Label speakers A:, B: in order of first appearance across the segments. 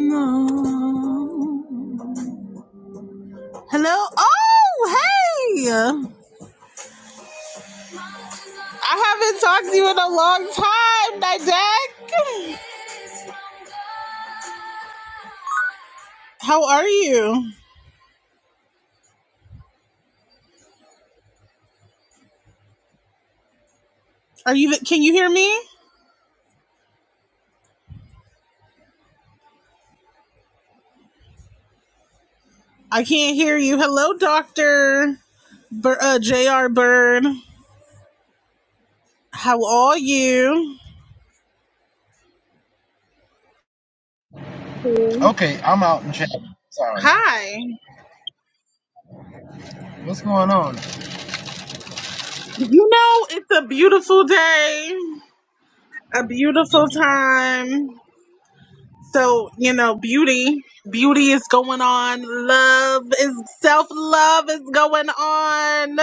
A: No. Hello? Oh, hey! I haven't talked to you in a long time, Nidek. How are you? Are you, can you hear me? I can't hear you. Hello, Dr. Bur- uh, J.R. Bird. How are you?
B: Okay, I'm out in chat. Sorry.
A: Hi.
B: What's going on?
A: You know, it's a beautiful day, a beautiful time. So, you know, beauty, beauty is going on. Love is self love is going on.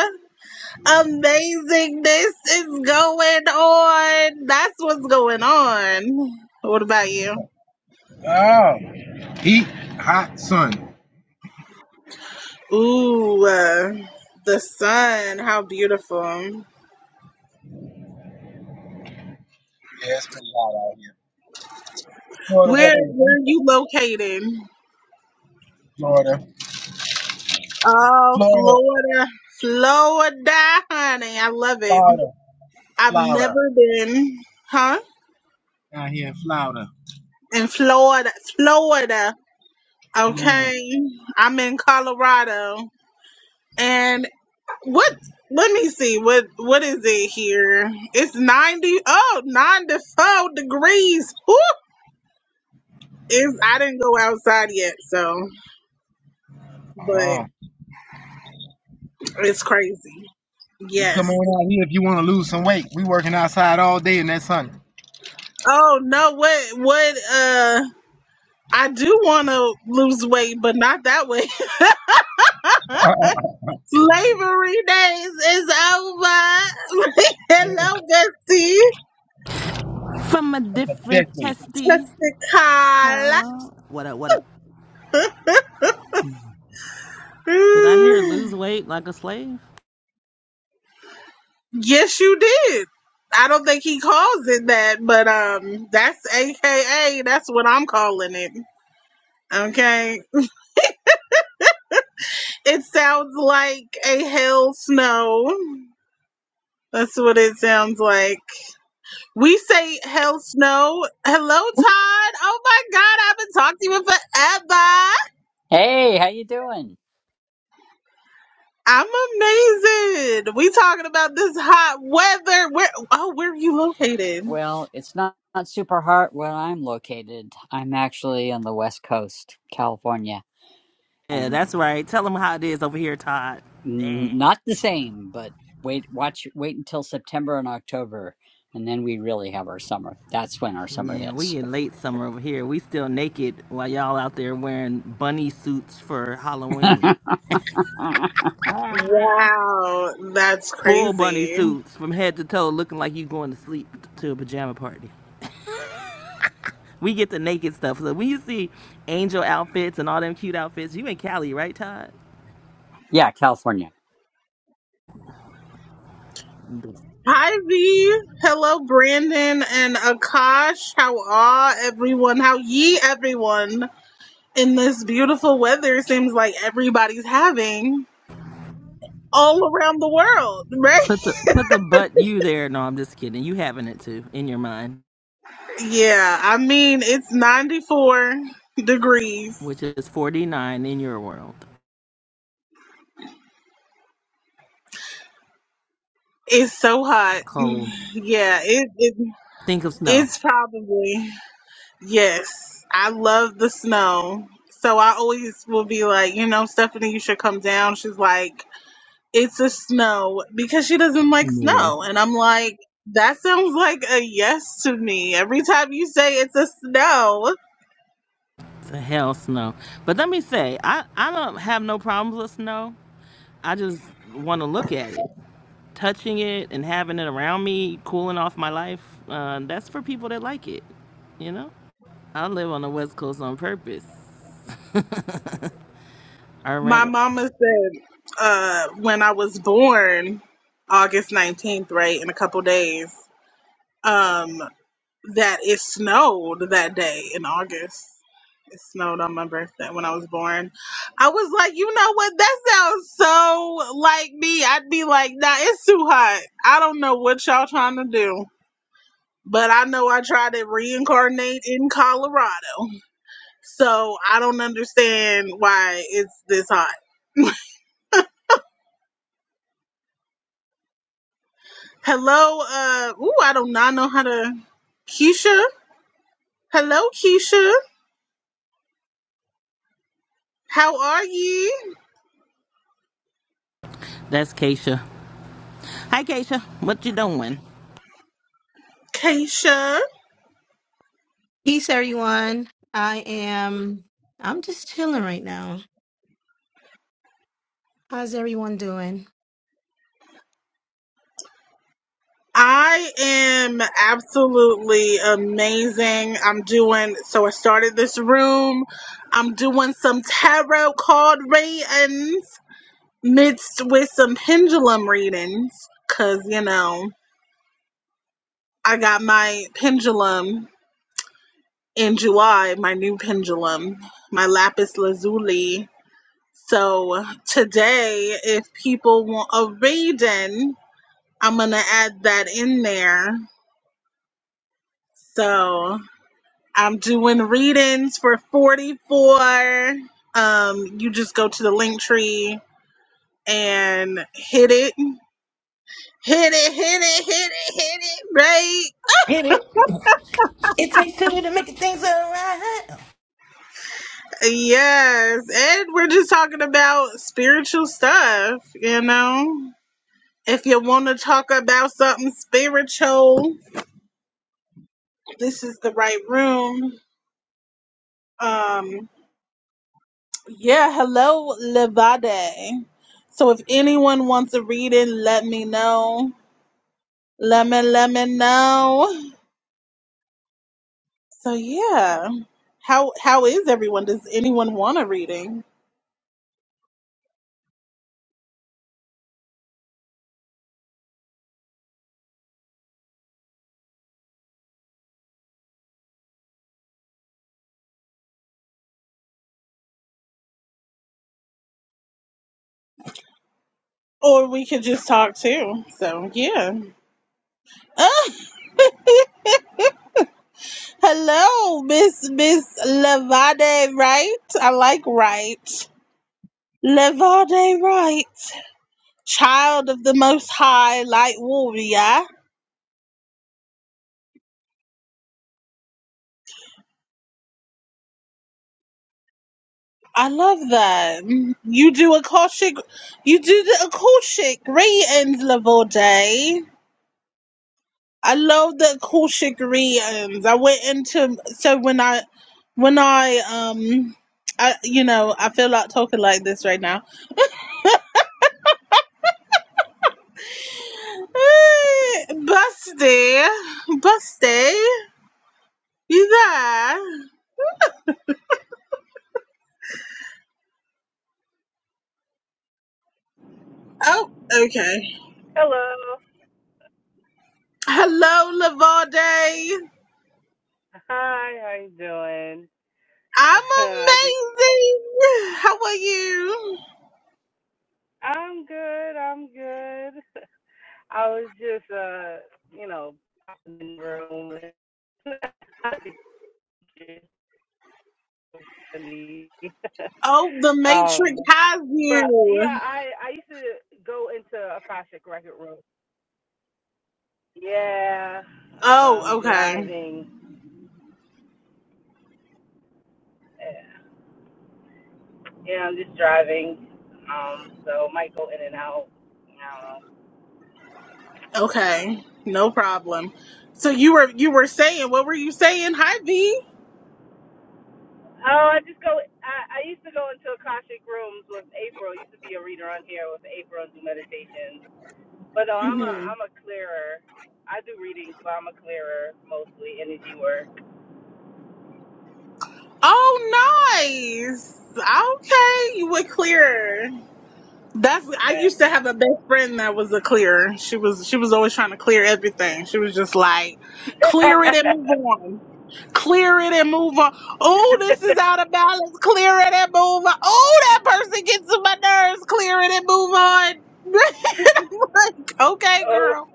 A: Amazingness is going on. That's what's going on. What about you?
B: Oh, heat, hot sun.
A: Ooh, uh, the sun. How beautiful.
B: Yeah, it's pretty hot out here.
A: Where
B: Florida
A: where
B: weather is
A: are
B: winter.
A: you located?
B: Florida.
A: Oh,
B: Florida,
A: Florida. Florida, honey. I love it.
B: Florida,
A: I've
B: Florida.
A: never been, huh?
B: Out here in Florida.
A: In Florida. Florida.
B: Louis.
A: Okay, I'm in Colorado, and what? Let me see what what is it here? It's 90 oh 94 degrees. Woo! It's, I didn't go outside yet, so but
B: Oh,
A: it's crazy.
B: you
A: Yes.
B: come on out here if you want to lose some weight. We working outside all day in that sun.
A: Oh no, what what uh I do want to lose weight, but not that way. Slavery days is over. Hello, Bessie.
C: from a different
B: Definitely.
C: testy.
A: Jessica.
C: What up, what up? Did I hear lose weight like a slave?
A: Yes, you did. I don't think he calls it that, but um, that's AKA. That's what I'm calling it. Okay. It sounds like a hell snow. That's what it sounds like. We say hell snow. Hello, Todd. Oh my God, I haven't talked to you in forever.
D: Hey, how you doing?
A: I'm amazing. We talking about this hot weather. Where? Oh, where are you located?
D: Well, it's not, not super hot where I'm located. I'm actually on the West Coast, California,
C: Yeah,
D: and
C: that's right. Tell them how it is over here, Todd.
D: mm, not the same. But wait, watch, wait until September and October, and then we really have our summer. That's when our summer
C: Yeah,
D: hits.
C: we in late summer over here. We still naked while y'all out there wearing bunny suits for Halloween.
A: Wow, that's
C: Full bunny
A: crazy.
C: suits from head to toe looking like you going to sleep to a pajama party. We get the naked stuff. So when you see angel outfits and all them cute outfits, you in Cali, right, Todd?
D: yeah, California.
A: Hi V, hello Brandon and Akash. How are everyone? How ye everyone? In this beautiful weather, it seems like everybody's having all around the world, right?
C: Put the put the butt you there. No, I'm just kidding. You having it too in your mind.
A: Yeah, I mean it's 94 degrees.
C: which is 49 in your world.
A: It's so hot.
C: Cold.
A: Yeah, it, it
C: Think of snow.
A: it's probably yes. I love the snow, so I always will be like, you know, Stephanie, you should come down. She's like. it's a snow because she doesn't like
C: Mm.
A: snow. And I'm like, that sounds like a yes to me. Every time you say it's a snow,
C: The hell snow. But let me say, I, I don't have no problems with snow. I just want to look at it. Touching it and having it around me, cooling off my life, uh, that's for people that like it, you know? I live on the West Coast on purpose. I rent
A: my
C: it.
A: mama said uh, when I was born, August 19th, right, in a couple days, um, that it snowed that day in August. It snowed on my birthday when I was born. I was like, you know what? That sounds so like me. I'd be like, nah, it's too hot. I don't know what y'all trying to do but I know I tried to reincarnate in Colorado. So I don't understand why it's this hot. Hello, uh ooh, I do not know how to Keisha. Hello, Keisha. How are you?
C: That's Keisha. Hi, Keisha. What you doing?
A: Keisha.
E: Peace, everyone. I am. I'm just chilling right now. How's everyone doing?
A: I am absolutely amazing. I'm doing so I started this room. I'm doing some tarot card readings mixed with some pendulum readings. Cause you know. I got my pendulum in July, my new pendulum, my lapis lazuli. So today, if people want a reading, I'm going to add that in there. So I'm doing readings for 44. Um, you just go to the link tree and hit it, hit it, hit it, hit it, hit it, right?
C: Hit it. It takes two to make things all right.
A: Yes, and we're just talking about spiritual stuff, you know. If you want to talk about something spiritual, this is the right room. Um, yeah, hello, Levade. So if anyone wants a reading, let me know. Let me let me know. So yeah, how how is everyone? Does anyone want a reading? Or we could just talk too. So yeah. Hello, Miss Miss Levade Wright. I like Wright. Levade Wright, child of the Most High, light warrior. I love that. You do Akashic, you do the Akashic readings, Levade. I love the Akashic readings. I went into so when I when I um I you know I feel like talking like this right now. Eh, Busty, busty. You there? Oh, okay.
F: Hello.
A: Hello, Lavalde.
F: Hi, how you doing?
A: I'm
F: I think
A: amazing. How are you?
F: I'm good, I'm good. I was just uh, you know, popping in the room and I think it's so funny.
A: Oh, the Matrix
F: um
A: has
F: but yeah,
A: you.
F: I I used to go into Akashic Record Room. Yeah.
A: Oh,
F: I'm
A: okay.
F: driving. Yeah, I'm just driving. Um, so it might go in and out. I don't know.
A: Okay. No problem. So you were you were saying what were you saying? Hi, V.
F: Oh, I just go. I, I used to go into Akashic rooms with April. Used to be a reader on here with April and do meditations. But no, I'm a
A: hmm
F: I'm a clearer. I do readings, but I'm a clearer mostly energy work.
A: Oh, nice. Okay, you were clearer. That's I
F: Yeah.
A: used to have a best friend that was a clearer. She was she was always trying to clear everything. She was just like, clear it and move on. Clear it and move on. Oh, this is out of balance. Clear it and move on. Oh, that person gets to my nerves. Clear it and move on. like, okay,
F: oh,
A: girl.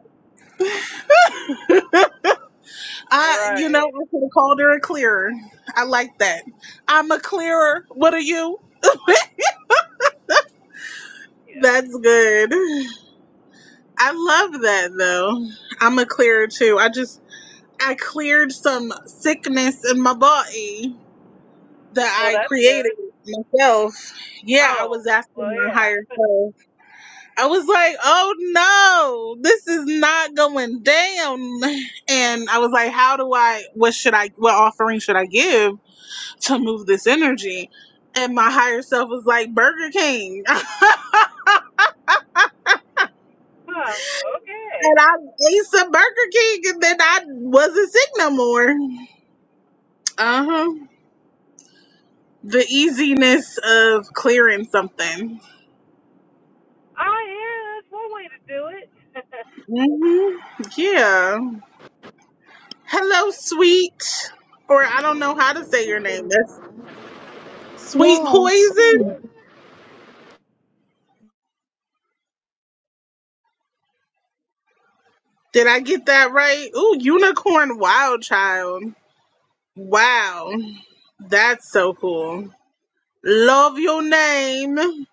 A: I you know,
F: right.
A: I could have called her a clearer. I like that. I'm a clearer. What are you? That's good. I love that though. I'm a clearer too. I just I cleared some sickness in my body that
F: Well,
A: I
F: that's
A: created
F: good.
A: myself. Yeah, I
F: Oh,
A: was
F: well,
A: asking my higher
F: yeah.
A: self. I was like, oh no, this is not going down. And I was like, how do I, what should I, what offering should I give to move this energy? And my higher self was like, Burger King.
F: Huh. Okay.
A: and I ate some Burger King and then I wasn't sick no more. Uh huh. The easiness of clearing something.
F: Oh, yeah. That's one way to do it.
A: hmm Yeah. Hello, sweet. Or I don't know how to say your name. That's sweet
G: Yes.
A: poison. Did I get that right? Ooh, unicorn wild child. Wow. That's so cool. Love your name.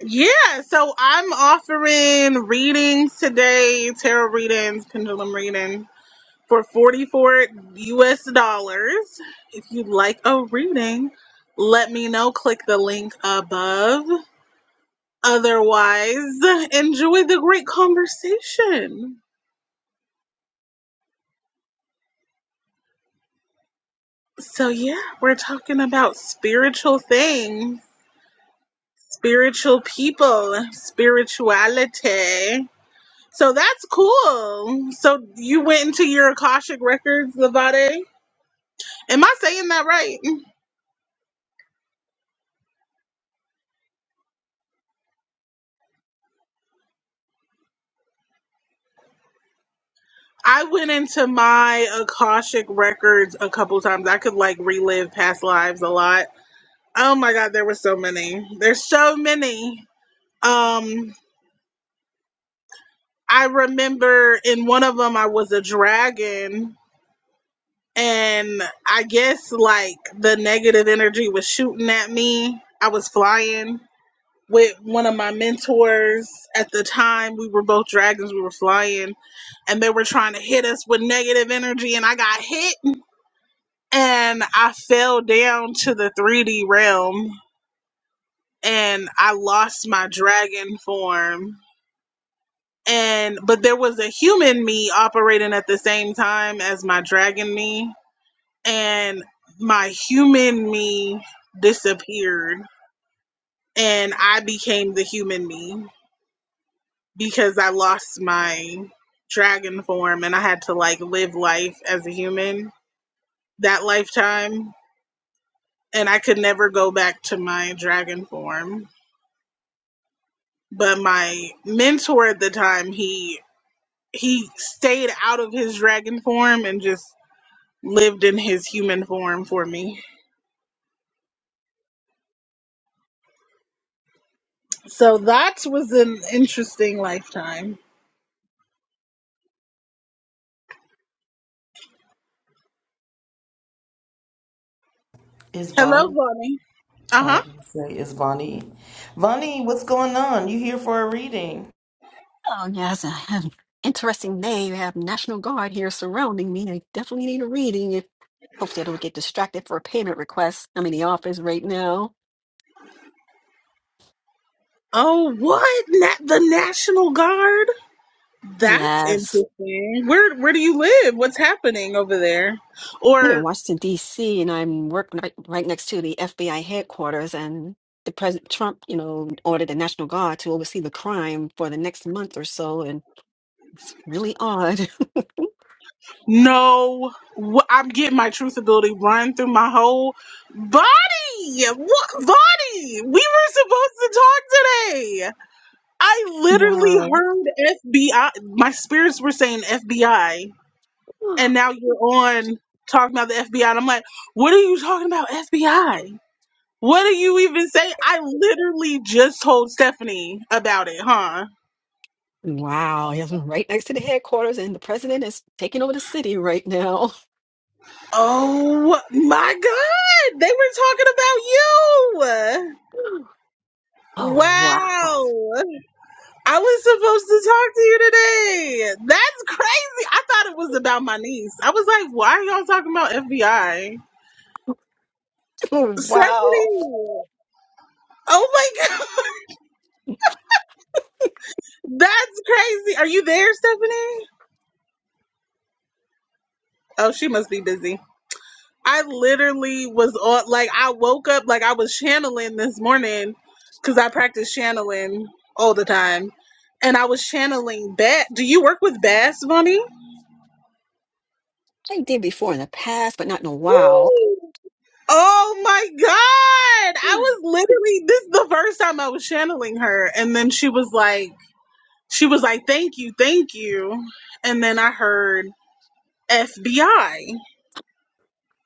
A: Yeah, so I'm offering readings today, tarot readings, pendulum reading for 44 US dollars. If you'd like a reading, let me know. Click the link above. Otherwise, enjoy the great conversation. So, yeah, we're talking about spiritual things, spiritual people, spirituality. So that's cool. So you went into your Akashic records, Levade. Am I saying that right? I went into my Akashic records a couple times. I could like relive past lives a lot. Oh my god, there were so many. There's so many. Um I remember in one of them I was a dragon and I guess like the negative energy was shooting at me. I was flying with one of my mentors at the time. We were both dragons, we were flying and they were trying to hit us with negative energy and I got hit and I fell down to the 3D realm and I lost my dragon form and but there was a human me operating at the same time as my dragon me and my human me disappeared and i became the human me because i lost my dragon form and i had to like live life as a human that lifetime and i could never go back to my dragon form but my mentor at the time he he stayed out of his dragon form and just lived in his human form for me. So that was an interesting lifetime.
C: It's
A: Hello,
C: Vonnie.
A: Bonnie. Uh
C: I
A: huh.
C: was gonna say it's Vonnie. Vonnie, what's going on? You here for a reading?
H: Oh, yes, I have interesting day. You have National Guard here surrounding me. I definitely need a reading. If hopefully I don't get distracted for a payment request. I'm in the office right now.
A: Oh, what? Na- the National Guard? That's
H: Yes.
A: interesting. Where Where do you live? What's happening over there?
H: I live in
A: Or
H: Washington, D.C., and I'm working right, right next to the FBI headquarters. And the President Trump, you know, ordered the National Guard to oversee the crime for the next month or so. And it's really odd.
A: no, wh- I'm getting my truth ability run through my whole body. What body? We were supposed to talk today. I literally
H: Wow.
A: heard FBI. My spirits were saying FBI and now you're on talking about the FBI. And I'm like, what are you talking about, FBI? What do you even say? I literally just told Stephanie about it, huh?
H: Wow. Yes, I'm right next to the headquarters, and the president is taking over the city right now.
A: Oh my god, they were talking about you.
H: Oh, wow.
A: Wow. I was supposed to talk to you today. That's crazy. I thought it was about my niece. I was like, why are y'all talking about FBI?
H: Wow.
A: Stephanie. Oh my god. That's crazy. Are you there, Stephanie? Oh, she must be busy. I literally was on, like, I woke up, like, I was channeling this morning because I practice channeling all the time. And I was channeling Bat. Do you work with Bass, Bonnie?
H: I did before in the past, but not in a while.
A: Ooh. Oh my God. I was literally, this is the first time I was channeling her. And then she was like, she was like, thank you, thank you. And then I heard FBI.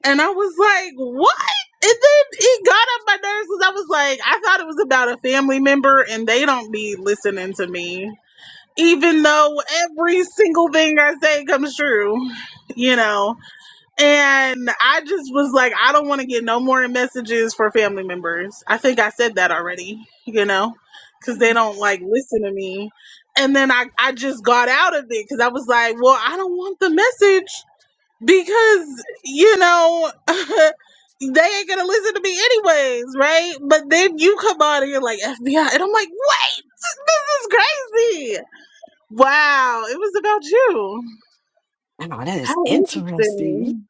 A: And I was like, what? And then it got up my nerves because I was like, I thought it was about a family member and they don't be listening to me. Even though every single thing I say comes true, you know. And I just was like, I don't want to get no more messages for family members. I think I said that already, you know, because they don't like listen to me. And then I, I just got out of it because I was like, well, I don't want the message because you know they ain't gonna listen to me anyways, right? But then you come on and you're like FBI, and I'm like, what? This is crazy. Wow, it was about you.
H: Wow, that is
A: How
H: interesting.
A: interesting.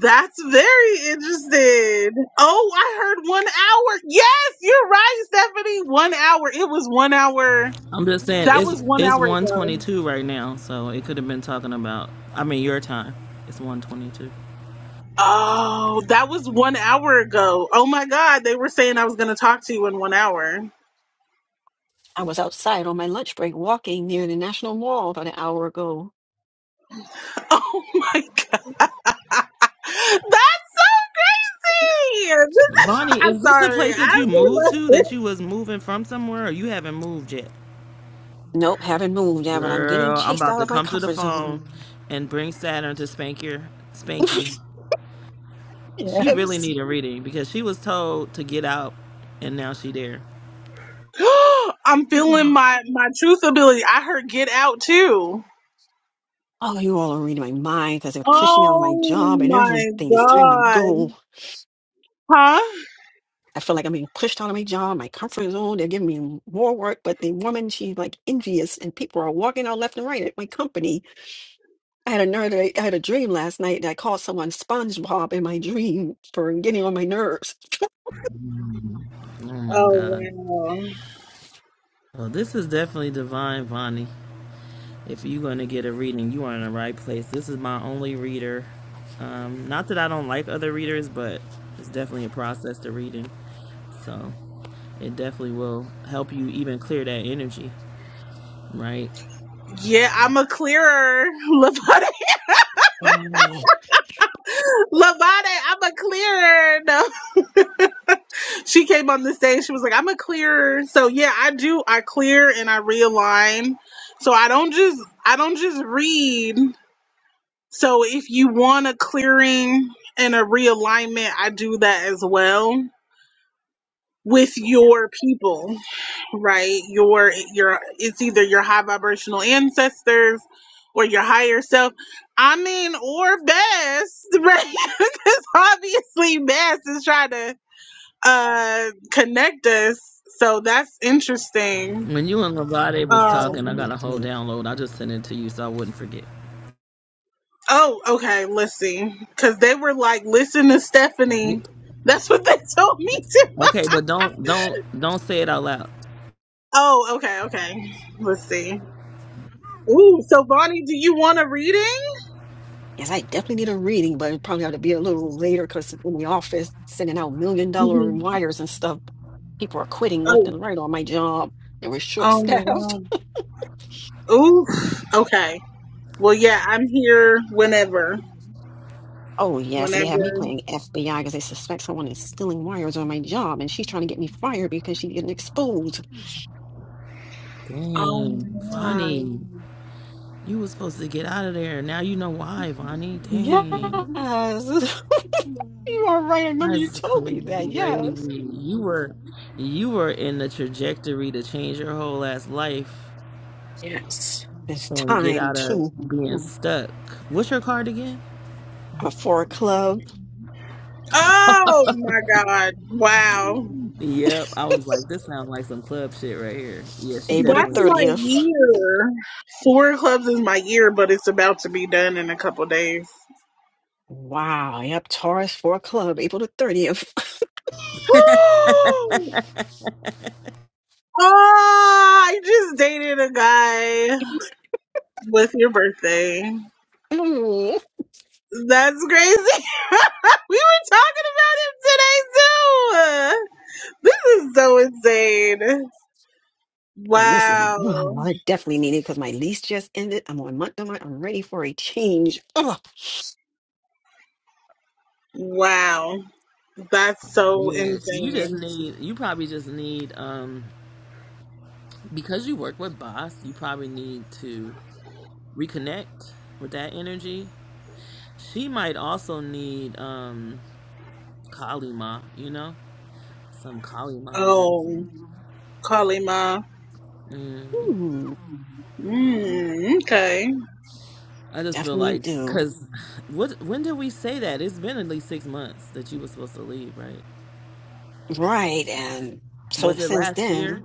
A: That's very interesting. Oh, I heard one hour. Yes, you're right, Stephanie. One hour. It was one hour.
C: I'm just saying
A: That
C: it's
A: was one
C: it's
A: hour ago.
C: 122 right now, so it could have been talking about. I mean, your time. It's 122.
A: Oh, that was one hour ago. Oh my God, they were saying I was going to talk to you in one hour.
H: I was outside on my lunch break walking near the National Mall about an hour ago.
A: Oh my god. That's so weird.
C: Bonnie,
A: I'm
C: is this a
A: sorry.
C: place that
A: I
C: you moved to? That
A: feel
C: you was moving from somewhere, or you haven't moved yet?
H: Nope, haven't moved yet, but I'm getting
C: Girl, I'm
H: chased
C: about
H: out
C: to
H: of my
C: come to the
H: comfort zone.
C: phone and bring Saturn to spank your spank you. She really
H: Yes.
C: need a reading because she was told to get out, and now she there.
A: like- I'm feeling
H: Oh,
A: my, my truth ability. I heard get out too.
H: you all are reading my mind because they're pushing me out of my
A: Oh
H: job and
A: my
H: everything. It's time to
A: god.
H: go.
A: Huh?
H: I feel like I'm being pushed out of my job, my comfort zone. They're giving me more work, but the woman, she's like envious, and people are walking out left and right at my company. I had a nerd, I had a dream last night that I called someone SpongeBob in my dream for getting on my nerves.
C: Oh my
A: Oh
C: God.
A: wow.
C: Well, this is definitely divine, Vonnie. If you're going to get a reading, you are in the right place. This is my only reader. Um, not that I don't like other readers, but it's definitely a process to reading. So it definitely will help you even clear that energy, right?
A: Yeah, I'm a clearer. Lavade.
H: Wow.
A: Lavade, I'm a clearer. No. she came on the stage. She was like, "I'm a clearer." So yeah, I do. I clear and I realign. So I don't just I don't just read. So if you want a clearing and a realignment, I do that as well with your people, right? Your your it's either your high vibrational ancestors or your higher self. I mean, or best, right? Because obviously, best is trying to uh connect us. So that's interesting.
C: When you and Lavade was
H: Yes, I
C: talking, I
A: Um
C: got a whole
H: definitely,
C: download. I just sent it to you so I wouldn't forget.
A: oh okay, let's see. Cause they were like, listen to Stephanie. That's what they told me to.
C: Okay, but don't don't don't say it out loud.
A: Oh, okay, okay. Let's see. Ooh, so Bonnie, do you want a reading?
H: yes, I definitely need a reading, but it probably have to be a little later because in the office, sending out million dollar
A: hmm
H: wires and stuff, people are quitting left
A: Oh,
H: and right on my job. They were short
A: oh
H: staffed.
A: my god. Ooh, okay. Well, yeah, I'm here whenever,
H: Oh, yes. And
A: whenever.
H: they have me playing FBI because they suspect someone is stealing wires on my job and she's trying to get me fired because she's getting exposed.
A: Oh
C: Dang,
A: my god.
C: Vonnie, you was supposed to get out of there. Now you know why, Vonnie.
H: Yes.
C: Dang.
H: You are right. I remember you
C: That's
H: told me that.
C: crazy.
H: Yes.
C: You were you were in the trajectory to change your whole ass life
H: Yes. It's
C: and get
H: time
C: out of
H: to
C: being stuck. What's your card again?
H: uh, for a club,
A: Oh my god. Wow.
C: Yep. I was like, this sounds like some club shit right here. Yeah, she
H: April the
A: That's my
C: definitely
H: 30th.
A: year. Four clubs is my year, but it's about to be done in a couple days.
H: Wow. Yep. Taurus for a club, April the 30th.
A: oh, I just dated a guy with your birthday.
H: Mm.
A: That's crazy. we were talking about him today too. This is so insane.
H: Oh, this is,
A: Wow.
H: oh, I definitely need it because my lease just ended. I'm on month to month. I'm ready for a change.
A: Wow. That's so
C: Yeah. You just
A: insane.
C: need you probably just need um because you work with boss, you probably need to reconnect with that energy. She might also need um Kalima, you know? Some Kalima
A: Oh,
C: energy.
A: Kalima.
C: Mm.
H: Oh,
C: Yeah.
A: Mm, okay.
C: I just feel
H: definitely
C: like
H: do.
C: because what when did we say that? It's been at least six months that you were supposed to leave, right?
H: Right. And so
C: Was it
H: since
C: last
H: then,
C: year?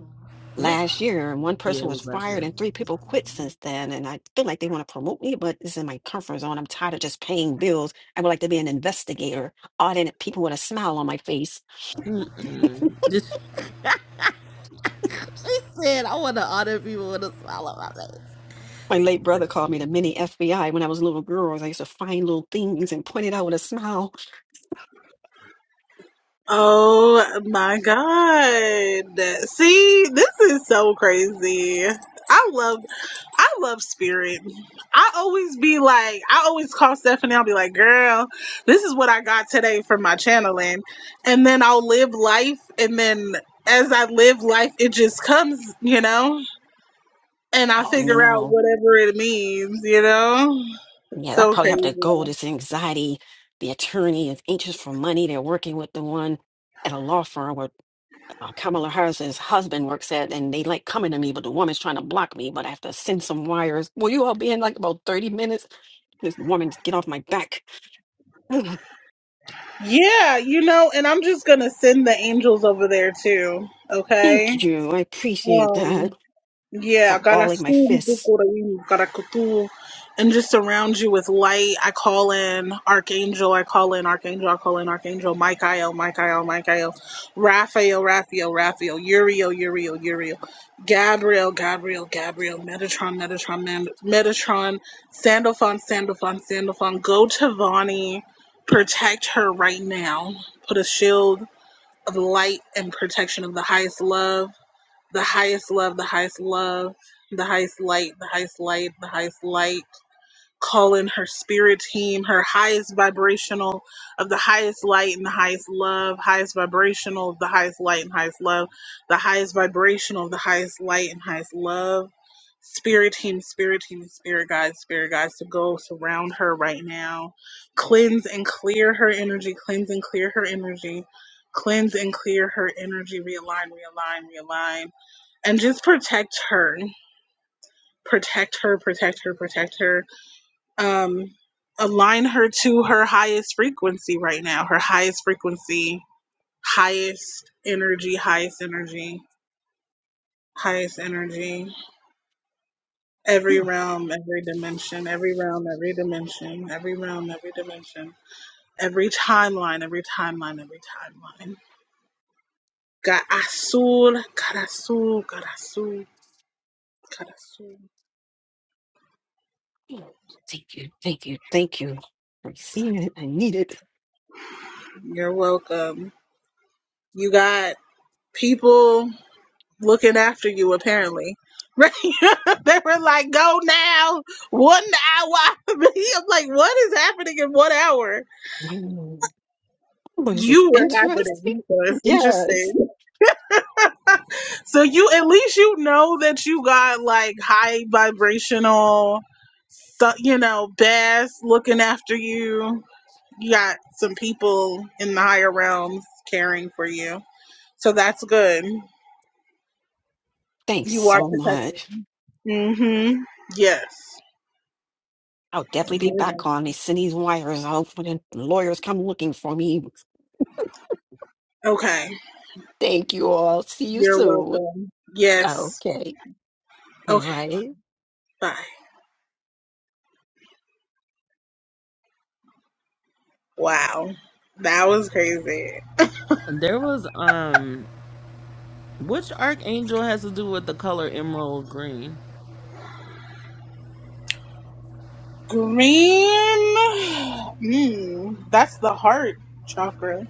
C: When?
H: last year, one
C: Yeah,
H: person
C: it
H: was
C: was last
H: fired
C: year.
H: and three people quit since then. And I feel like they want to promote me, but it's in my comfort zone. I'm tired of just paying bills. I would like to be an investigator, auditing people with a smile on my face.
C: Just Said I want to honor people with a smile on my face.
H: My late brother called me the mini FBI when I was a little girl. I used to find little things and point it out with a smile.
A: Oh my God. See, this is so crazy. I love I love spirit. I always be like I always call Stephanie, I'll be like, girl, this is what I got today from my channeling. And then I'll live life and then as I live life it just comes, you know? And I
H: Oh,
A: figure out
H: no.
A: whatever it means, you know? It's
H: Yeah, I
A: so
H: probably have to
A: crazy.
H: go. This anxiety. The attorney is anxious for money. They're working with the one at a law firm. where. uh, Kamala Harris's husband works at, and they like coming to me, but the woman's trying to block me. But I have to send some wires. Will you all be in like about 30 minutes? This woman, just get off my back. Ugh,
A: Yeah, you know, and I'm just gonna send the angels over there too. Okay.
H: Thank you. I appreciate that.
A: Um, yeah,
H: Stop
A: God, I gotta
H: balling my
A: assume
H: fists.
A: gotta kutu, and just surround you with light. I call in Archangel, I call in Archangel, I call in Archangel, Michael, Michael, Michael, Raphael, Raphael, Raphael, Uriel, Uriel, Uriel, Gabriel, Gabriel, Gabriel, Metatron, Metatron, Man, Metatron, Sandalphon, Sandalphon, Sandalphon, go to Vani, protect her right now, put a shield of light and protection of the highest love the highest love, the highest love, the highest light, the highest light, the highest light. Call in her spirit team, her highest vibrational of the highest light and the highest love, highest vibrational of the highest light and highest love, the highest vibrational of the highest light and highest love. Spirit team, spirit team, spirit guides, spirit guides to go surround her right now. Cleanse and clear her energy, cleanse and clear her energy, cleanse and clear her energy, realign, realign, realign and just protect her protect her protect her protect her um align her to her highest frequency right now her highest frequency highest energy highest energy highest energy every
H: Ugh,
A: realm every dimension every realm every dimension every realm every dimension every timeline every timeline every timeline got asul got asul got asul got asul
H: Thank you. Thank you. Thank you. I receive it. I need it.
A: you're welcome you got people looking after you apparently. Right? they were like, go now, one hour. I'm like, what is happening in one hour?
H: Mm. Oh, is this
A: You were
H: interesting?
A: happening. So it's
H: Yes.
A: interesting. So you at least you know that you got like high vibrational so- you know, Bass looking after you. You got some people in the higher realms caring for you. So that's good.
H: Thanks
A: You are
H: so
A: protected.
H: much.
A: Mm-hmm. Yes.
H: I'll definitely be back on. They send these wires out when the lawyers come looking for me.
A: Okay.
H: Thank you all. See you
A: You're
H: soon.
A: welcome.
H: Oh,
A: Yes.
H: Okay,
A: Okay.
H: right.
A: Bye. Wow. That was crazy.
C: there was um, which archangel has to do with the color emerald green?
A: Green. Mm, that's the heart chakra.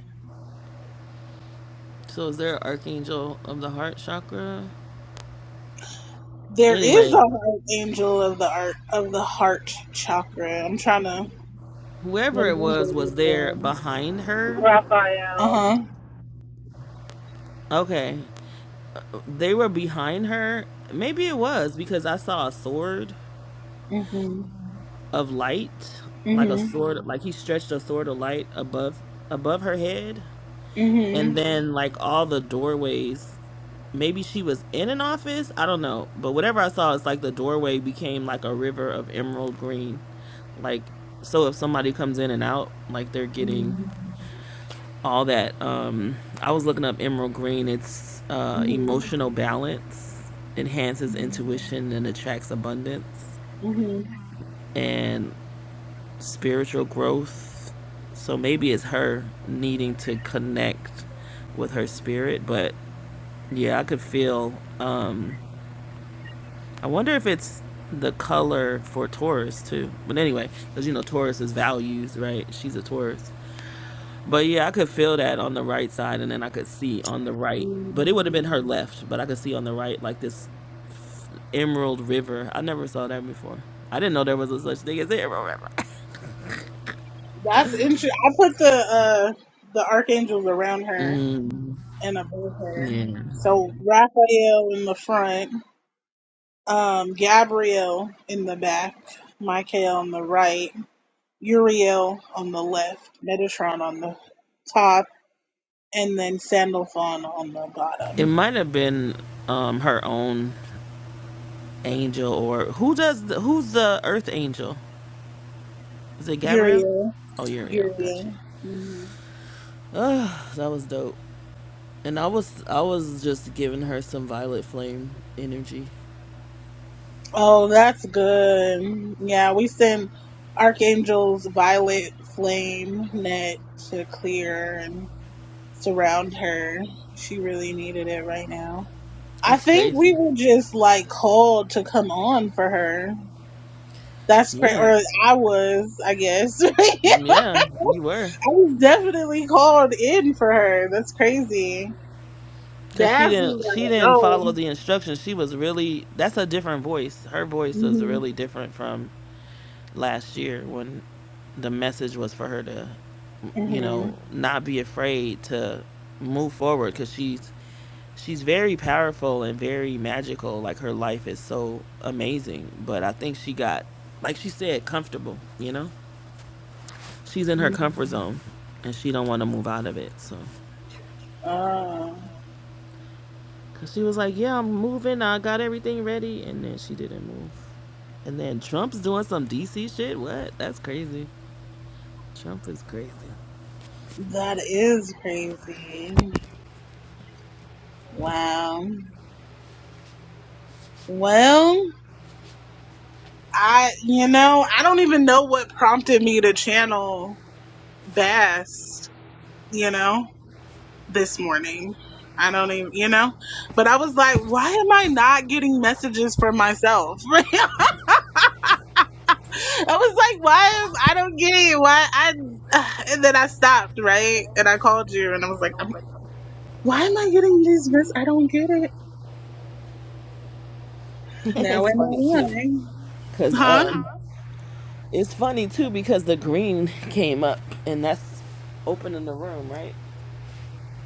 C: So is there an archangel of the heart chakra?
A: There is a
C: Anyway,
A: heart angel of the art of the heart chakra. I'm trying to
C: whoever it
A: remember
C: was
A: this
C: was there
A: one.
C: behind her.
A: Uh
F: Raphael.
A: huh.
C: Okay, they were behind her. Maybe it was because I saw a sword
A: Mhm.
C: of light, like a
A: Mhm.
C: sword, like he stretched a sword of light above above her head, and
A: Mhm.
C: then like all the doorways. Maybe she was in an office. I don't know, but whatever I saw, it's like the doorway became like a river of emerald green. Like so, if somebody comes in and out, like they're getting
A: Mhm.
C: all that. Um, I was looking up emerald green. It's uh,
A: Mhm.
C: emotional balance, enhances
A: Mhm.
C: intuition and attracts abundance,
A: Mhm.
C: and spiritual growth. So maybe it's her needing to connect with her spirit. But yeah, I could feel. Um, I wonder if it's the color for Taurus too. But anyway, because you know Taurus is values, right? She's a Taurus. But yeah, I could feel that on the right side, and then I could see on the right. But it would have
A: Mhm.
C: been her left, but I could see on the right like this emerald river. I never saw that before. I didn't know there was a such thing as an emerald river.
A: That's interesting. I put the uh the archangels around her. and above her.
C: Yeah,
A: So Raphael in the front, um, Gabriel in the back, Michael on the right, Uriel on the left, Metatron on the top, and then Sandalphon on the
C: it
A: bottom.
C: might have been um her own angel or who does the, who's the earth angel? Is it Gabrielle?
A: Uriel,
C: Oh, Uriel. Got
A: Uriel.
C: you.
A: Mhm.
C: That was dope. And I was I was just giving her some violet flame energy.
A: Oh, that's good. Yeah, we send Archangels Violet, Flame, Net to clear and surround her. She really needed it right now. I
C: That's
A: think we
C: crazy.
A: were just like called to come on for her. That's crazy.
C: Yeah,
A: Or I was, I guess. I
C: yeah, you were.
A: was definitely called in for her. That's crazy.
C: Cause she
A: That's
C: didn't she
A: like,
C: didn't follow
A: no.
C: the instructions. She was really that's a different voice. Her voice was
A: hmm
C: really different from last year when the message was for her to, you
A: hmm
C: know, not be afraid to move forward. Cause she's she's very powerful and very magical. Like her life is so amazing. But I think she got, like she said, comfortable. You know, she's in her
A: hmm
C: comfort zone, and she don't want to move out of it. So,
A: Oh,
C: cause she was like, yeah, I'm moving. I got everything ready, and then she didn't move. And then Trump's doing some DC shit. What? That's crazy. Trump is crazy.
A: that is crazy. Wow. Well, I, you know, I don't even know what prompted me to channel Bass, you know? this morning. I don't even, you know, but I was like, why am I not getting messages for myself? I was like, why am, I don't get it. Why I and then I stopped right and I called you and I was like, I'm, why am I getting these messages? I don't get it. Now
C: it's
A: am
C: funny
A: I
C: too,
A: lying?
C: cause
A: Huh?
C: um, it's funny too because the green came up, and that's opening the room, right?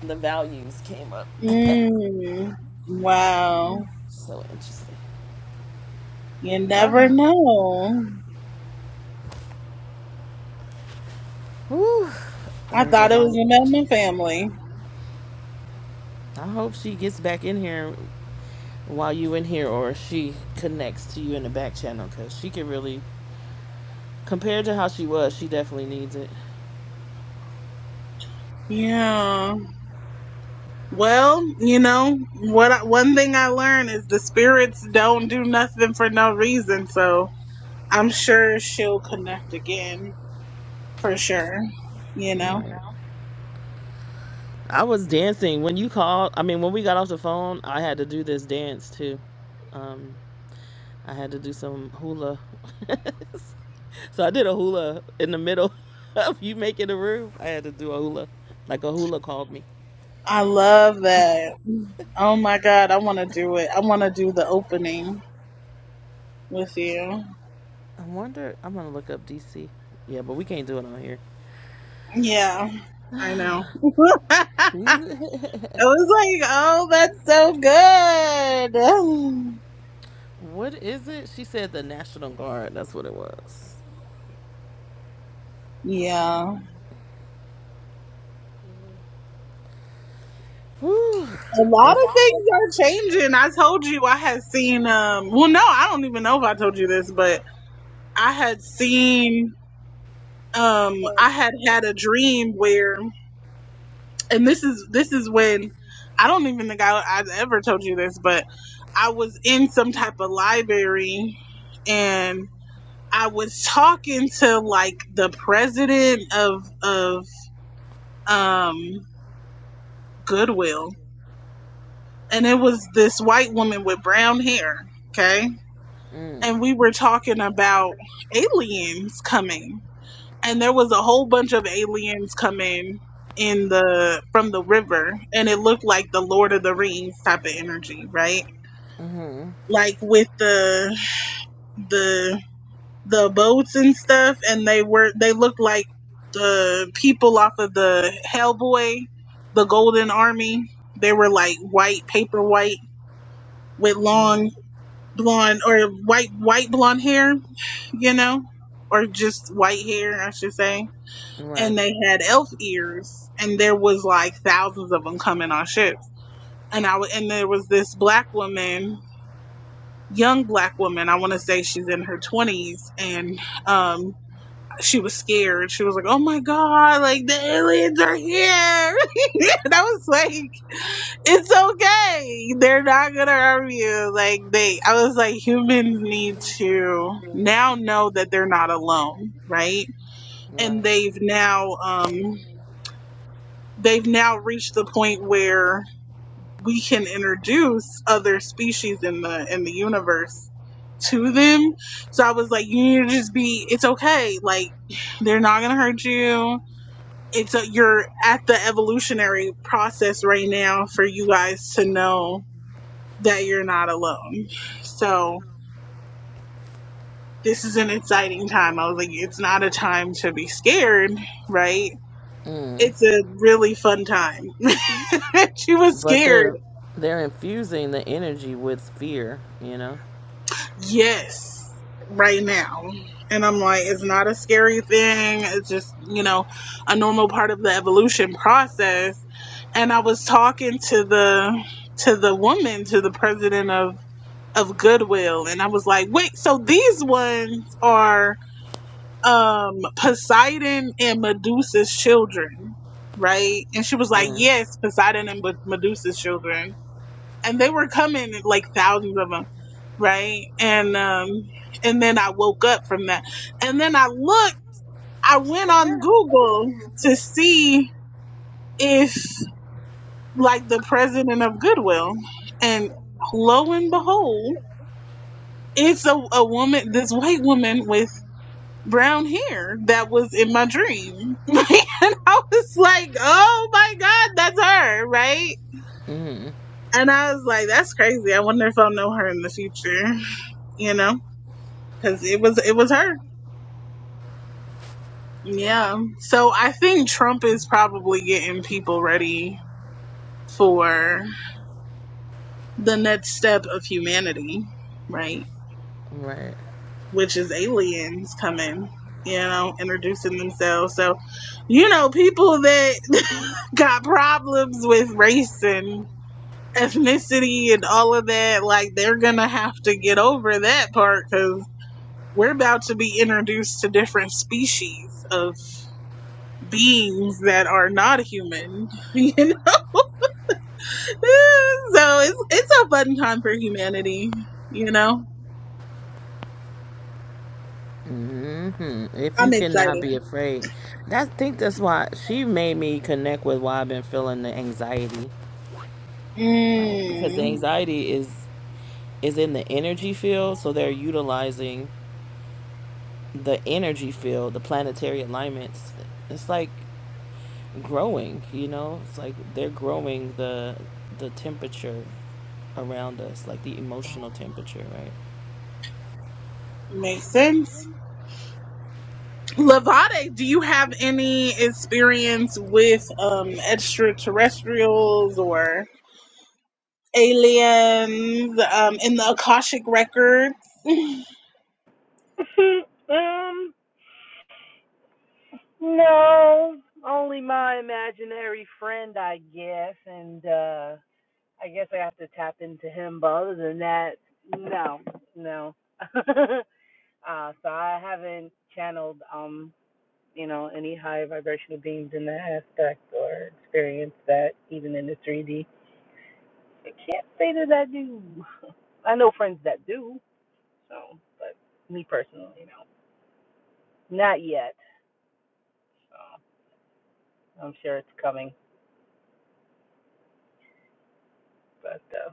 C: The values came up.
A: Mm, wow.
C: so interesting.
A: You never know.
C: Whew, that
A: I
C: was a
A: thought it
C: lot
A: was
C: of.
A: about
C: energy.
A: my family.
C: I hope she gets back in here while you in here, or she connects to you in the back channel, cause she could really, compared to how she was, she definitely needs it.
A: Yeah. Well, you know what? I, one thing I learned is the spirits don't do nothing for no reason. So I'm sure she'll connect again for sure. You know,
C: Right. I was dancing when you called. I mean, when we got off the phone, I had to do this dance too. Um, I had to do some hula. so I did a hula in the middle of you making the room. I had to do a hula, like a hula called me.
A: I love that. Oh my God, I want to do it. I want to do the opening with you.
C: I wonder. I'm gonna look up DC. Yeah, but we can't do it on here.
A: Yeah, I know. I was like, oh, that's so good.
C: what is it? She said the National Guard. That's what it was.
A: Yeah.
C: Whew.
A: A lot
C: It's.
A: of things are changing. I told you I had seen um well no, I don't even know if I told you this, but I had seen um I had had a dream where and this is this is when I don't even think I I ever told you this, but I was in some type of library and I was talking to like the president of of um Goodwill and it was this white woman with brown hair, okay?
C: Mm,
A: and we were talking about aliens coming and there was a whole bunch of aliens coming in the from the river and it looked like the lord of the rings type of energy right
C: mm-hmm.
A: like with the the the boats and stuff and they were they looked like the people off of the hellboy the golden army they were like white paper white with long
C: mm,
A: blonde or white white blonde hair, you know, or just white hair, I should say.
C: Right.
A: And they had elf ears, and there was like thousands of them coming on ships. And I w- and there was this black woman, young black woman. I want to say she's in her twenties, and um, she was scared. She was like, "Oh my god, like the aliens are here!" and I was like. It's okay. They're not gonna harm you. Like they, I was like, humans need to now know that they're not alone, right? And
C: Right.
A: they've now, um, they've now reached the point where we can introduce other species in the in the universe to them. So I was like, you need to just be. It's okay. Like they're not gonna hurt you. It's a, you're at the evolutionary process right now for you guys to know that you're not alone. So this is an exciting time. I was like, it's not a time to be scared, right?
C: Mm.
A: It's a really fun time. she was
C: But
A: scared.
C: they're they're infusing the energy with fear, you know.
A: Yes, right now. And I'm like, it's not a scary thing. It's just, you know, a normal part of the evolution process. And I was talking to the to the woman, to the president of of Goodwill, and I was like, wait, so these ones are um Poseidon and Medusa's children, right? And she was like,
C: Mm.
A: "Yes, Poseidon and Med- Medusa's children." And they were coming like thousands of them, right? And um and then I woke up from that. And then I looked, I went on Google to see if like the president of Goodwill and lo and behold, it's a, a woman, this white woman with brown hair that was in my dream. and I was like, oh my God, that's her, right?
C: Mm.
A: And I was like, that's crazy. I wonder if I'll know her in the future, you know, because it was it was her. Yeah. So I think Trump is probably getting people ready for the next step of humanity, right?
C: Right.
A: which is aliens coming, you know, introducing themselves. So, you know, people that got problems with race and ethnicity and all of that, like they're gonna have to get over that part because we're about to be introduced to different species of beings that are not human. so it's it's a fun time for humanity, you know.
C: hmm If
A: I'm
C: you cannot
A: excited.
C: be afraid, that I think that's why she made me connect with why I've been feeling the anxiety, right? Because the
A: Mm,
C: anxiety is is in the energy field, so they're utilizing the energy field, the planetary alignments. It's like growing, you know. It's like they're growing the the temperature around us, like the emotional temperature, right?
A: makes sense. Lavade, do you have any experience with um, extraterrestrials or aliens um, in the Akashic records?
F: um. No, only my imaginary friend, I guess, and uh I guess I have to tap into him. But other than that, no, no. uh So I haven't channeled, um, you know, any high vibrational beings in that aspect or experienced that even in the 3D. I can't say that I do. I know friends that do, so, but me personally, no, not yet. So I'm sure it's coming, but. Uh,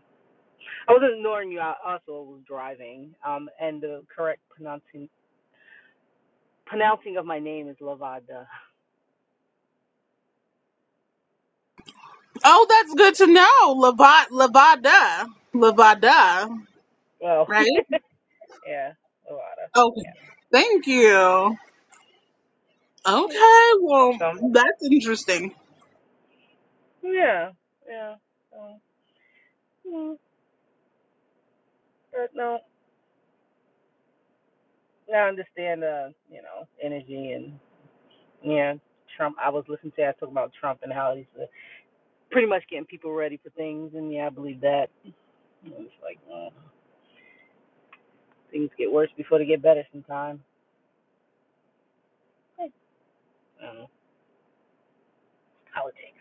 F: I wasn't ignoring you. I also was driving. Um, and the correct pronouncing pronouncing of my name is Lavada.
A: Oh, that's good to know. Lavad, Lavada, Lavada,
F: Well,
A: right?
F: yeah, Lavada.
A: Okay, thank you.
F: Yeah, yeah.
A: Okay, well,
F: So,
A: that's interesting.
F: yeah, yeah. So, mm, but no, I understand the you know energy and yeah. Trump. I was listening to. I talk about Trump and how he's uh, pretty much getting people ready for things, and yeah, I believe that. It's like mm, things get worse before they get better sometimes. I Politics.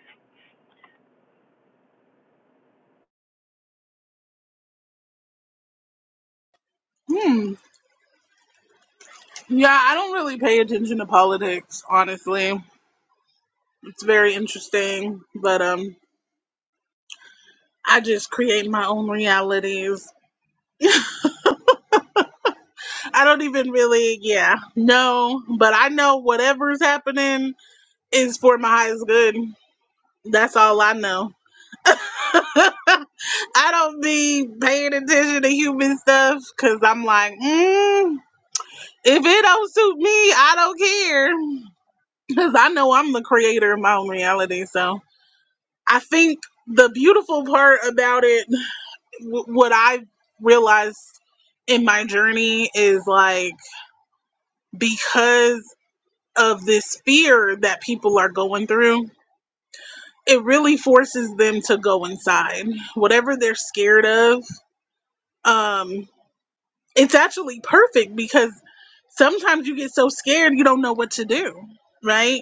A: Hmm. Yeah, I don't really pay attention to politics, honestly. It's very interesting, but um, I just create my own realities. I don't even really, yeah, know, but I know whatever's happening is for my highest good. That's all I know. I don't be paying attention to human stuff because I'm like, mm, if it don't suit me, I don't care because I know I'm the creator of my own reality. So I think the beautiful part about it, w- what I realized in my journey is like because of this fear that people are going through, it really forces them to go inside. Whatever they're scared of, um, it's actually perfect because sometimes you get so scared you don't know what to do, right?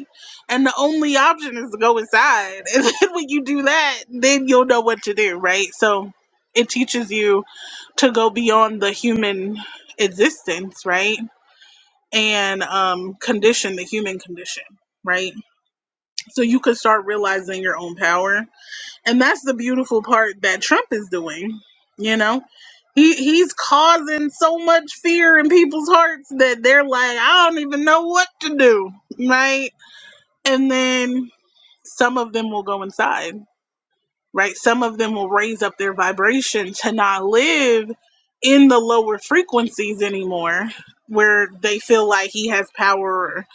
A: And the only option is to go inside. And then when you do that, then you'll know what to do, right? So it teaches you to go beyond the human existence, right? And um, condition, the human condition, right? so you could start realizing your own power and that's the beautiful part that trump is doing you know he he's causing so much fear in people's hearts that they're like i don't even know what to do right and then some of them will go inside right some of them will raise up their vibration to not live in the lower frequencies anymore where they feel like he has power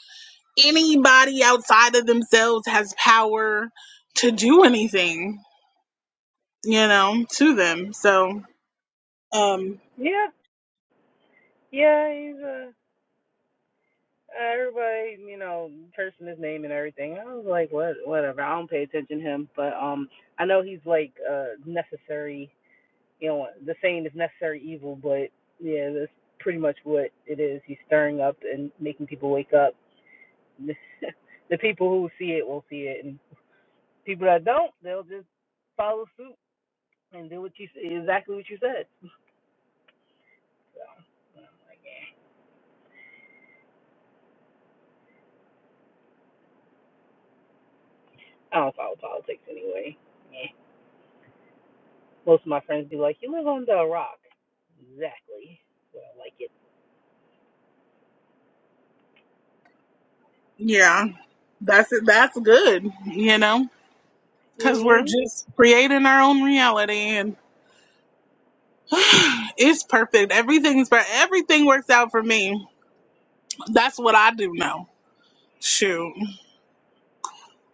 A: anybody outside of themselves has power to do anything, you know, to them. So, um,
F: Yeah, Yeah, he's a everybody, you know, cursing his name and everything. I was like, what, whatever. I don't pay attention to him, but um, I know he's like uh necessary. You know, the saying is necessary evil, but yeah, that's pretty much what it is. He's stirring up and making people wake up. the people who see it will see it, and people that don't, they'll just follow suit and do what you exactly what you said. I don't follow politics anyway. Yeah. Most of my friends be like, "You live under a rock." Exactly. Well, I like it.
A: yeah, that's that's good, you know, because we're
F: Mhm.
A: just creating our own reality, and it's perfect. Everything's for everything works out for me. That's what I do know. Shoot,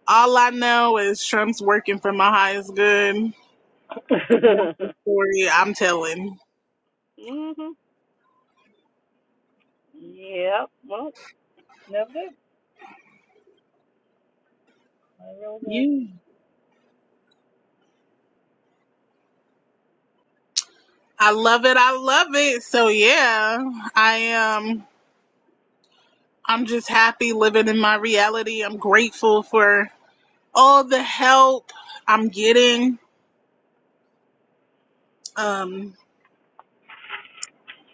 A: all I know is Trump's working for my highest good. That's the story I'm telling.
F: mhm. Yep. Well, no good. I real good.
A: Yeah. I love it. I love it. So yeah, I am. I'm just happy living in my reality. I'm grateful for all the help I'm getting. Um,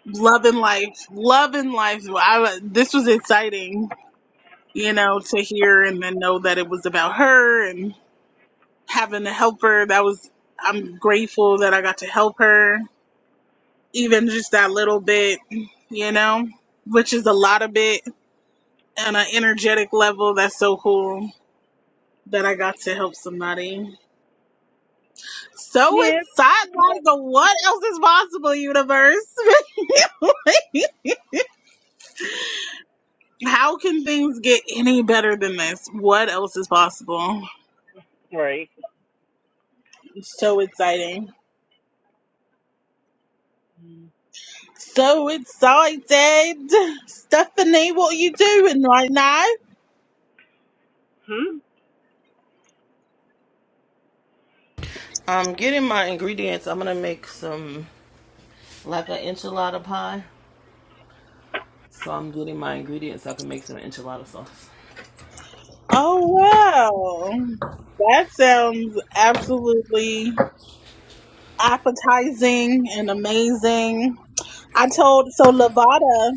A: loving life, loving life. I, this was exciting, you know, to hear and then know that it was about her and having to help her. That was. I'm grateful that I got to help her, even just that little bit, you know, which is a lot of it on an energetic level. That's so cool that I got to help somebody. So
F: Yeah.
A: inside,
F: Right.
A: like, what else is possible, universe? Like, How can things get any better than this? What else is possible? So exciting. So excited. Stephanie, what are you doing right now?
F: Hmm.
C: I'm getting my ingredients. I'm gonna make some like an enchilada pie. So I'm getting my ingredients so I can make some enchilada sauce.
A: Oh, wow. That sounds absolutely appetizing and amazing. I told so Lavada,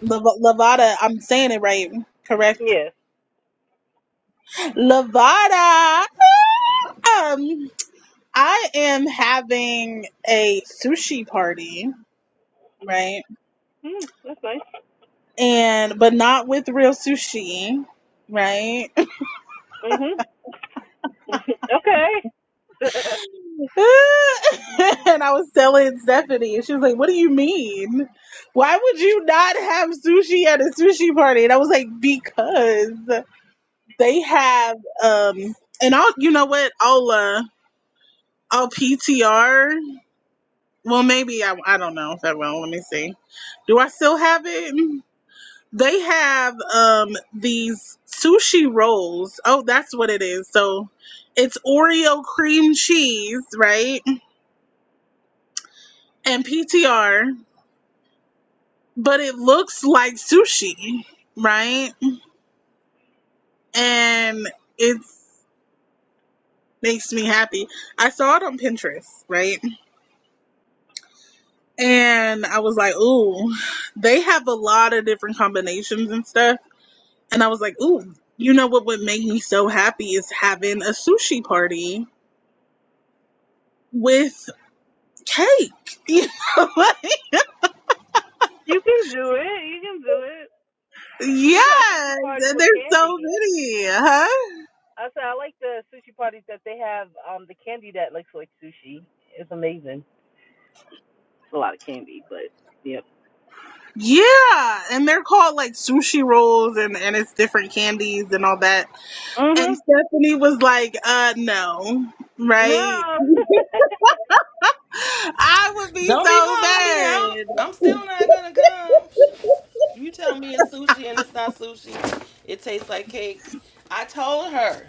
A: Lav- Lavada. I'm saying it right, correct?
F: Yes.
A: Lavada. Um, I am having a sushi party, right?
F: Hmm. That's nice.
A: And but not with real sushi, right?
F: Mhm. okay.
A: and I was telling Stephanie, and she was like, "What do you mean? Why would you not have sushi at a sushi party?" And I was like, "Because they have um." And I'll, you know what? I'll uh, Oh, PTR. Well, maybe I, I don't know if I will. Let me see. Do I still have it? They have um these sushi rolls. Oh, that's what it is. So it's Oreo cream cheese, right? And PTR, but it looks like sushi, right? And it makes me happy. I saw it on Pinterest, right? And I was like, ooh, they have a lot of different combinations and stuff And I was like, ooh, you know what would make me so happy is having a sushi party with cake. You know, like,
F: you can do it. You can do it. You go to sushi
A: yes.
F: parties
A: And
F: with
A: there's
F: candy.
A: so many, huh?
F: I said I like the sushi parties that they have. Um, the candy that looks like sushi. It's amazing. It's a lot of candy, but yeah.
A: Yeah. And they're called like sushi rolls and, and it's different candies and all that. And
F: Mhm.
A: Stephanie was like, uh, no, right?
F: No.
A: I would be
C: Don't be calling me out. I'm
A: so
C: still not gonna come. You tell me it's sushi and it's not sushi. It tastes like cake. I told her.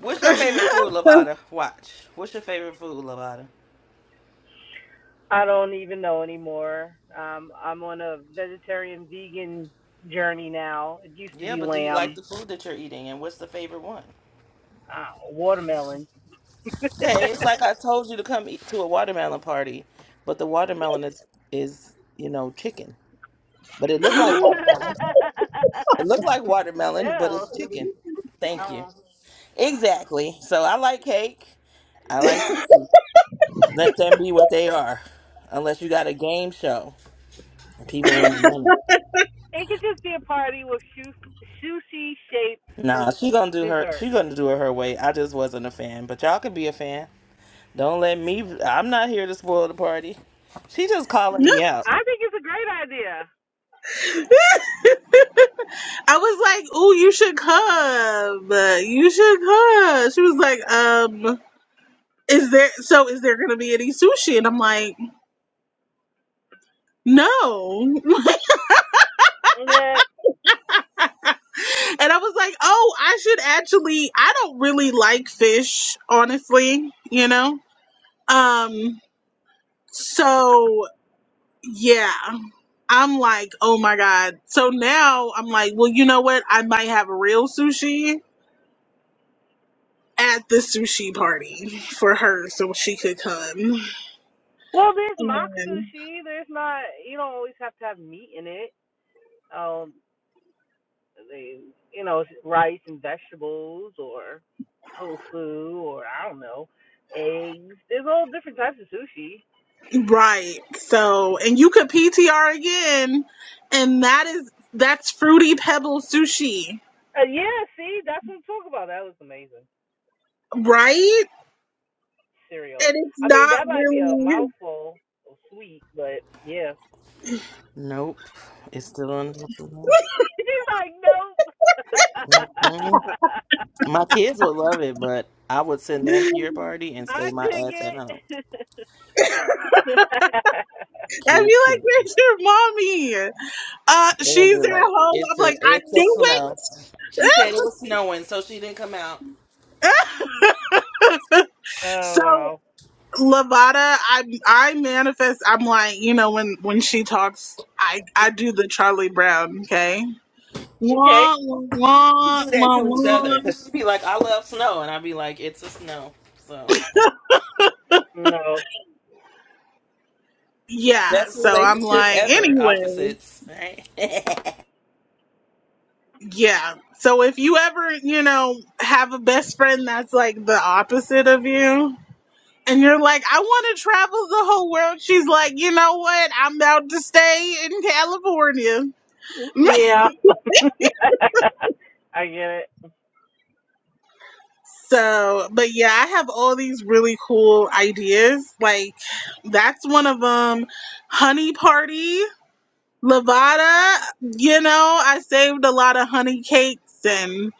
C: What's your favorite food,
A: mad.
C: Lavada? Watch. What's your favorite food, Lavada?
F: I don't even know anymore. Um I'm on a vegetarian vegan journey now. It used to
C: Yeah,
F: be
C: but do you like
F: lamb,
C: the food that you're eating? And what's the favorite one?
F: uh, watermelon.
C: Okay, it's like I told you to come eat to a watermelon party, but the watermelon is is you know chicken. But it looked
F: Ew.
C: like watermelon. It looked like watermelon, but it's chicken. Thank you.
F: Um,
C: Exactly. So I like cake. I like sushi. Let them be what they are. Unless you got a game show, people win money.
F: it could just be a party with shu- sushi shaped
C: Nah, she gonna do her.
F: dessert.
C: She gonna do it her way. I just wasn't a fan, but y'all could be a fan. Don't let me. I'm not here to spoil the party. She just calling me out.
F: I think it's a great idea.
A: I was like, "Ooh, you should come. You should come." She was like, "Um, is there so is there gonna be any sushi?" And I'm like, "No." and
F: And that-
A: I was like, "Oh, I should actually. I don't really like fish, honestly. You know. Um. So yeah." I'm like, oh my god. So now I'm like, well, you know what? I might have a real sushi at the sushi party for her so she could come.
F: well, there's mock
A: And
F: sushi. There's not. You don't always have to have meat in it. Um. they, you know, rice and vegetables or tofu or I don't know, eggs. There's all different types of sushi.
A: right. So and you could PTR again and that is that's fruity pebble sushi,
F: Uh, yeah, see, that's what I'm talking about. That was amazing.
A: right?
F: Cereal.
A: And it's
F: I mean,
A: not
F: that might be a
A: really
F: mouthful of sweet, but yeah.
C: Nope. It's still on.
F: He's like, nope.
C: Mm-mm. My kids would love it, but I would send them to your party and stay
F: I
C: my
F: dig
C: ass at home.
F: it.
A: I feel
C: Kids
A: like
C: can
A: where's your mommy? Uh
C: they gonna
A: she's
C: be
A: at
C: like,
A: home.
C: It's
A: I'm
C: a
A: like, I
C: it's a
A: knew it.
C: snow. She said it was snowing, so she didn't come out.
F: oh,
A: so
F: wow.
A: Lavada, I I manifest I'm like, you know, when when she talks I I do the Charlie Brown, okay?
F: Okay.
A: Wah, wah,
C: We
A: wah,
C: Do that
A: wah,
C: to each other.
A: wah.
C: Cause she'd be like, I love snow and I'd be like, It's a snow. So
F: No.
A: Yeah.
C: best
A: So I'm
C: relationship
A: like,
C: ever.
A: anyway,
C: Opposites. Right?
A: yeah. So if you ever, you know, have a best friend that's like the opposite of you, and you're like, I want to travel the whole world, she's like, you know what? I'm about to stay in California.
F: Yeah. I get it.
A: so, but yeah, I have all these really cool ideas. Like, that's one of them honey parties. Levada, you know, I saved a lot of honey cakes and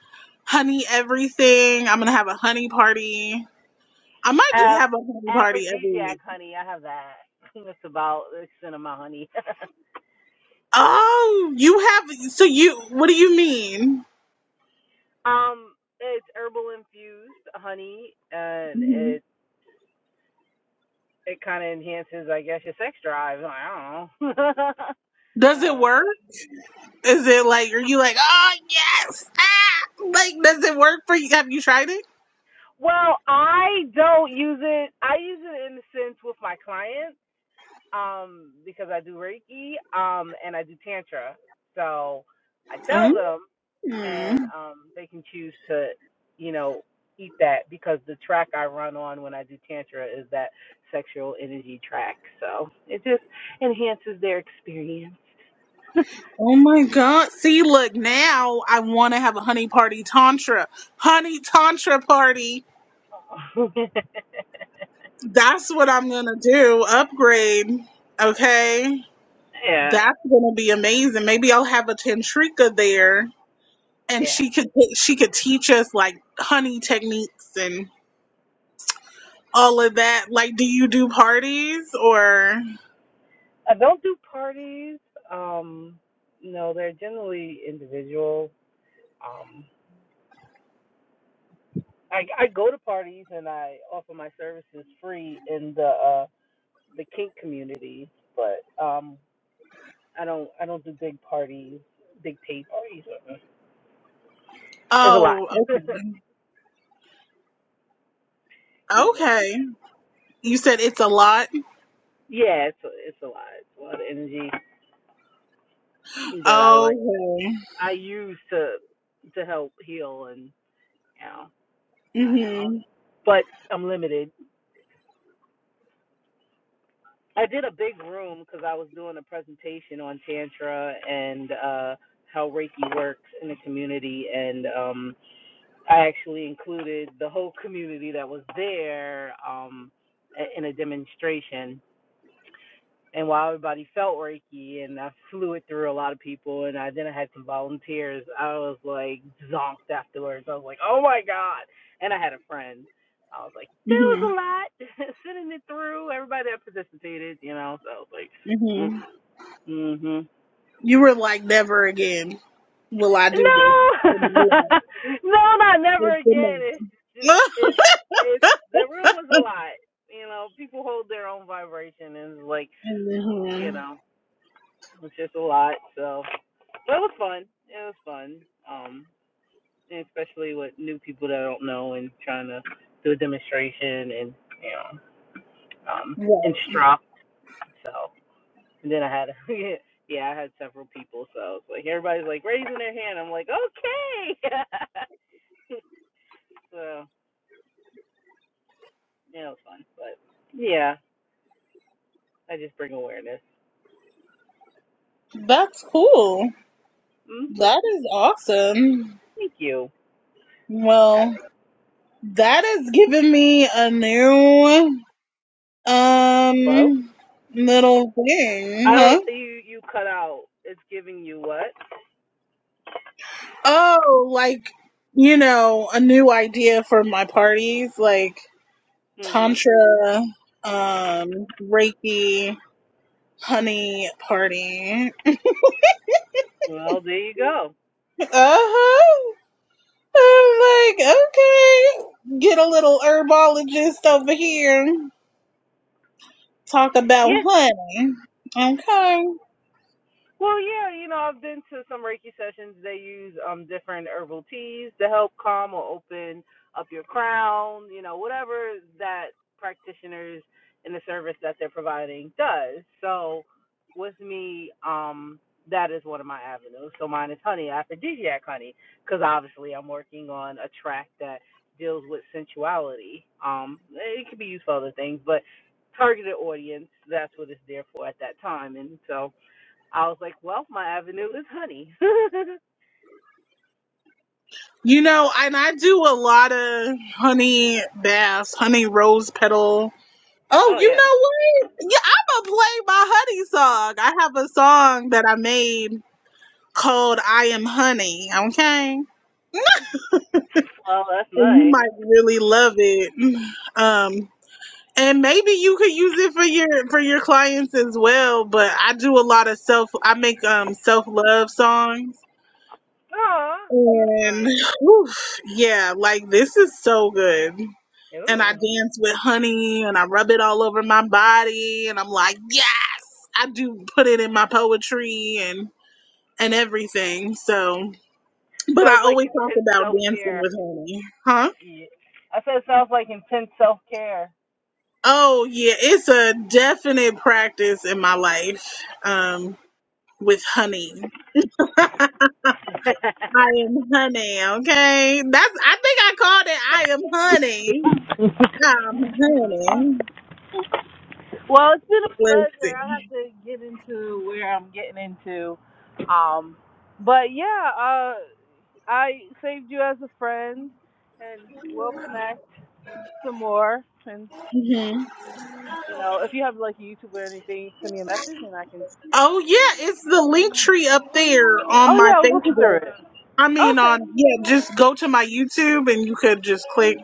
A: honey everything. I'm gonna have a honey party. I might just
F: have
A: have a honey party every
F: aphrodisiac
A: week.
F: honey. I have that. That's about the extent of my honey.
A: Oh, you have so you what do you mean?
F: um, it's herbal infused honey, and
A: Mhm.
F: it it kind of enhances, I guess, your sex drive. I don't know.
A: Does it
F: uh, so-
A: work? Is it like are you like, oh yes, ah like does it work for you? Have you tried it?
F: Well, I don't use it. I use it in the sense with my clients, um, because I do Reiki, um, and I do Tantra. So I tell them
A: Mm.
F: and um, they can choose to, you know, eat that because the track I run on when I do tantra is that sexual energy track. So it just enhances their experience.
A: Oh my god. See, look, now I wanna have a honey party tantra. Honey tantra party That's what I'm gonna do. Upgrade. Okay.
F: yeah,
A: That's gonna be amazing. Maybe I'll have a Tantrika there and
F: yeah.
A: she could she could teach us like honey techniques and all of that. Like do you do parties or
F: I don't do parties. Um, no, they're generally individual. Um, I I go to parties and I offer my services free in the uh, the kink community, but um, I don't I don't do big parties, big pay parties. Uh-uh. It's a lot.
A: oh
F: it's
A: okay.
F: a lot.
A: Okay. You said it's a lot?
F: Yeah, it's a, it's a lot. It's a lot of energy that I like.
A: Okay.
F: I use to to help heal and you know.
A: Mhm.
F: But I'm limited. I did a big room because I was doing a presentation on tantra and uh, how Reiki works in the community, and um, I actually included the whole community that was there um, in a demonstration and while everybody felt Reiki and I flew it through a lot of people and I then I had some volunteers, I was like zonked afterwards. I was like, Oh my God and I had a friend. I was like, There was
A: Mhm.
F: a lot sending it through, everybody that participated, you know, so I was like mm
A: Mhm.
F: mhm.
A: You were like never again will I do this
F: No
A: in my life.
F: No, not never again.
A: It's
F: It's just
A: enough.
F: it's it's the room was a lot. You know, people hold their own vibration and it's like, you
A: Mhm.
F: know, it's just a lot. So But it was fun. It was fun. Um, and especially with new people that I don't know and trying to do a demonstration and you know um
A: Right.
F: instruct. So and then I had yeah I had several people. So it's like everybody's like raising their hand. I'm like okay. so yeah, it was fun. But yeah, I just bring awareness.
A: That's cool.
F: Mhm.
A: That is awesome.
F: Thank you.
A: Well, that has given me a new
F: Hello.
A: um little thing,
F: I don't.
A: huh?
F: You you cut out. It's giving you what?
A: Oh, like you know, a new idea for my parties, like
F: Mhm.
A: tantra, um, reiki, honey party.
F: Well, there you go.
A: Uh huh. I'm like, okay, get a little herbologist over here. Talk about
F: Yeah,
A: honey. Okay.
F: Well, yeah, you know, I've been to some Reiki sessions. They use um different herbal teas to help calm or open up your crown, you know, whatever that practitioners in the service that they're providing does. So with me, um, that is one of my avenues. So mine is honey, aphrodisiac honey, because obviously I'm working on a track that deals with sensuality. Um, it could be used for other things, but targeted audience, that's what it's there for at that time. And so I was like, well, my avenue is honey. oh
A: You know, and I do a lot of honey baths, honey rose petal. Oh, you
F: yeah.
A: know what? Yeah, I'm gonna play my honey song. I have a song that I made called I Am Honey, okay?
F: Well, that's
A: And you
F: nice.
A: might really love it. Um and maybe you could use it for your for your clients as well, but I do a lot of self I make um self-love songs
F: Oh, that's
A: And
F: nice.
A: oof, yeah, like this is so good. And I
F: Ooh.
A: dance with honey and I rub it all over my body and I'm like, yes, I do put it in my poetry and and everything. So, but I
F: Sounds like
A: always talk
F: intense
A: about
F: self
A: dancing
F: care.
A: with honey. Huh?
F: Yeah. I said it sounds like intense self care.
A: Oh, yeah, it's a definite practice in my life um with honey. I am honey, okay? That's I think I called it I am honey. I'm honey.
F: well, it's been a
A: Let's see.
F: pleasure. I have to get into where I'm getting into. Um, but yeah, uh, I saved you as a friend, and we'll connect some more. And
A: hmm
F: you know, if you have like a YouTube or anything, send me a message, and I can
A: Oh yeah, it's the link tree up there on
F: Oh
A: my
F: yeah, I was looking through
A: Facebook.
F: it.
A: I mean
F: Okay.
A: on yeah, just go to my YouTube and you could just click.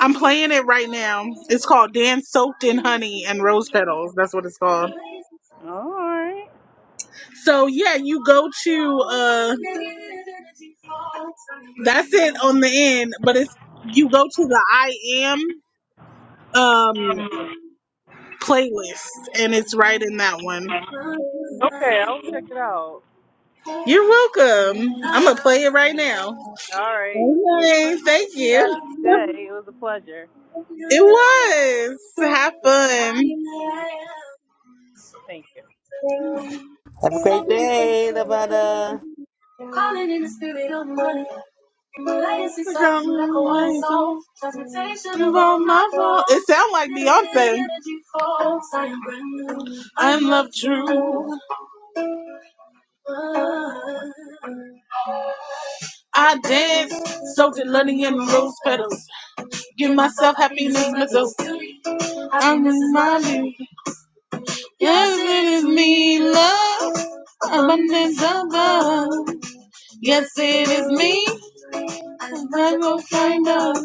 A: I'm playing it right now. It's called Dance Soaked in Honey and Rose Petals. That's what it's called.
F: All right.
A: So yeah, you go to uh that's it on the end, but it's you go to the I am um playlist and it's right in that one.
F: Okay, I'll check it out.
A: You're welcome. I'm gonna play it right now.
F: All right.
A: Okay, thank
F: Happy
A: you.
F: day. It was a pleasure.
A: It was. Have fun.
F: Thank you.
C: Have a great day, Lavada.
A: Calling in the spirit of money. like song. It sounds like Beyonce. I'm love true. I dance, soaked in learning and rose petals. Give myself happiness, missiles. I'm in my dream. Yes, it is me, love. Abundance above. Yes, it is me. And I will find out.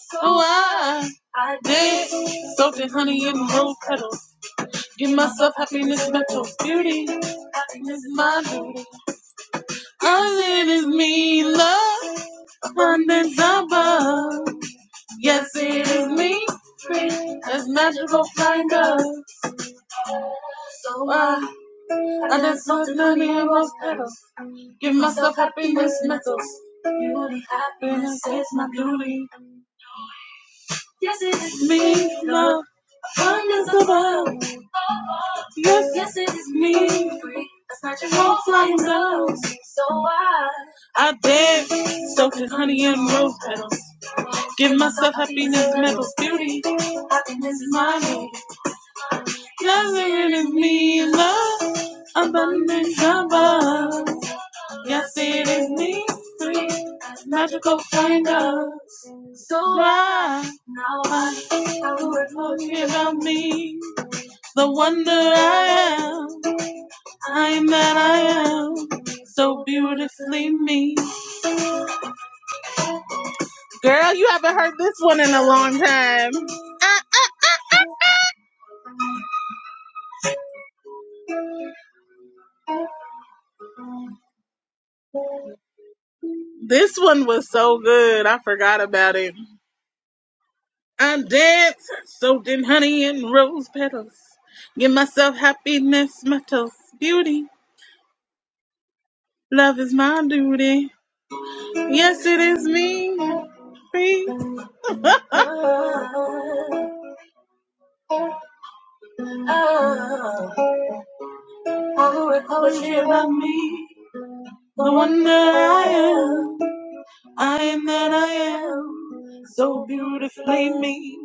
A: So I, I did. Soaked in honey and rose petals. Give myself happiness, mental beauty. Happiness, my beauty. Abundance above. Yes, it is me. As magical finder. So I, I just soaked in honey and rose petals. Give myself happiness, mental. Beauty, happiness is my duty. Yes, it is me, love, abundance of love. Yes, yes, it is me, free. That's not your whole flying nose. So I, Give myself happiness, medals. Happiness is my need. Abundance of love is me, free. magical flying nose. So I, now I, I will work for you about me. The wonder I am. I'm that I am. So beautifully me. Girl, you haven't heard this one in a long time. This one was so good. I forgot about it. I'm danced, soaked in honey and rose petals. Give myself happiness, my toast, beauty. Love is my duty. Yes, it is me. Free. poetry about me, the wonder I am. I am that I am, so beautifully me.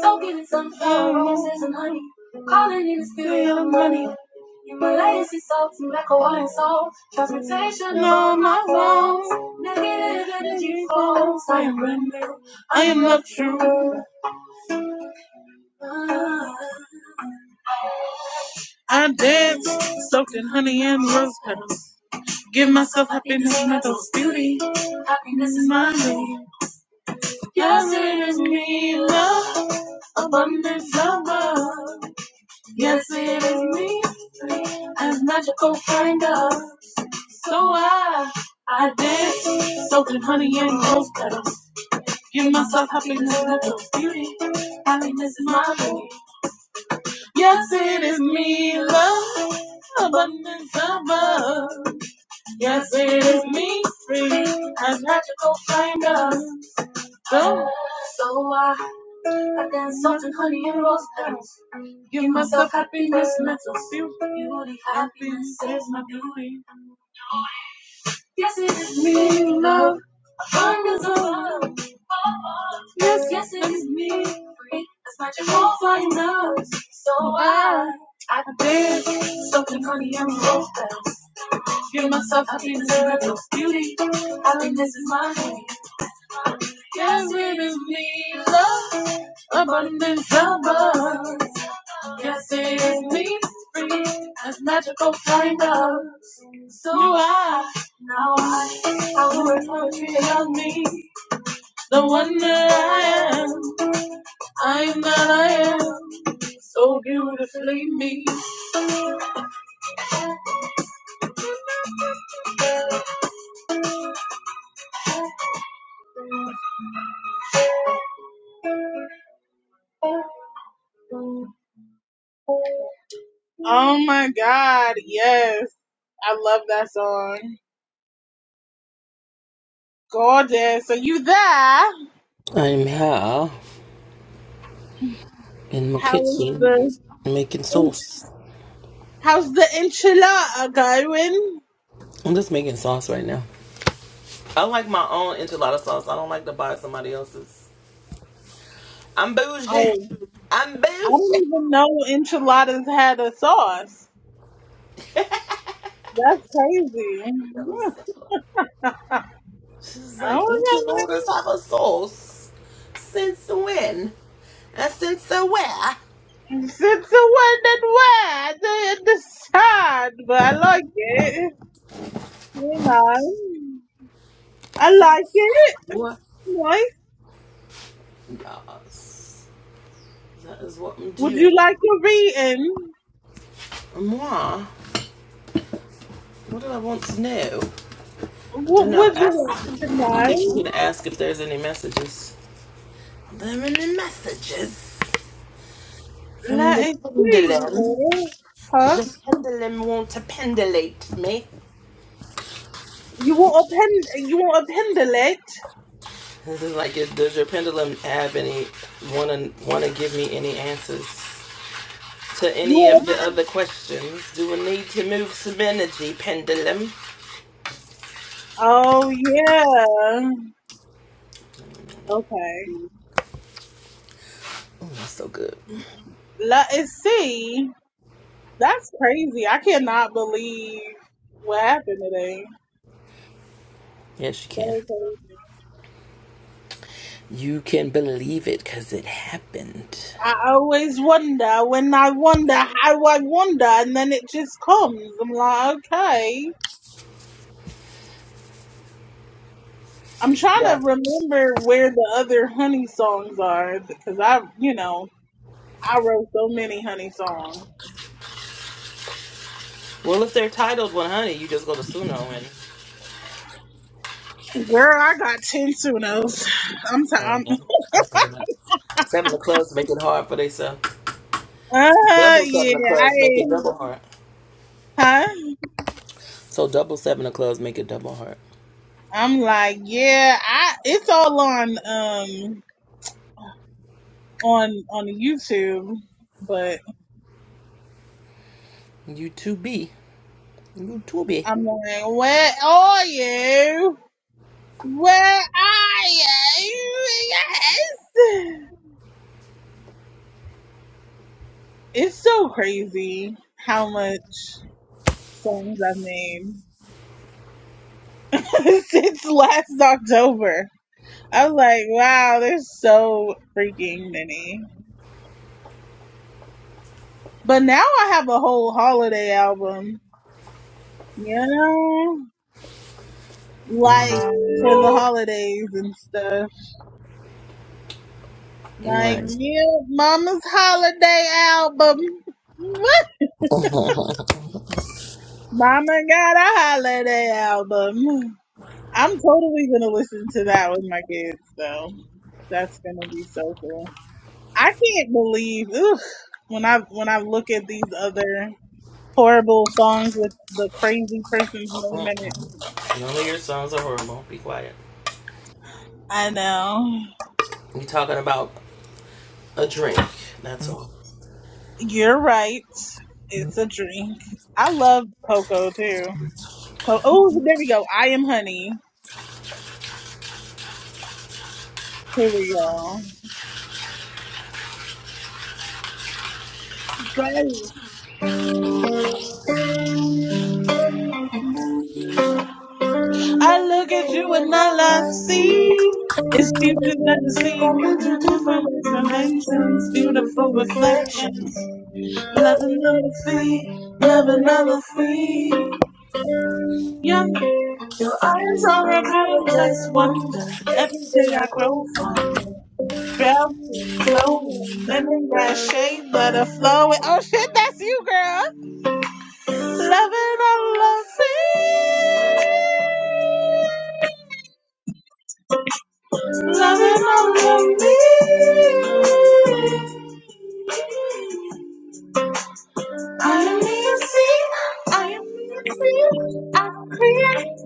A: Soaking in sunflower roses and honey, calling in the spirit of money. In my legacy, salt and black Hawaiian salt, transmutation on my walls. Negative energy falls. I am brand new. I am love true. I dance, soaked in honey and rose petals. Give myself happiness, not those beauty. Happiness is my way. Yes, it is me, love, abundance of love. Yes, it is me, as magical kind of. So I, I dance, soaking honey and rose petals. Give myself happiness, and natural beauty. Happiness is my beauty. Yes, it is me, love, abundance of love. Yes, it is me, free, as magical kind of. So, so I. dance salt and honey and rose petals. Give myself happiness, mental feel. You the happiness is my beauty. Yes, it is me, love. Abundance of love. Yes, yes, it is me. Free as my Jehovah knows. So I, I dance salt and honey and rose petals. Give myself happiness, and mental beauty. Happiness is my beauty. Yes, it is me, love, abundance above. Yes, it is me, free as magical kind So I, now I, I will write poetry on me, the one that I am. I am that I am, so beautifully me. Oh my God, yes, I love that song. Gorgeous, are you there?
C: I'm here in my
A: How is
C: kitchen
A: the
C: making sauce.
A: How's the enchilada going?
C: I'm just making sauce right now. I like my own enchilada sauce. I don't like to buy somebody else's. I'm bougie.
A: Oh,
C: I'm
A: I
C: bougie.
A: didn't even know enchiladas had a sauce. That's crazy. Okay.
C: She's like, enchiladas have a sauce. Since when? And since where?
A: Since the one that where I didn't decide, but I like it. You know, I like
C: Since
A: it.
C: what?
A: Nice.
C: Yes. That is what I'm
A: Would you
C: doing.
A: like a reading?
C: And Moi, what do I want to know? I don't
A: What
C: know.
A: would
C: Ask,
A: you like
C: I
A: to
C: think you
A: know?
C: to ask if there's any messages. There are any messages from
A: Let
C: the
A: it see
C: Pendulum.
A: here. Huh?
C: Your pendulum will to pendulate me.
A: You want a pen? You want a pendulum?
C: This is like, is- does your pendulum have any want to want to give me any answers to
A: You
C: any
A: want a
C: of the other questions? Do we need to move some energy, pendulum?
A: Oh yeah. Okay.
C: Oh, that's so good.
A: Let us see. That's crazy. I cannot believe what happened today.
C: Yes, you can.
A: So crazy.
C: You can believe it because it happened.
A: I always wonder when I wonder how I wonder and then it just comes. I'm like, okay. I'm trying
C: Yeah.
A: to remember where the other honey songs are because I, you know, I wrote so many honey songs.
C: Well, if they're titled 100, you just go to Suno and.
A: Girl, I got ten Sunos. I'm
C: Oh,
A: tired.
C: yeah. I figured that. Seven of clubs make it hard for themselves.
A: Uh,
C: Double seven
A: yeah,
C: of clubs make it
A: I
C: double hard.
A: huh?
C: So double seven of clubs make it double hard.
A: I'm like, yeah, I it's all on um on on YouTube, but
C: You two be. You too be.
A: I'm like, where are you? Where are you? Yes. It's so crazy how much songs I've made since last October. I was like, wow, there's so freaking many. But now I have a whole holiday album. Yeah. like for the holidays and stuff. Like,
C: Right.
A: yeah, Mama's holiday album. What?
C: None
A: Mama got a holiday album. I'm totally gonna listen to that with my kids though. That's gonna be so cool. I can't believe ugh, when I when I look at these other horrible songs with the crazy person's name in it.
C: of your songs are horrible. Be quiet.
A: I know.
C: We talking about a drink. That's all.
A: You're right. It's a drink. I love Coco too. So, Oh, there we go. I am honey. Here we go. Go. I look at you and all I see is future that is seen. Future different informations, beautiful reflections. Love another free, love another free. Yeah. Your eyes are a complex wonder. Every day I grow fonder. Brown, glowing, lemon grass shade, butter flowing. Oh shit, that's you, girl. Loving all I see. Loving only me. I am me a sea. I am me a sea. I created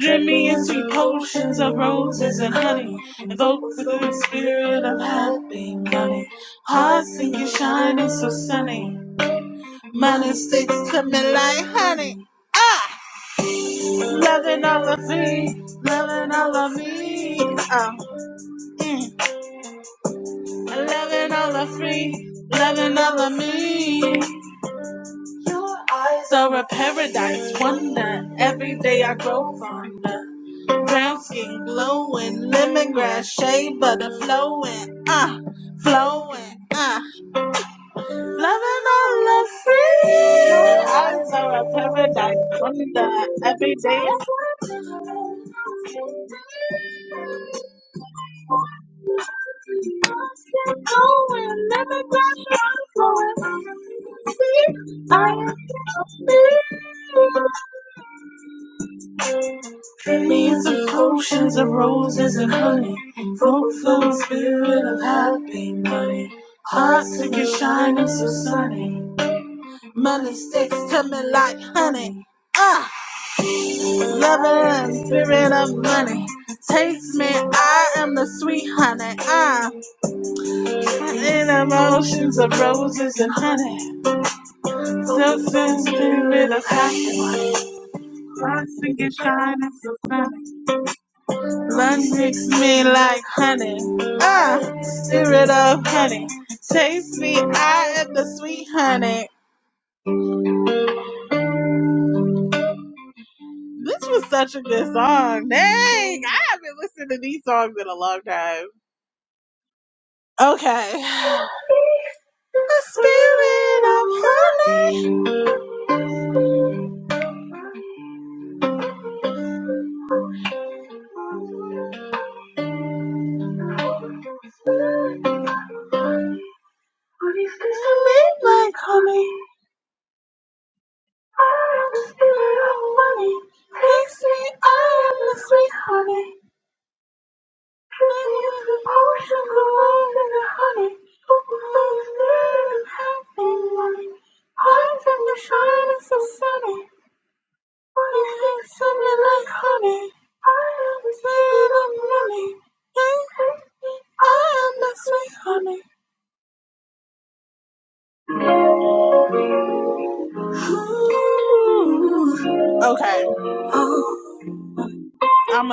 A: Dreamy and sweet potions of roses and honey. Evoke the spirit of happy money. Hearts sing you shining so sunny. Money sticks to me like honey. Ah! Loving all of me. Loving all of me. Oh. Loving all of free, loving all of me. Your eyes are a paradise wonder. Every day I grow fonder. Brown skin glowing, lemongrass shade, butter flowing, ah, flowing, ah. Loving all of free. Your eyes are a paradise wonder. Every day I Millions of oceans of roses and honey. full flow spirit of happy money. Hearts that can shining so sunny. Money sticks coming like honey. Ah, love and spirit of money. Taste me, I am the sweet honey. Ah, in emotions of roses and honey. Self and spirit of happy money. Hearts that can shining so sunny. Love makes me like honey. Ah, spirit of honey. Taste me, I am the sweet honey. This was such a good song. Dang, I haven't listened to these songs in a long time. Okay. The spirit of honey. Sweet like honey. I am the spirit of honey. Taste me, I am the sweet honey. Okay, I'm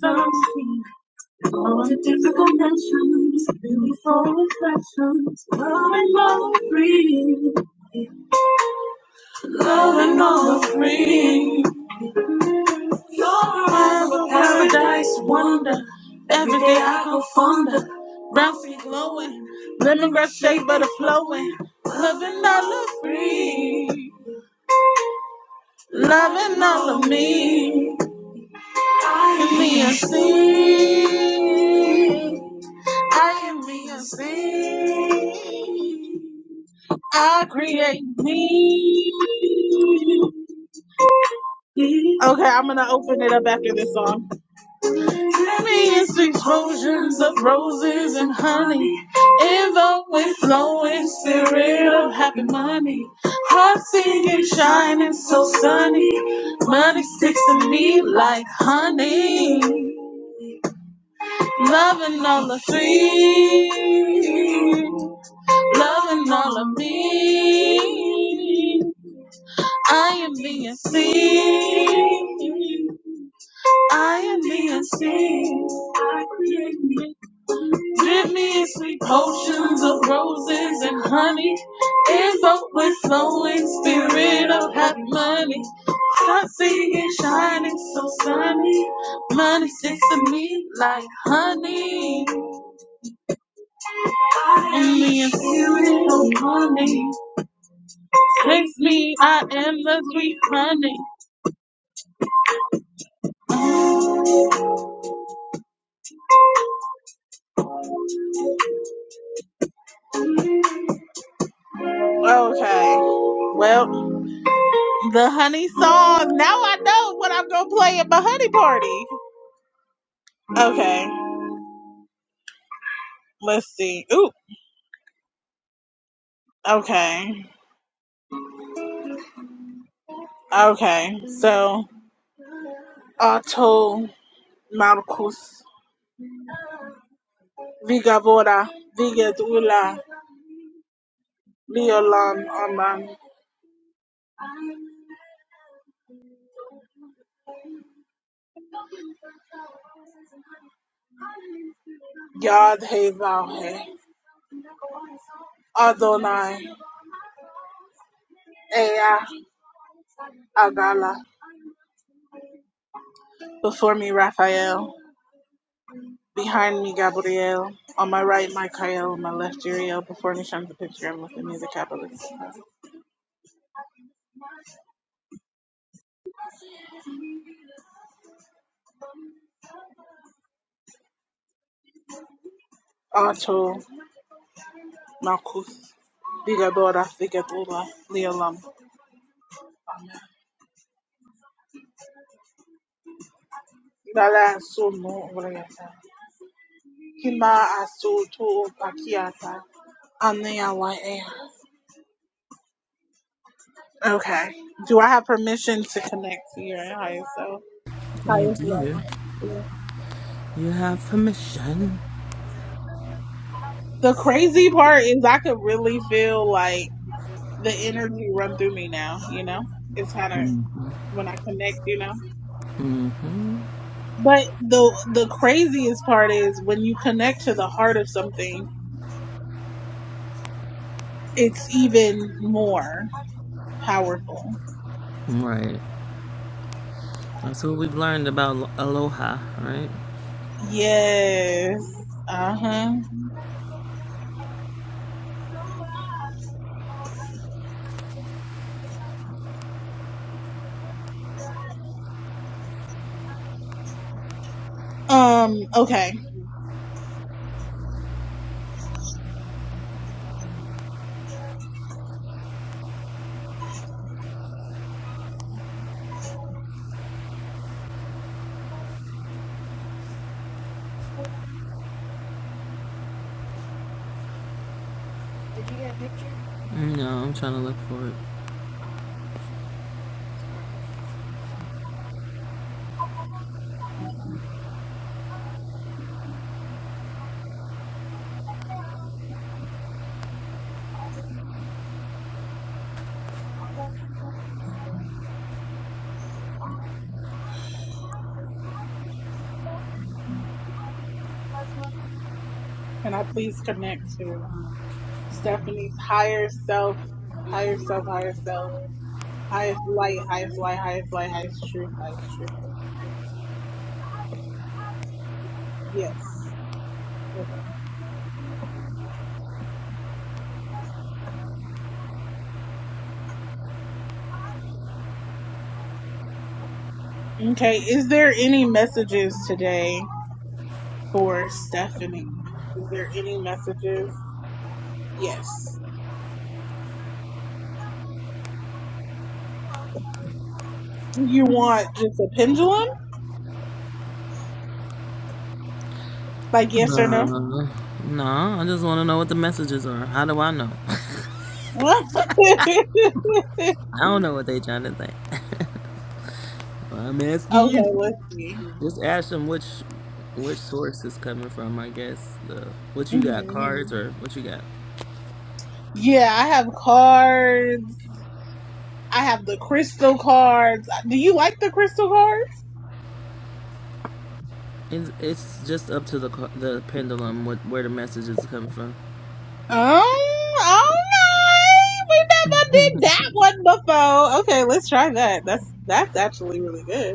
A: gonna see. All the difficult nations, beautiful reflections, love and all free, love and all free. You're a paradise wonder. Every day I go fonder. Brown feet glowing, lemongrass shade butter flowing. Love and all of free, love and all of me. I am me a I am reasoned. I create me. Okay, I'm gonna open it up after this song. Millions explosions of roses and honey. Ever flowing spirit of happy money. Heart singing, shining so sunny. Money sticks to me like honey. Loving all the three. loving all of me. I am being seen. I am being seen. Drip me in sweet potions of roses and honey. Invoke with flowing spirit of happy money. Stop singing, shining so sunny. Money sticks to me like honey. I am being seen, oh money. Fix me, I am the sweet honey. Okay. Well, the honey song. Now I know what I'm gonna play at my honey party. Okay. Let's see. Ooh. Okay. Okay. So, Otto Marcus Vigavora Vigadula Leolam Aman Yad He Vahe Adonai Ea Agala. Before me, Raphael. Behind me, Gabriel. On my right, Michael. On my left, Uriel. Before me, shines the pentagram with the music capitalist. Otto, Marcus, Digadora, Digadora, Leolam. Dala Sumu, Uriata. Kima Asutu, Pakiata. Anea Okay. Do I have permission to connect to your highest self?
C: You
A: Highest
C: do.
A: self.
C: You have permission.
A: The crazy part is I could really feel like the energy run through me now, you know? It's kind of when I connect, you know? But the the craziest part is when you connect to the heart of something, it's even more powerful.
C: Right. That's what we've learned about Lo- Aloha, right?
A: Yes. Uh huh. Um. Okay.
C: No, I'm trying to look for it.
A: Can I please connect to Stephanie's higher self, higher self, higher self, highest light, highest light, highest light, highest truth, highest truth? Yes. Okay. Is there any messages today? for Stephanie. Is there any messages? Yes. Do you want just a pendulum? Like yes or no?
C: Uh, no, I just want to know what the messages are. How do I know?
A: okay,
C: I don't know what they trying to say. I'm asking you.
A: let's see.
C: Just ask them which which source is coming from. I guess the what you got
A: hmm
C: cards or what you got.
A: Yeah, I have cards. I have the crystal cards. Do you like the crystal cards?
C: It's, it's just up to the ca- the pendulum what, where the messages is coming from.
A: Um, all right. We never did that one before. Okay, let's try that. That's that's actually really good.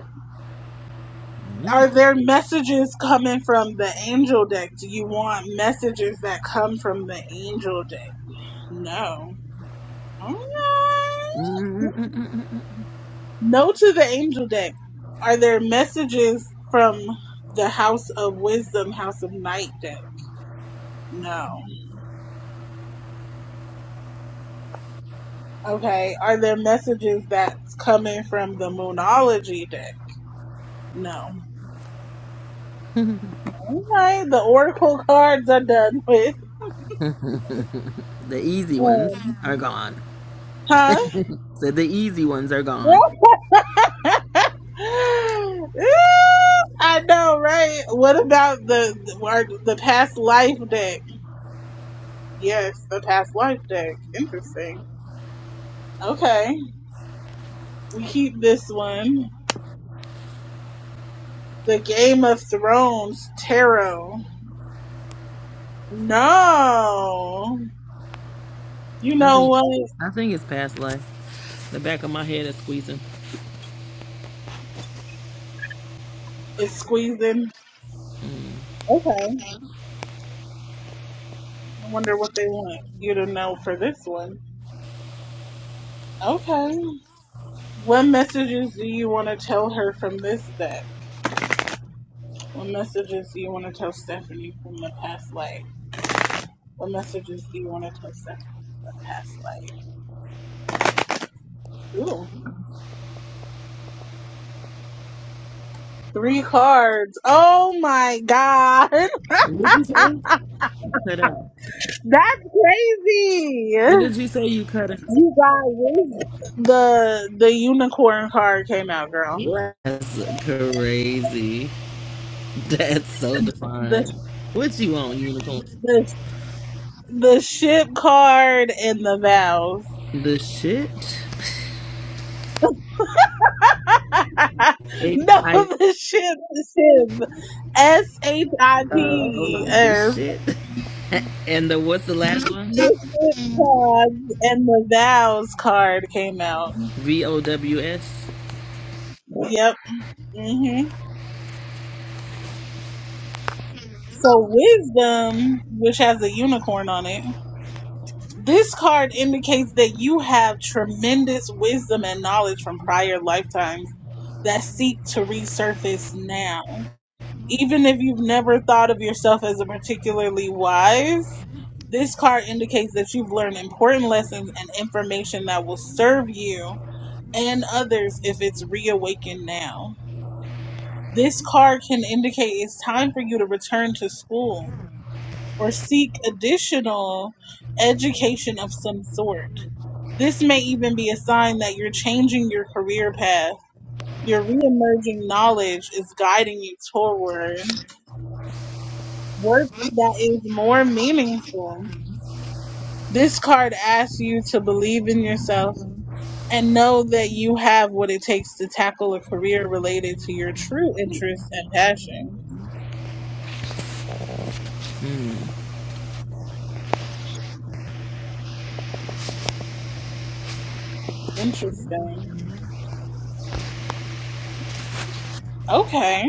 A: Are there messages coming from the angel deck? Do you want messages that come from the angel deck? No. Okay.
C: Mm,
A: No to the angel deck. Are there messages from the house of wisdom, house of night deck? No. Okay. Are there messages that's coming from the moonology deck? No. Okay. The oracle cards are done with.
C: The easy ones
A: Um,
C: are gone.
A: huh?
C: so the easy ones are gone.
A: Yep. I know, right? What about the the, our, the past life deck? Yes, the past life deck. Interesting. Okay, we keep this one. The Game of Thrones tarot. No, you
C: I
A: know
C: think
A: what?
C: I think it's past life. The back of my head is squeezing.
A: It's squeezing. Okay, I wonder what they want you to know for this one. Okay, what messages do you want to tell her from this deck? What messages do you want to tell Stephanie from the past life? What messages do you want to tell Stephanie from the past life? Ooh, three cards. Oh my God.
C: What did you say? Cut out.
A: That's crazy.
C: What did you say you cut out?
A: You guys, The the unicorn card came out, girl.
C: Yeah. That's crazy. That's so
A: The
C: defined. What you want, unicorn?
A: the the ship card and the vows.
C: the shit,
A: no,
C: AI,
A: the ship, the ship. S H I
C: uh, oh,
A: P.
C: the shit, and the what's the last one?
A: Mystic cards and the vows card came out.
C: V O W S.
A: Yep. hmm So wisdom, which has a unicorn on it, this card indicates that you have tremendous wisdom and knowledge from prior lifetimes that seek to resurface now. Even if you've never thought of yourself as a particularly wise, this card indicates that you've learned important lessons and information that will serve you and others if it's reawakened now. This card can indicate it's time for you to return to school or seek additional education of some sort. This may even be a sign that you're changing your career path. Your reemerging knowledge is guiding you toward work that is more meaningful. This card asks you to believe in yourself and know that you have what it takes to tackle a career related to your true interests and passion. Interesting. Okay.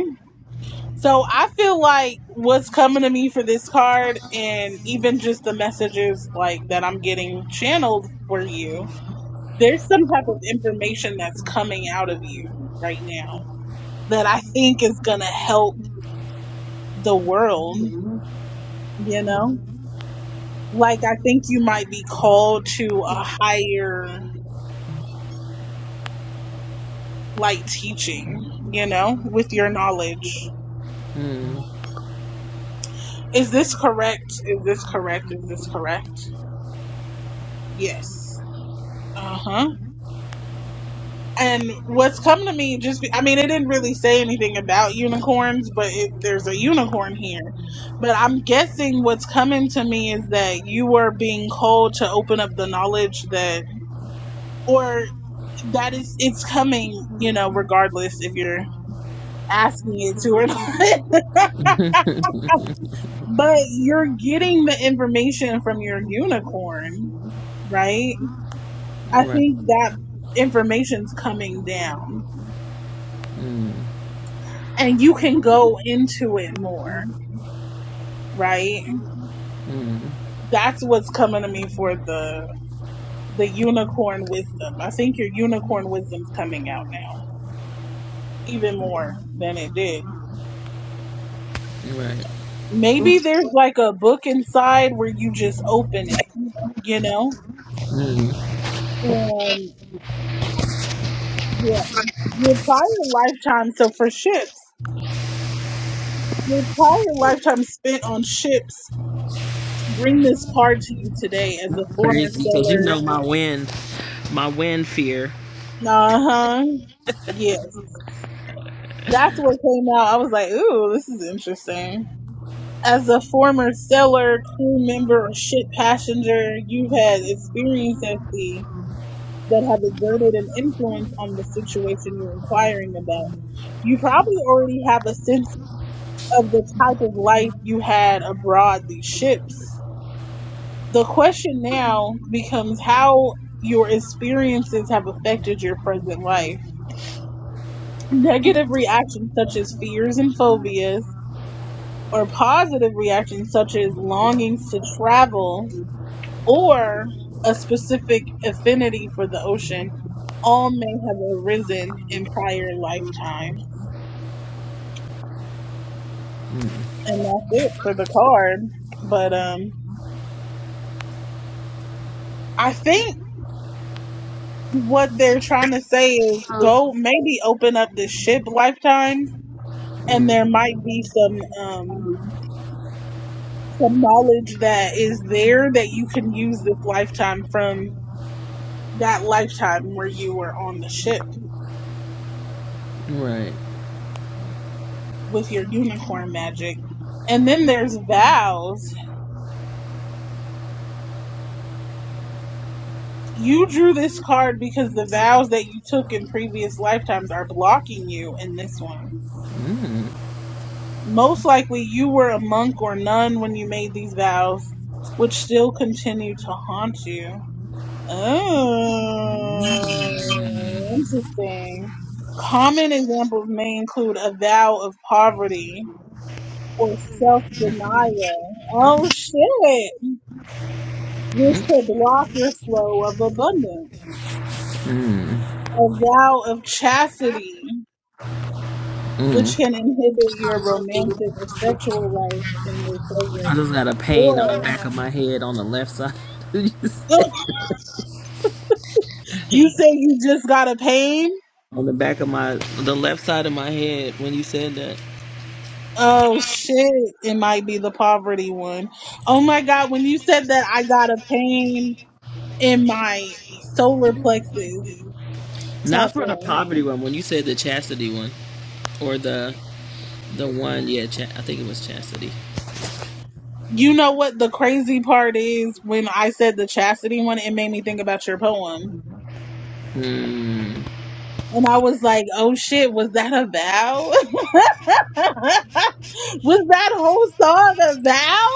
A: So I feel like what's coming to me for this card and even just the messages like that I'm getting channeled for you, there's some type of information that's coming out of you right now that I think is going to help the world, you know? Like I think you might be called to a higher like teaching, you know, with your knowledge.
C: Mm.
A: Is this correct? Is this correct? Is this correct? Yes. Uh huh. And what's come to me just, be, I mean, it didn't really say anything about unicorns, but it, there's a unicorn here. But I'm guessing what's coming to me is that you were being called to open up the knowledge that, or that is, it's coming, you know, regardless if you're asking it to or not. But you're getting the information from your unicorn, right? I
C: right.
A: think that information's coming down
C: Mm,
A: and you can go into it more, right?
C: mm,
A: That's what's coming to me for the the unicorn wisdom. I think your unicorn wisdom's coming out now even more than it did.
C: right.
A: Maybe there's like a book inside where you just open it, you know?
C: Mm.
A: Um yeah. Your prior lifetime, so for ships. The entire lifetime spent on ships. Bring this card to you today as a former
C: Crazy, because you
A: seller.
C: know my wind, my wind fear.
A: Uh huh. Yes. That's what came out. I was like, ooh, this is interesting. As a former seller, crew member, or ship passenger, you've had experience at sea that have exerted an influence on the situation you're inquiring about. You probably already have a sense of the type of life you had aboard these ships. the question now becomes how your experiences have affected your present life. Negative reactions such as fears and phobias, or positive reactions such as longings to travel, or a specific affinity for the ocean, all may have arisen in prior lifetimes.
C: Mm,
A: And that's it for the card. But um, I think what they're trying to say is go maybe open up the ship lifetime and there
C: mm,
A: might be some um some knowledge that is there that you can use this lifetime from that lifetime where you were on the ship
C: right.
A: with your unicorn magic. And then there's vows. You drew this card because the vows that you took in previous lifetimes are blocking you in this one.
C: Mm,
A: Most likely you were a monk or nun when you made these vows, which still continue to haunt you Oh, interesting. Common examples may include a vow of poverty or self-denial. Oh shit! Which
C: mm,
A: could block your flow of abundance.
C: mm.
A: A vow of chastity, which
C: mm.
A: can inhibit your romantic or sexual life in the
C: I
A: present.
C: just got a pain on the
A: Or
C: back of my head on the left side.
A: you say you just got a pain?
C: on the back of my, the left side of my head when you said that.
A: Oh shit, it might be the poverty one. Oh my god, when you said that I got a pain in my solar plexus
C: Not for the
A: chakra.
C: poverty one. When you said the chastity one, or the the one, yeah, cha- I think it was chastity.
A: You know what the crazy part is when I said the chastity one, it made me think about your poem.
C: Mm,
A: And I was like, oh shit, was that a vow? was that whole song a vow?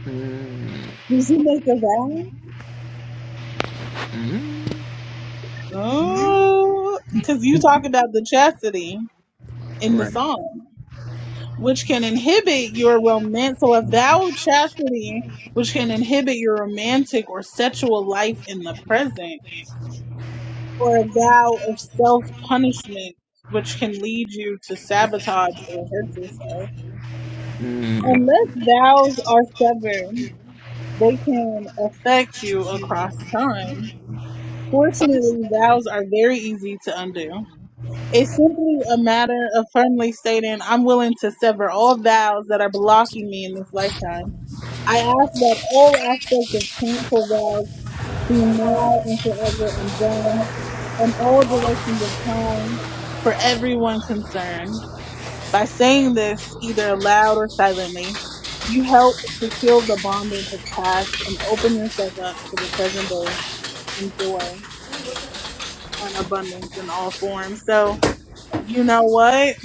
C: mm,
A: Did you make a vow?
C: mm,
A: Oh, cause you talk about the chastity in the
C: right.
A: song. which can inhibit your romance. So, a vow of chastity, which can inhibit your romantic or sexual life in the present, or a vow of self punishment, which can lead you to sabotage or hurt yourself.
C: Mm.
A: Unless vows are severed, they can affect you across time. Fortunately, vows are very easy to undo. It's simply a matter of firmly stating, I'm willing to sever all vows that are blocking me in this lifetime I ask that all aspects of painful vows be now and forever undone in all directions of time for everyone concerned. By saying this, either aloud or silently, you help to heal the bondage of past and open yourself up to the present day and joy and abundance in all forms. So, you know what?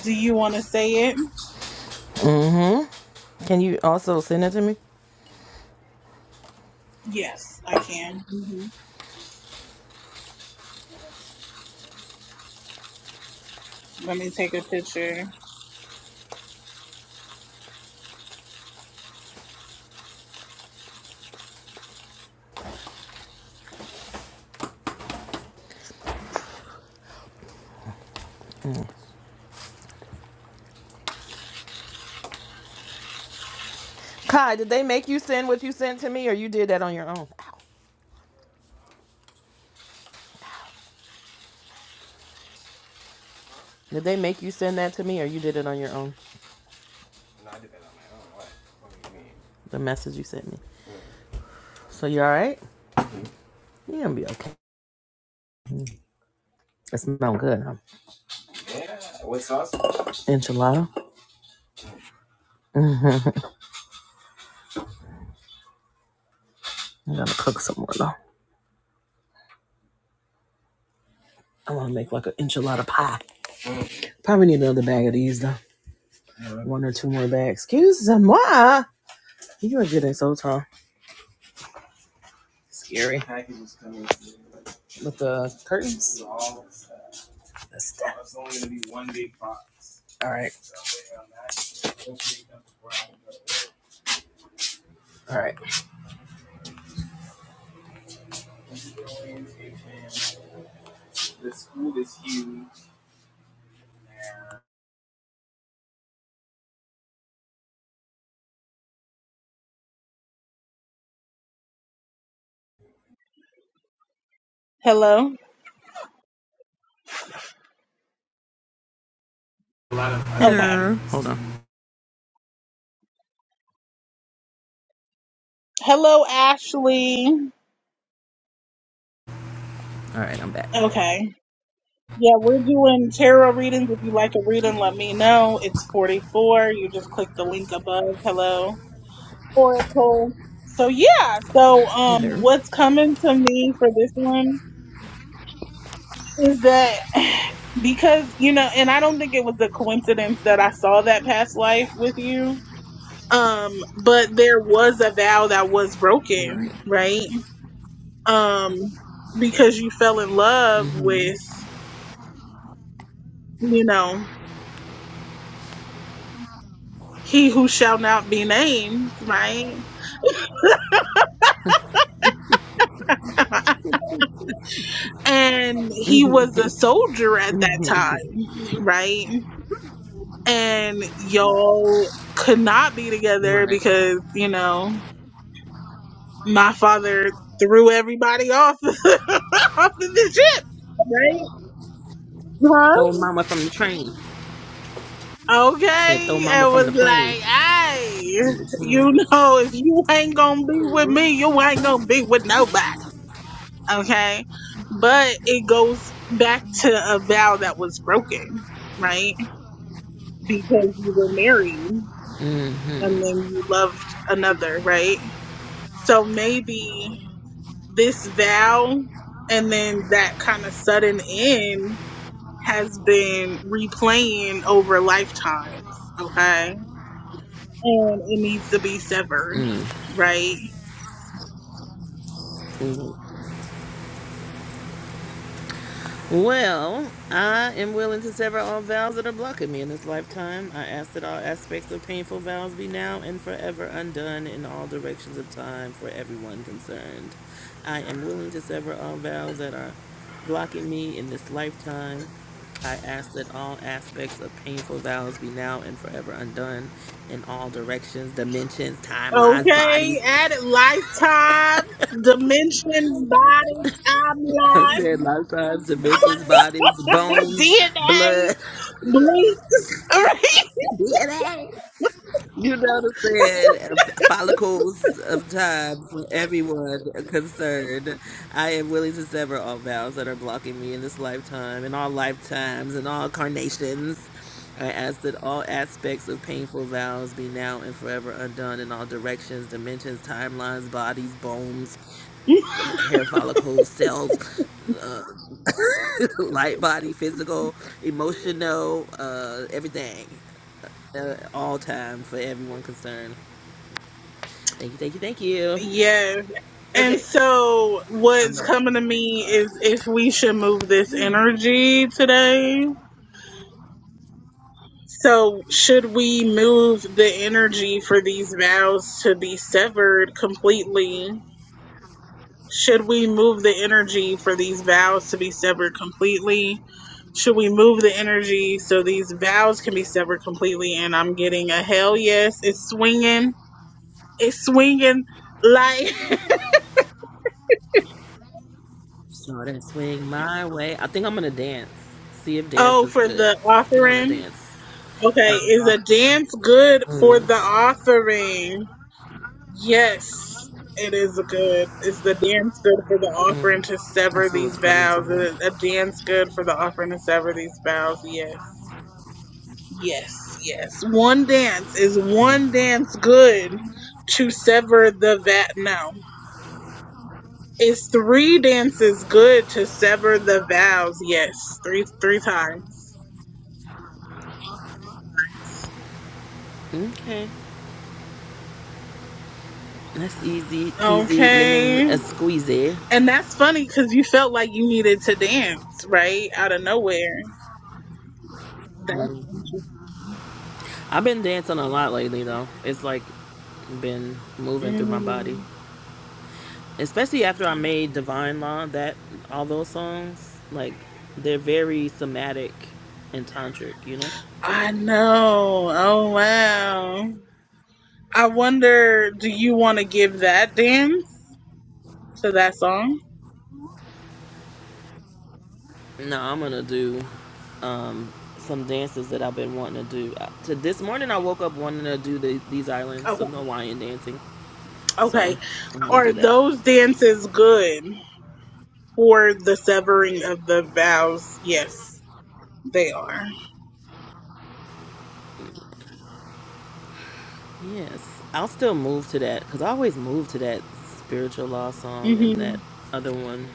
A: Do you want to say it?
C: Mm-hmm. Can you also send it to me?
A: Yes, I can. Let me take a picture.
C: Mm. Kai, did they make you send what you sent to me, or you did that on your own? Did they make you send that to me, or you did it on your own? The message you sent me. So you all right? You gonna be okay? It smells good. Huh? Enchilada. I gotta cook some more though. I want to make like an enchilada pie. Probably need another bag of these though. one or two more bags. Excuse moi. You are getting so tall. Scary. With the curtains? That's that. It's only going to be one big box. All right. All right.
A: Hello? Okay.
C: Sure. Hold on.
A: Hello, Ashley.
C: All right. I'm back.
A: Okay. Yeah, we're doing tarot readings. If you like a reading, let me know. It's 44. You just click the link above. Hello, Oracle. So, yeah. So, um,
C: Hello.
A: what's coming to me for this one is that because, you know, and I don't think it was a coincidence that I saw that past life with you. Um, but there was a vow that was
C: All right.
A: broken, right? Um, because you fell in love
C: Mm-hmm.
A: with you know, he who shall not be named, right? And he was a soldier at
C: Mm
A: that
C: hmm.
A: time, right? And y'all could not be together
C: right.
A: because, you know, my father threw everybody off off of the ship, right?
C: Throw mama from the train.
A: Huh?
C: Said throw
A: Okay,
C: mama
A: and
C: from
A: was
C: the plane.
A: like, "Hey, you
C: Mm-hmm.
A: know, if you ain't gonna be with me, you ain't gonna be with nobody." okay but it goes back to a vow that was broken right because you were married and then
C: Mm-hmm.
A: you loved another right so maybe this vow and then that kind of sudden end has been replaying over lifetimes okay and it needs to be severed
C: Mm-hmm.
A: right
C: Well, I am willing to sever all vows that are blocking me in this lifetime. I ask that all aspects of painful vows be now and forever undone in all directions of time for everyone concerned. I am willing to sever all vows that are blocking me in this lifetime. I ask that all aspects of painful vows be now and forever undone in all directions, dimensions, timelines,
A: okay
C: bodies.
A: add lifetimes dimension bodies I'm
C: I
A: life.
C: said lifetimes, dimensions, bodies, bones,
A: DNA,
C: blood.
A: bleeps, right?
C: You know what I'm saying? Follicles of time for everyone concerned. I am willing to sever all vows that are blocking me in this lifetime, in all lifetimes, in all carnations. I ask that all aspects of painful vows be now and forever undone in all directions, dimensions, timelines, bodies, bones, hair follicles, cells, uh, light body, physical, emotional, uh, everything, uh, all time for everyone concerned. Thank you, thank you, thank you.
A: Yeah. And
C: Okay,
A: so
C: I'm
A: what's
C: ready for
A: coming to
C: the next
A: me
C: card.
A: is if we should move this energy today. So should we move the energy for these vows to be severed completely? Should we move the energy for these vows to be severed completely? Should we move the energy so these vows can be severed completely? And I'm getting a hell yes. It's swinging. It's swinging like
C: Saw that swing my way. I think I'm gonna dance. See if dance
A: Oh,
C: is
A: for
C: good.
A: the
C: I think I'm gonna
A: offering?
C: dance.
A: Okay,
C: As an
A: is a
C: offering.
A: dance good for
C: mm,
A: the offering? Yes, it is a good. Is the dance good for the offering to sever these vows? Is a dance good for the offering to sever these vows? Yes. Yes, yes. One dance. Is one dance good to sever the vow? No. Is three dances good to sever the vows? Yes. Three three times.
C: mm. Okay, that's easy peasy lemon
A: Okay.
C: a squeezy.
A: And that's funny because you felt like you needed to dance, right? Out of nowhere. That's
C: Mm.
A: interesting.
C: I've been dancing a lot lately though. It's like been moving through my body,
A: Mm.
C: especially after I made Divine Law. That all those songs like they're very somatic and tantric, you know.
A: I know. Oh, wow. I wonder do you want to give that dance to that song?
C: No, I'm gonna do um, some dances that I've been wanting to do. Uh, To this morning, I woke up wanting to do the, these islands,
A: Okay.
C: some Hawaiian dancing. So
A: Okay.
C: I'm gonna do
A: Are
C: that.
A: those dances good for the severing of the vows? Yes, they are.
C: Yes, I'll still move to that because I always move to that spiritual law song and
A: hmm
C: that other one.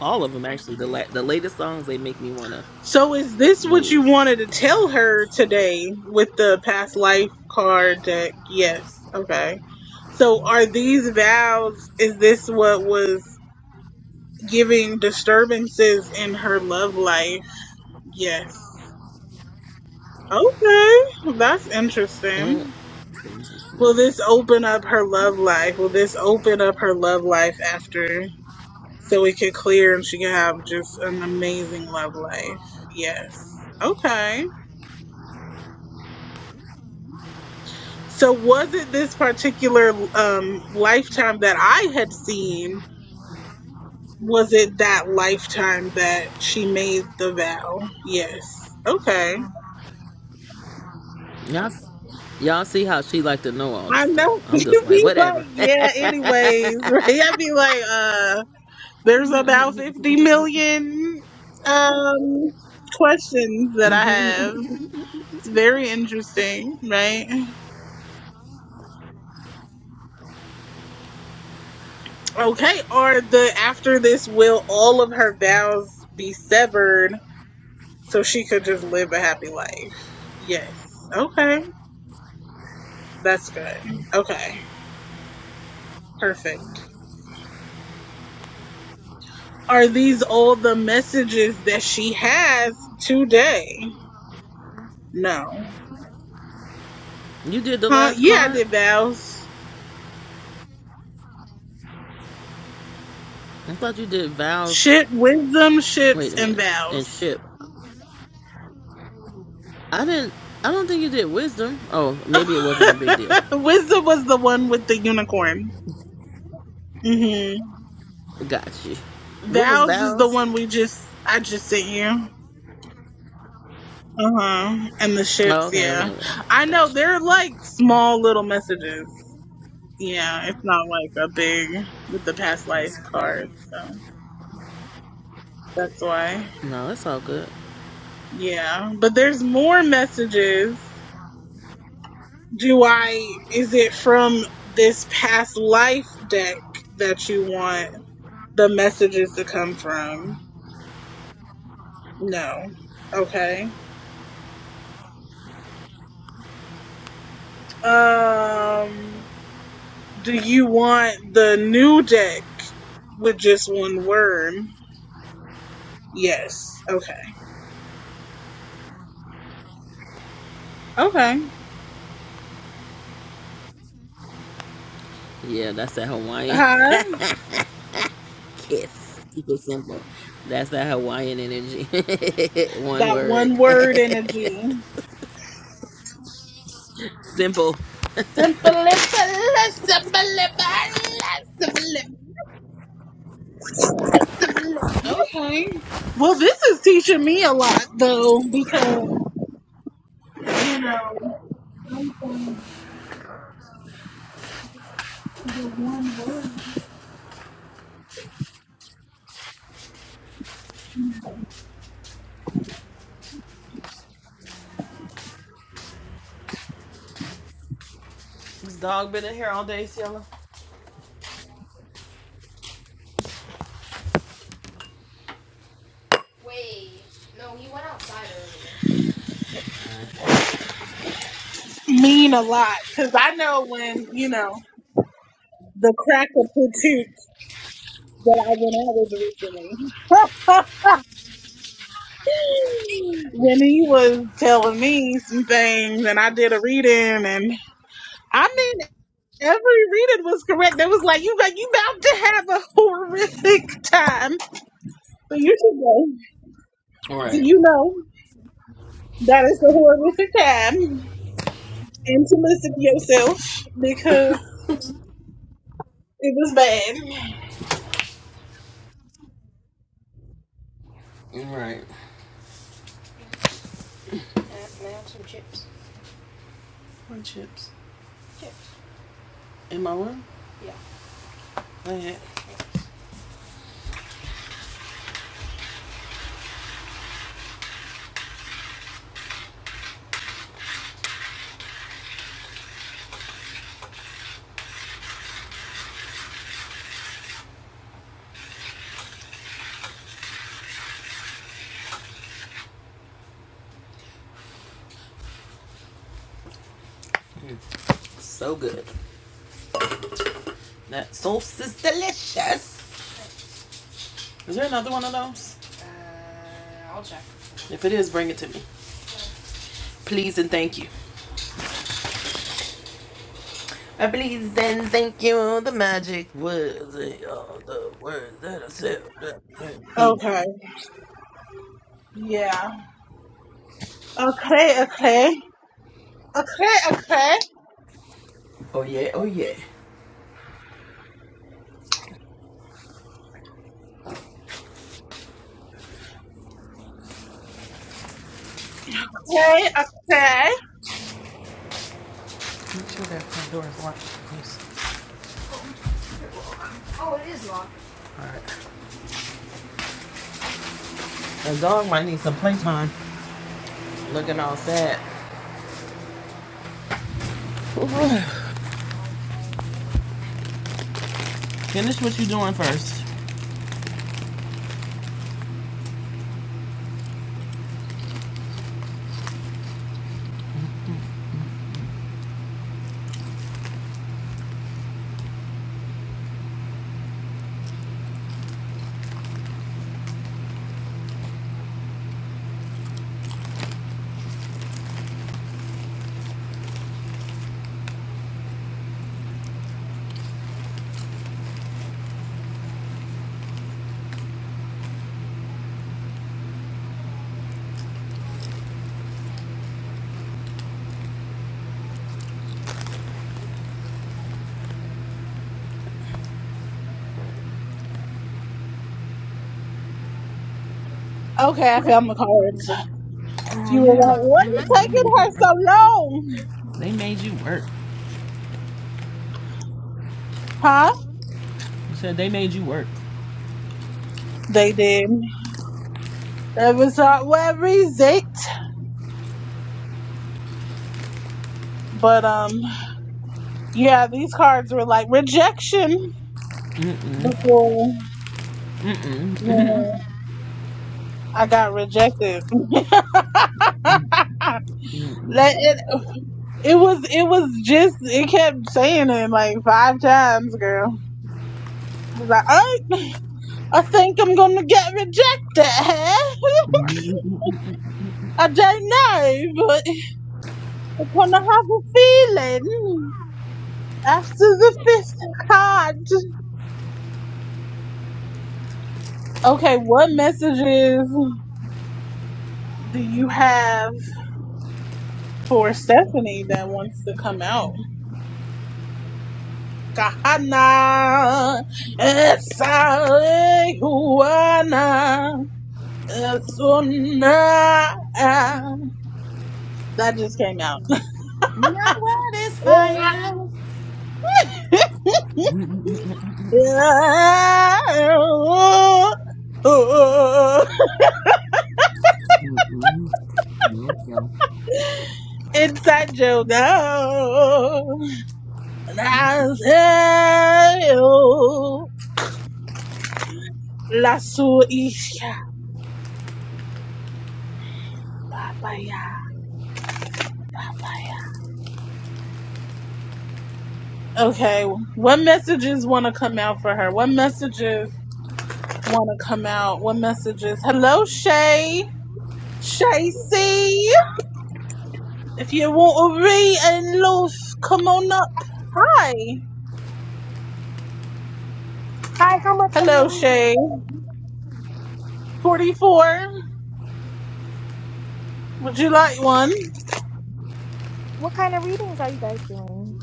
C: All of them actually. The la- the latest songs they make me wanna
A: So is this what you
C: move.
A: wanted to
C: You
A: tell
C: know,
A: her
C: it's so good.
A: today with the past life card deck? Yes. Okay. So are these vows is this what was giving disturbances in her love life? Yes. Okay. That's
C: Mm,
A: interesting. Will this open up her love life? Will this open up her love life after so it could clear and she can have just an amazing love life? Yes. Okay. So was it this particular um lifetime that I had seen? Was it that lifetime that she made the vow? Yes. Okay.
C: y'all, y'all see how she like to know all the
A: I know
C: stuff. I'm just
A: you'd
C: like
A: be like,
C: whatever.
A: yeah, anyways, right? I'd be like, uh, there's about fifty million um questions that I have. It's very interesting, right? Okay, or the after this will all of her vows be severed so she could just live a happy life. Yes. Okay. That's good. Okay. Perfect. Are these all the messages that she has today? No.
C: you did the
A: Huh?
C: last
A: Yeah, I
C: card.
A: did vows.
C: I thought you did vows.
A: Shit, wisdom,
C: Wait
A: ships,
C: a
A: and
C: minute. And
A: vows.
C: ship. I didn't. I don't think you did wisdom. Oh, maybe it wasn't a big deal.
A: wisdom was the one with the unicorn. hmm
C: Got you. What was
A: Vows is the
C: vows?
A: one we just, I just sent you. Uh huh. And the
C: Oh,
A: ships,
C: okay, okay,
A: yeah.
C: okay.
A: I know
C: Got you.
A: they're like small little messages. Yeah, it's not like a big with the past life
C: That's cool.
A: card, so that's why.
C: No, it's all good.
A: Yeah, but there's more messages. Do I is it from this past life deck that you want the messages to come from? No. Okay. Um do you want the new deck with just one word? Yes. Okay. Okay.
C: Yeah, that's that Hawaiian
A: Hi.
C: kiss. Keep it simple. That's that Hawaiian energy. One
A: That
C: word.
A: one word energy.
C: simple.
A: Simply, simply, simply. Okay. Well, this is teaching me a lot, though, because, you know, I'm finding the one word
C: This dog been in here all day, Cielo.
A: mean a lot. Because I know when, you know, the crack of patoot that I went out with recently, when he was telling me some things and I did a reading and I mean Every reading was correct. That was like you got you about to have a horrific time. So you should go. So you know that is a horrific time. And to listen to yourself because it was bad.
C: Man, so good. That sauce is delicious. Is there another one of those? If it is, bring it to me. Please and thank you. I please and thank you. The magic words, eh, all the words that I said. that I need.
A: Okay. Yeah. Okay, okay. Okay, okay.
C: Oh yeah, oh yeah.
A: Okay, okay.
C: The dog might need some playtime. Looking all sad. Finish what you doing first.
A: Okay, I found my cards. You were like, what is taking her so long?
C: They made you work.
A: Huh?
C: You said they made you work.
A: They did. It was not worth it. But um Yeah, these cards were like rejection
C: Mm-mm.
A: before
C: Mm-mm.
A: yeah, I got rejected.
C: mm mm
A: Let it, it was it was just it kept saying it like five times, girl. It's like, I, I think I'm gonna get rejected. I don't know, but I'm gonna have a feeling after the fifth card. Okay, what messages do you have for Stephanie that wants to come out. Kahana Esalehuana Esuna. That just came out.
C: Not what is fire.
A: Inside joke. La sua isha Papaya. Okay, what messages want to come out for her? What messages want to come out? What messages? Hello, Shay. Shay C. If you want to read and loose, come on up. Hi.
I: Hi, how much are your
A: Hello,
I: readings?
A: Shay. 44. Would you like one?
I: What kind of readings are you guys doing?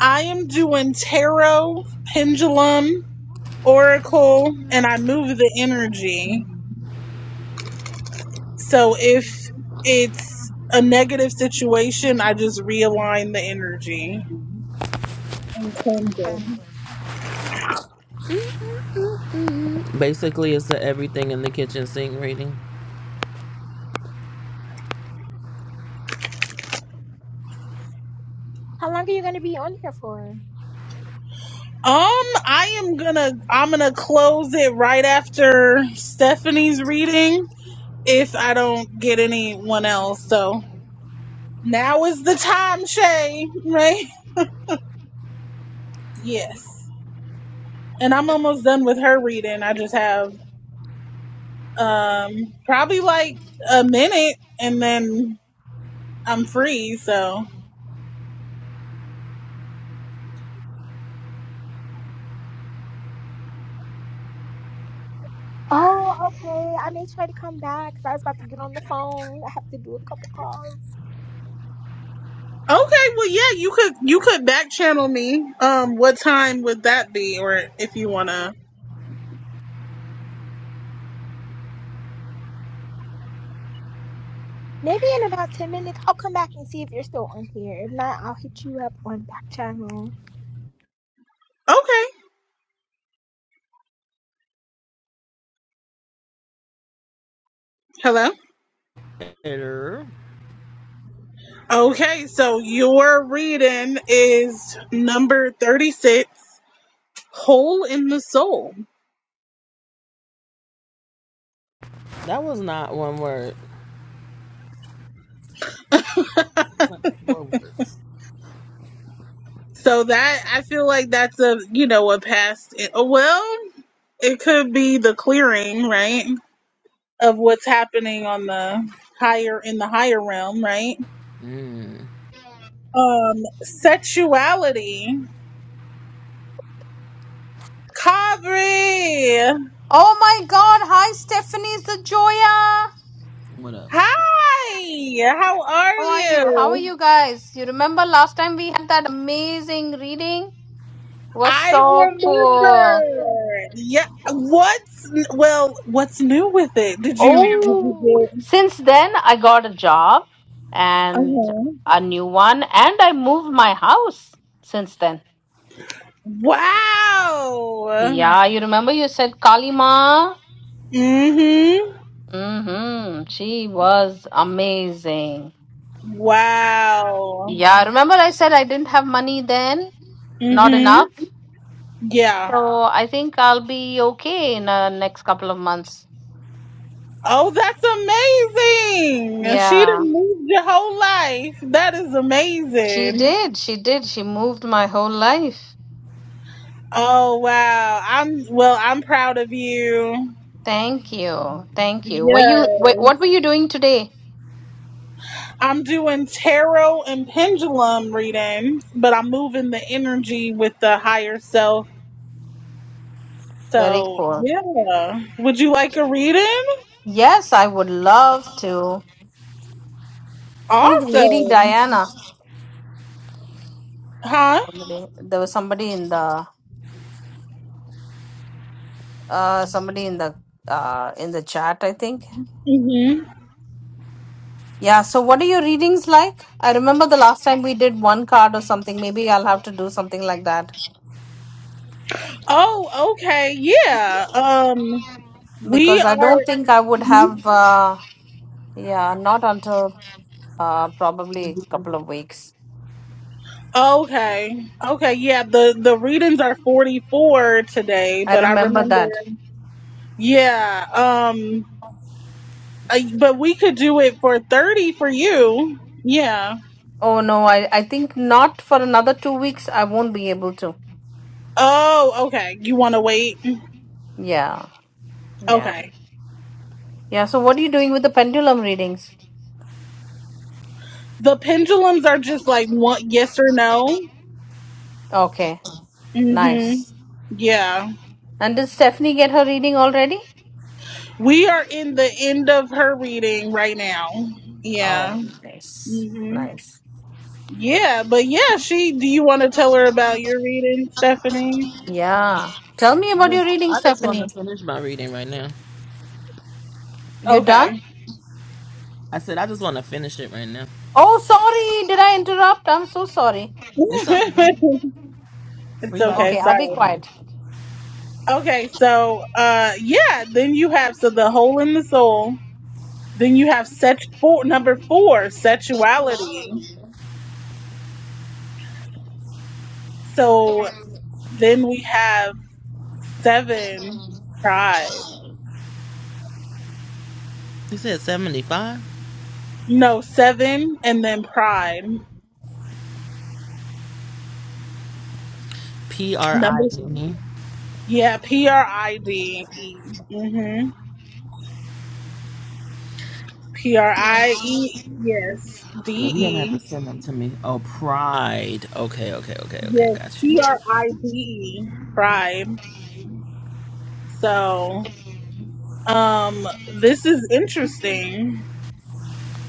A: I am doing tarot, pendulum, oracle, and I move the energy. So if it's a negative situation, I just realign the energy and cleanse it.
C: Basically, it's the everything in the kitchen sink reading.
I: How long are you going to be on here for?
A: Um, I am gonna I'm gonna close it right after Stephanie's reading if I don't get anyone else. So now is the time, Shay, right? Yes. And I'm almost done with her reading. I just have um probably like a minute and then I'm free, so
I: Oh, okay. I may try to come back 'cause I was about to get on the phone. I have to do a couple calls.
A: Okay, well yeah, you could you could back channel me. Um what time would that be or if you wanna
I: Maybe in about 10 minutes, I'll come back and see if you're still on here. If not, I'll hit you up on back channel.
A: Okay. Hello? Okay, so your reading is number 36, Hole in the Soul.
C: That was not one word. It's like four words.
A: So that I feel like that's a, you know, a past well, it could be the clearing, right? Of what's happening on the higher in the higher realm, right?
C: Mm,
A: Um sexuality. Kavri.
J: Oh my god, hi Stephanie Zajoya.
C: what up?
A: Hi. How are
J: How are you? How are
A: you?
J: you guys? You remember last time we had that amazing reading? was
A: I
J: so cool.
A: remember. Yeah. What's well? What's new with it? Did you? Did
J: Oh,
A: you get?
J: since then I got a job and
A: Uh-huh.
J: a new one and I moved my house since then.
A: Wow.
J: Yeah, you remember you said Kalima?
A: Mhm.
J: mm Mhm. She was amazing.
A: Wow.
J: Yeah, remember I said I didn't have money then? Not Mhm.
A: Mhm.
J: enough?
A: Yeah.
J: So I think I'll be okay in the next couple of months.
A: Oh, that's amazing. She
J: Yeah.
A: done moved your whole life. That is
J: She
A: amazing.
J: did. She did. She moved my whole life.
A: Oh wow. I'm well. I'm proud of you.
J: Thank you. Thank you. Were you wha-
A: Yes.
J: what were you doing today?
A: I'm doing tarot and pendulum readings, but I'm moving the energy with the higher self.
J: Very
A: So,
J: cool.
A: yeah. Would you like a reading?
J: Yes, I would love to. Who's Lady
A: Awesome.
J: Diana?
A: Huh?
J: Somebody, there was somebody in the uh somebody in the uh in the chat, I think.
A: hmm
J: Yeah, so what are your readings like? I remember the last time we did one card or something. Maybe I'll have to do something like that.
A: Oh, okay. Yeah. Um, we
J: because I
A: are
J: don't think I would have. Uh, yeah, not until uh, probably a couple of weeks.
A: okay. Okay. Yeah. The, the readings are 44 today,
J: I
A: but I
J: remember
A: remember.
J: that.
A: Yeah. Um, uh, but we could do it for 30 for you. Yeah.
J: Oh no, I I think not for another two weeks. I won't be able to.
A: Oh, okay. You want to wait?
J: Yeah, yeah,
A: Okay.
J: yeah. So what are you doing with the pendulum readings?
A: The pendulums are just like one yes or no.
J: Okay,
A: Mhm.
J: nice.
A: Yeah.
J: And did Stephanie get her reading already?
A: We are in the end of her reading right now. Yeah.
J: Oh, nice,
A: Mhm.
J: nice.
A: Yeah, but yeah, she do you want to tell her about your reading, Stephanie?
J: Yeah. Tell me
C: I
J: about your
C: just,
J: reading,
C: I just want to
J: Stephanie.
C: finish my reading right now.
J: You done?
A: Okay.
C: I said I just want to finish it right now.
J: Oh, sorry. Did I interrupt? I'm so sorry.
C: It's all good.
A: it's
C: Free like a.
A: okay,
J: Okay, I'll be
A: sorry.
J: quiet.
A: Okay, so uh yeah, then you have so the hole in the soul. Then you have set four number 4, sexuality. So then we have Seven, Pride.
C: You said seventy five.
A: No, seven and then Pride.
C: P R
A: Number
C: I D E. Yeah,
A: yeah, P R I D E. Mhm. P R I E yes. D
C: you're gonna have to
A: E.
C: send them to me. Oh, pride. Okay, okay, okay, okay.
A: Yes,
C: Got you.
A: P R I D E. Pride. So, um this is interesting.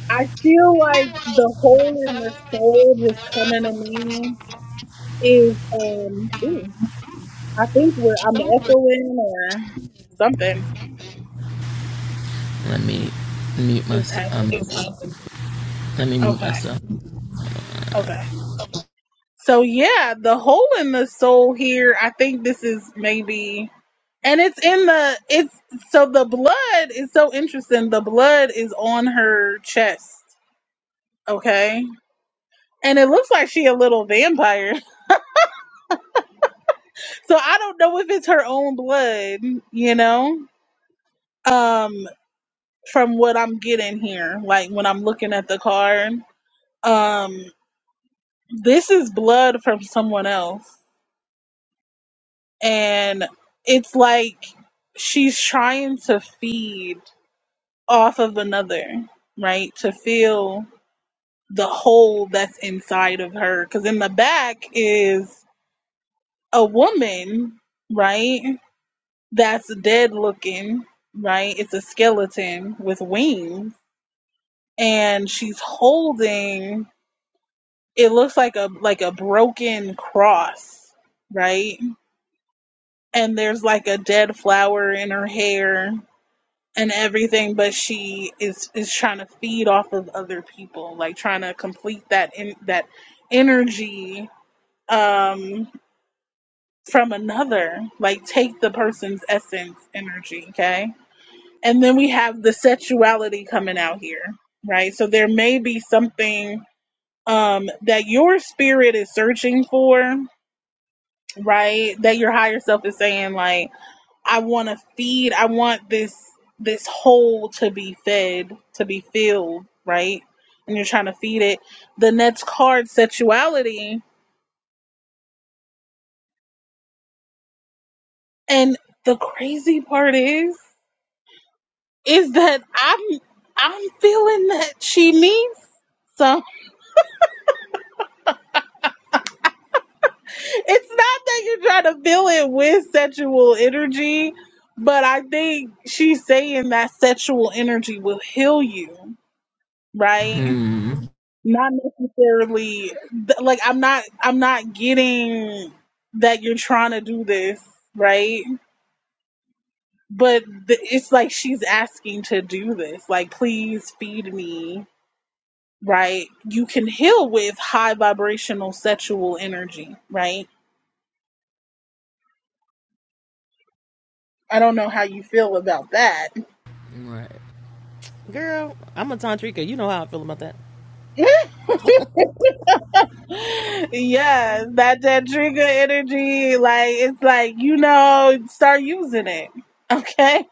A: I feel like the hole in the soul just coming to me is um ooh, I think we're I'm echoing or something
C: Let me mute
A: is
C: myself. Um,
A: happening.
C: let me mute
A: Okay.
C: myself.
A: Okay. So yeah, the hole in the soul here, I think this is maybe and it's in the it's so the blood is so interesting. The blood is on her chest. Okay. And it looks like she a little vampire. So I don't know if it's her own blood, you know? Um from what I'm getting here, like when I'm looking at the card. Um this is blood from someone else. and it's like she's trying to feed off of another, right? To fill the hole that's inside of her. Because in the back is a woman, right? That's dead looking, right? It's a skeleton with wings, and she's holding. It looks like a like a broken cross, right? And there's like a dead flower in her hair and everything, but she is is trying to feed off of other people, like trying to complete that in that energy um from another, like take the person's essence energy, okay? And then we have the sexuality coming out here, right? So there may be something um that your spirit is searching for, right? That your higher self is saying like I want to feed. I want this this hole to be fed, to be filled, right? And you're trying to feed it. The next card, sexuality, and the crazy part is, is that I'm I'm feeling that she needs some. It's not that you're trying to fill it with sexual energy, but I think she's saying that sexual energy will heal you, right?
C: Mm.
A: not necessarily th- like i'm not i'm not getting that you're trying to do this right but th- it's like she's asking to do this like please feed me right you can heal with high vibrational sexual energy right i don't know how you feel about that
C: Right. Girl, I'm a tantrika. You know how I feel about that.
A: Yes, that that trigger energy like it's like you know start using it okay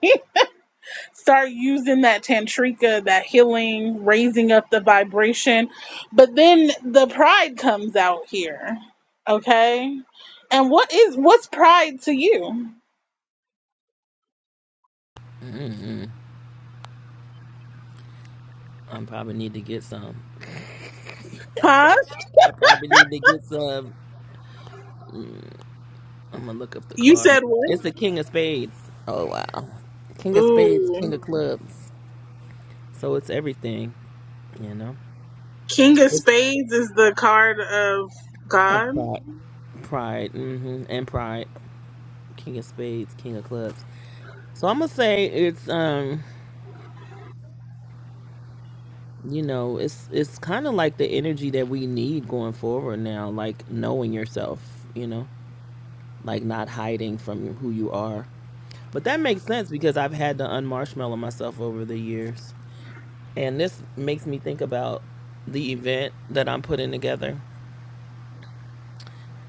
A: start using that tantrika, that healing, raising up the vibration. But then the pride comes out here. Okay? And what is what's pride to you?
C: I probably need to get some.
A: Huh?
C: I probably need to get some. I'm gonna look up the
A: You
C: card.
A: said
C: It's the
A: what?
C: King of Spades. Oh wow, King of Spades, King
A: Ooh.
C: of Clubs. So it's everything, you know.
A: King of
C: It's
A: Spades is the card of God.
C: about pride, pride, hmm and pride. King of Spades, King of Clubs. So I'm gonna say it's um, you know, it's it's kind of like the energy that we need going forward now, like knowing yourself, you know, like not hiding from who you are. But that makes sense because I've had to unmarshmallow myself over the years. And this makes me think about the event that I'm putting together.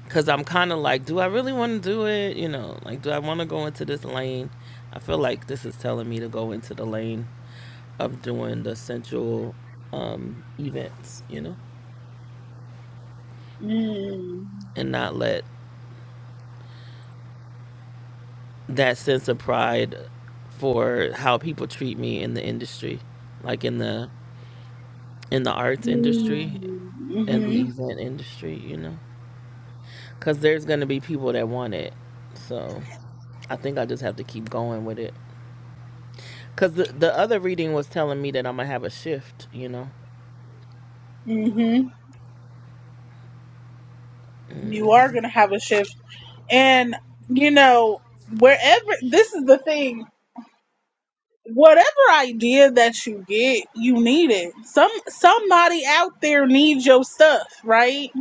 C: Cause I'm kind of like, do I really want to do it? You know, like, do I want to go into this lane? I feel like this is telling me to go into the lane of doing the sensual um, events, you know,
A: Mm.
C: and not let that sense of pride for how people treat me in the industry, like in the in the arts industry and the
A: Mm-hmm.
C: event industry, you know, because there's gonna be people that want it, so. I think I just have to keep going with it. Cause the the other reading was telling me that I'm gonna have a shift. You know.
A: Mm-hmm. You are gonna have a shift. And you know, wherever this is the thing whatever idea that you get, you need it. Some somebody out there needs your stuff, right?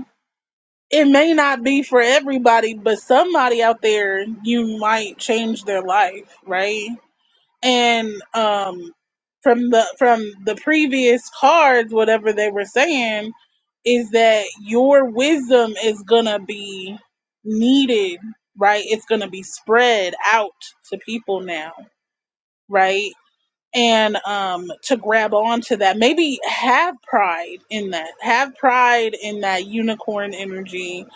A: It may not be for everybody, but somebody out there you might change their life, right? And um from the from the previous cards, whatever they were saying, is that your wisdom is gonna be needed, right? It's gonna be spread out to people now, right? and um, to grab onto that. Maybe have pride in that. Have pride in that unicorn energy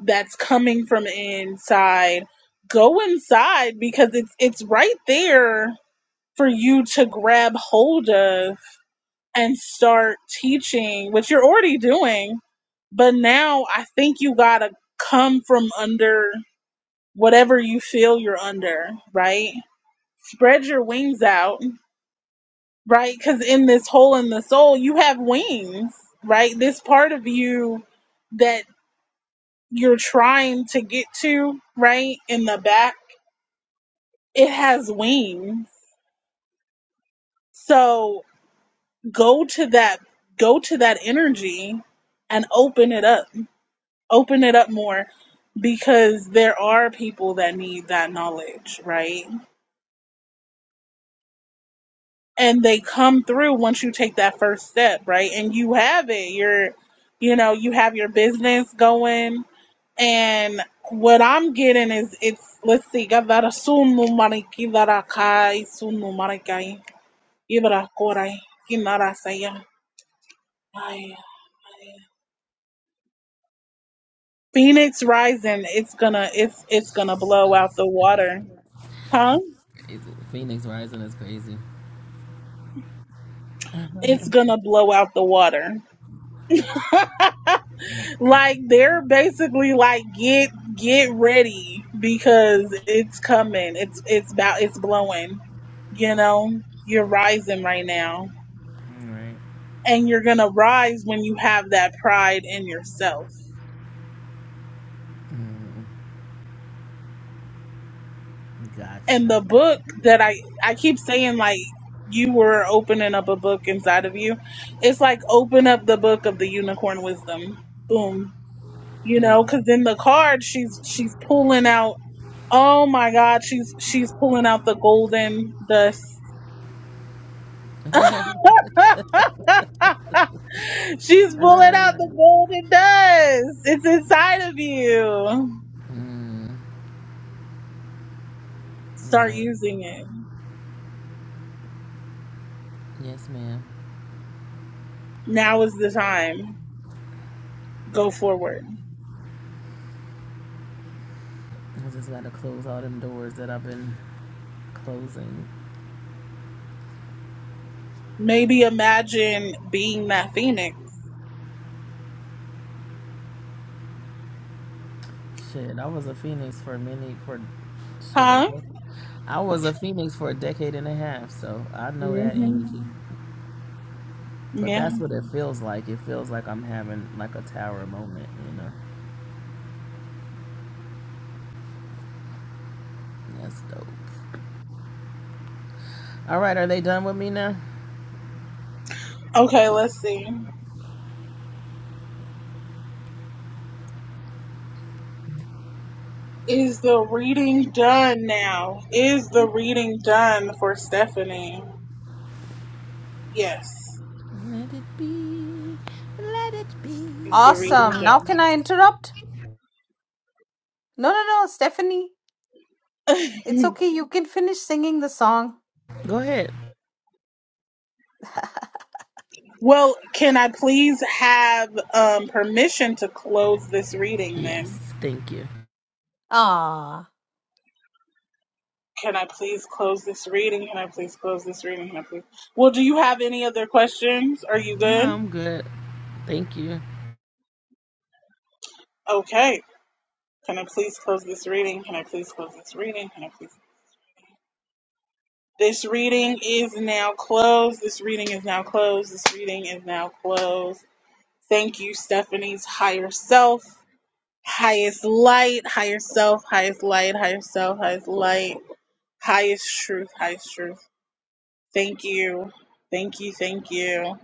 A: that's coming from inside. Go inside because it's it's right there for you to grab hold of and start teaching, which you're already doing. But now I think you gotta come from under whatever you feel you're under, right? Spread your wings out right? Because in this hole in the soul, you have wings, right? This part of you that you're trying to get to, right? In the back, it has wings. So go to that, go to that energy and open it up, open it up more because there are people that need that knowledge, right? And they come through once you take that first step, right? And you have it. You're, you know, you have your business going And what I'm getting is it's let's see, gavara sunu mariki vara kai sunu marikai ibara korai kinara saya. Ay, ay. Phoenix rising, it's gonna it's it's gonna blow out
C: That's
A: the water, huh?
C: crazy. Phoenix Rising is crazy.
A: It's gonna blow out the water.
C: All
A: like they're basically like get get ready because it's coming. It's it's about it's blowing. You know, you're rising right now
C: right.
A: and you're going to rise when you have that pride in yourself.
C: Got
A: And the book that I I keep saying like you were opening up a book inside of you. It's like open up the book of the unicorn wisdom. Boom. You
C: you.
A: know, cuz in the card she's she's pulling out oh my god, she's she's pulling out the golden dust.
C: mm,
A: She's pulling out the golden dust. It's inside of you.
C: mm.
A: Start
C: right.
A: using it.
C: Yes, ma'am.
A: Now is the time. Go forward.
C: I just gotta close all them doors that I've been closing.
A: Maybe imagine being that phoenix.
C: Shit, I was a phoenix for many for shit. A,
A: Huh?
C: I was a phoenix for a decade and a half, so I know that
A: hmm
C: energy. But
A: Yeah.
C: that's what it feels like. It feels like I'm having like a tower moment, you know. That's dope. All right, are they done with me now?
A: Okay, let's see. Is the reading done now? Is the reading done for Stephanie? Yes.
C: Let it be. Let it be.
A: Is the reading
J: Awesome. Now can I interrupt? No, no, no, Stephanie. It's
A: done?
J: okay. You can finish singing the song.
C: Go ahead.
A: well, can I please have um, permission to close this reading then?
C: Yes, thank you.
J: Ah,
A: Can I please close this reading? Can I please close this reading? Can I please? Well, do you have any other questions? Are you
C: No,
A: good?
C: I'm good. Thank you.
A: Okay. Can I please close this reading? Can I please close this reading? Can I please? This reading is now closed. This reading is now closed. This reading is now closed. Thank you, Stephanie's higher self, highest light, higher self, highest light, higher self, highest light, highest truth, highest truth. Thank you. Thank you. Thank you.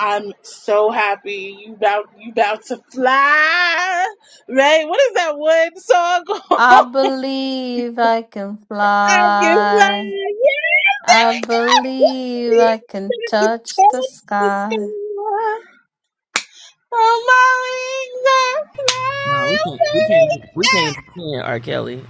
A: I'm so happy you about you about to fly. Right? What is that one song?
J: I believe I can
A: I can
J: fly.
A: fly. Yes, there
J: I
A: we go.
J: believe I
A: I
J: can
A: can
J: touch the
A: touch the
J: sky.
A: sky. Oh, my wings are
C: No, we can't. We
A: flying.
C: can't. We can't sing R. Kelly.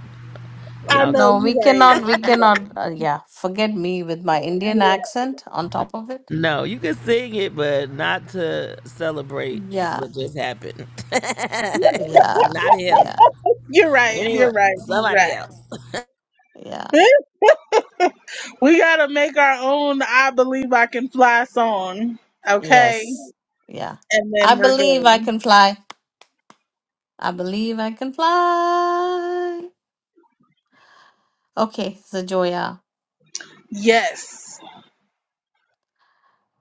A: I
C: Y'all.
A: know
J: No, we
A: you're right.
J: cannot. We
A: You're
J: cannot. Uh, yeah, forget me with my Indian
A: right.
J: accent on top of it.
C: No, you can sing it, but not to celebrate
J: Yeah,
C: what just happened.
J: yeah,
C: not
J: yeah,
C: him.
A: You're right.
J: yeah,
A: You're
C: Anyway,
A: right. You're right.
C: somebody else.
J: yeah.
A: You're right. we gotta make our own "I Believe I Can Fly" song, okay?
J: Yes, yeah.
A: And
J: I
A: then we're
J: believe I
A: good.
J: can fly. I believe I can fly. Okay, so Joya,
A: Yes.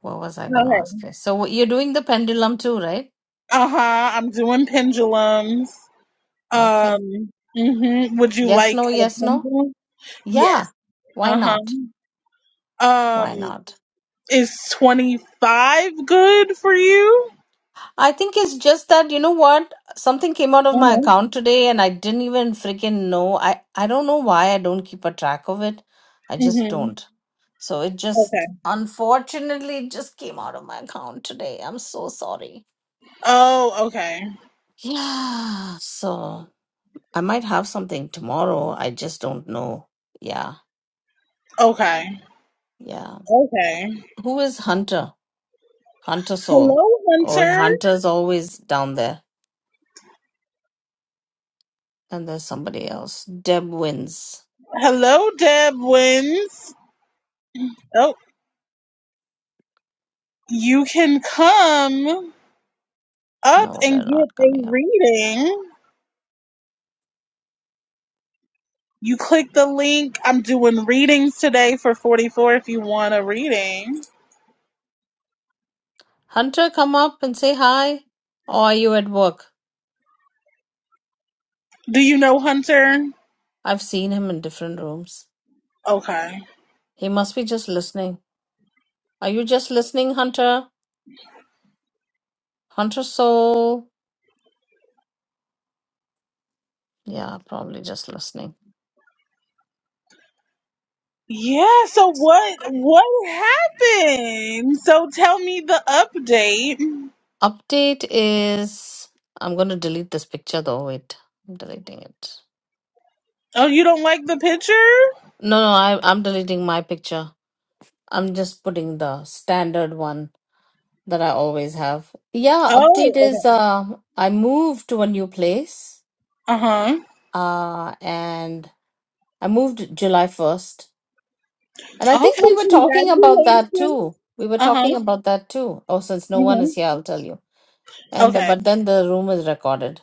J: what was I going to
A: Okay.
J: ask you? So what- you're doing the pendulum too, right?
A: Uh huh. I'm doing pendulums.
J: Okay.
A: Um. hmm Would you
J: Yes,
A: like
J: no,
A: a
J: yes, no.
A: pendulum? Yes.
J: Yeah. Why
A: Uh huh.
J: not?
A: Um,
J: Why not?
A: is twenty five good for you?
J: I think it's just that, you know what? Something came out of
A: Uh
J: my
A: huh.
J: account today and I didn't even freaking know. I, I don't know why I don't keep a track of it. I just
A: Mhm.
J: don't. So it
A: Okay.
J: just, unfortunately, it just came out of my account today. I'm so sorry.
A: Oh, okay.
J: Yeah. So I might have something tomorrow. I just don't know. Yeah.
A: Okay.
J: Yeah.
A: Okay.
J: Who is Hunter? Hunter Soul.
A: Hello,
J: Oh,
A: Hunter.
J: Hunter's always down there. And there's somebody else. Deb wins.
A: Hello, Deb Wins. Oh, you can come up
J: No, they're
A: and
J: not
A: get
J: coming
A: a
J: up.
A: reading. You click the link. I'm doing readings today for 44 if you want a reading.
J: Hunter, come up and say hi. Or are you at work?
A: Do you know Hunter?
J: I've seen him in different rooms.
A: Okay.
J: He must be just listening. Are you just listening, Hunter? Hunter Soul. Yeah, probably just listening.
A: Yeah, so what what happened? So tell me the update.
J: Update is. I'm going to delete this picture though. Wait, I'm deleting it.
A: Oh, you don't like the picture?
J: No, no, I, I'm deleting my picture. I'm just putting the standard one that I always have. Yeah, update
A: Oh, okay.
J: is uh, I moved to a new place
A: Uh-huh.
J: uh, and I moved July 1st. And I think
A: Okay,
J: we were talking about
A: congratulations.
J: that too. We were
A: Uh-huh.
J: talking about that too. Oh, since no one
A: Mm-hmm.
J: is here, I'll tell you. And the,
A: Okay.
J: but then the room is recorded.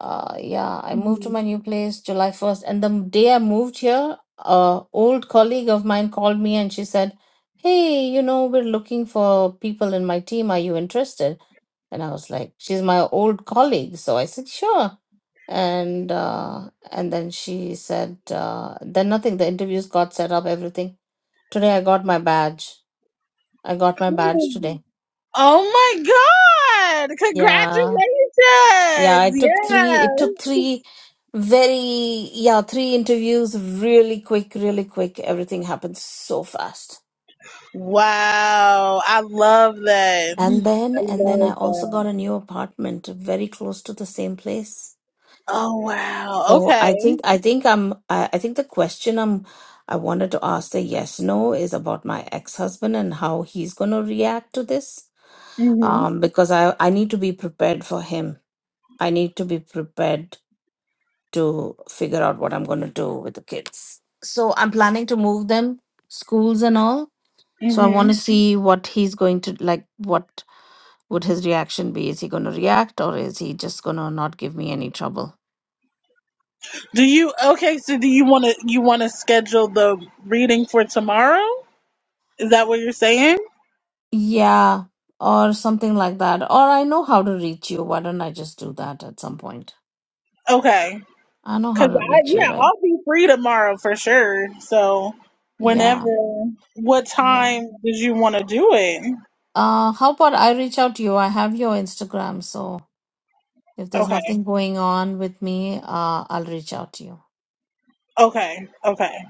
J: Uh, yeah, I moved to
A: Mhm.
J: my new place July 1st. And the day I moved here, a old colleague of mine called me and she said, Hey, you know, we're looking for people in my team. Are you interested? And I was like, she's my old colleague. So I said, sure. And uh, and then she said, uh, then nothing. The interviews got set up, everything. Today I got my badge. I got my badge today.
A: Oh my God!
J: Yeah. Yeah,
A: Congratulations!
J: it took three,
A: Yeah.
J: it took three Very, yeah, three interviews, really quick, really quick. Everything happened so fast.
A: Wow. I love that.
J: And then,
A: I
J: and then I
A: love
J: also got
A: that.
J: a new apartment very close to the same place.
A: Oh wow.
J: So
A: Okay.
J: I think, I think I'm, I, I think the question I'm, I wanted to ask the yes, no is about my ex-husband and how he's going to react to this.
A: Mm-hmm.
J: Um, because I, I need to be prepared for him. I need to be prepared to figure out what I'm going to do with the kids. So I'm planning to move them, schools and all So I
A: mm-hmm.
J: want to see what he's going to like. What would his reaction be? Is he going to react or is he just going to not give me any trouble?
A: Do you okay? So do you want to you want to schedule the reading for tomorrow? Is that what you're saying?
J: Yeah, or something like that. Or I know how to reach you. Why don't I just do that at some point?
A: Okay,
J: I know how
A: because
J: to
A: I
J: reach you,
A: yeah
J: right?
A: I'll be free tomorrow for sure. So whenever,
J: Yeah,
A: what
J: yeah.
A: time did you want to do it?
J: Uh, how about I reach out to you? I have your Instagram, so if there's
A: Okay,
J: nothing going on with me, uh, I'll reach out to you,
A: okay, okay.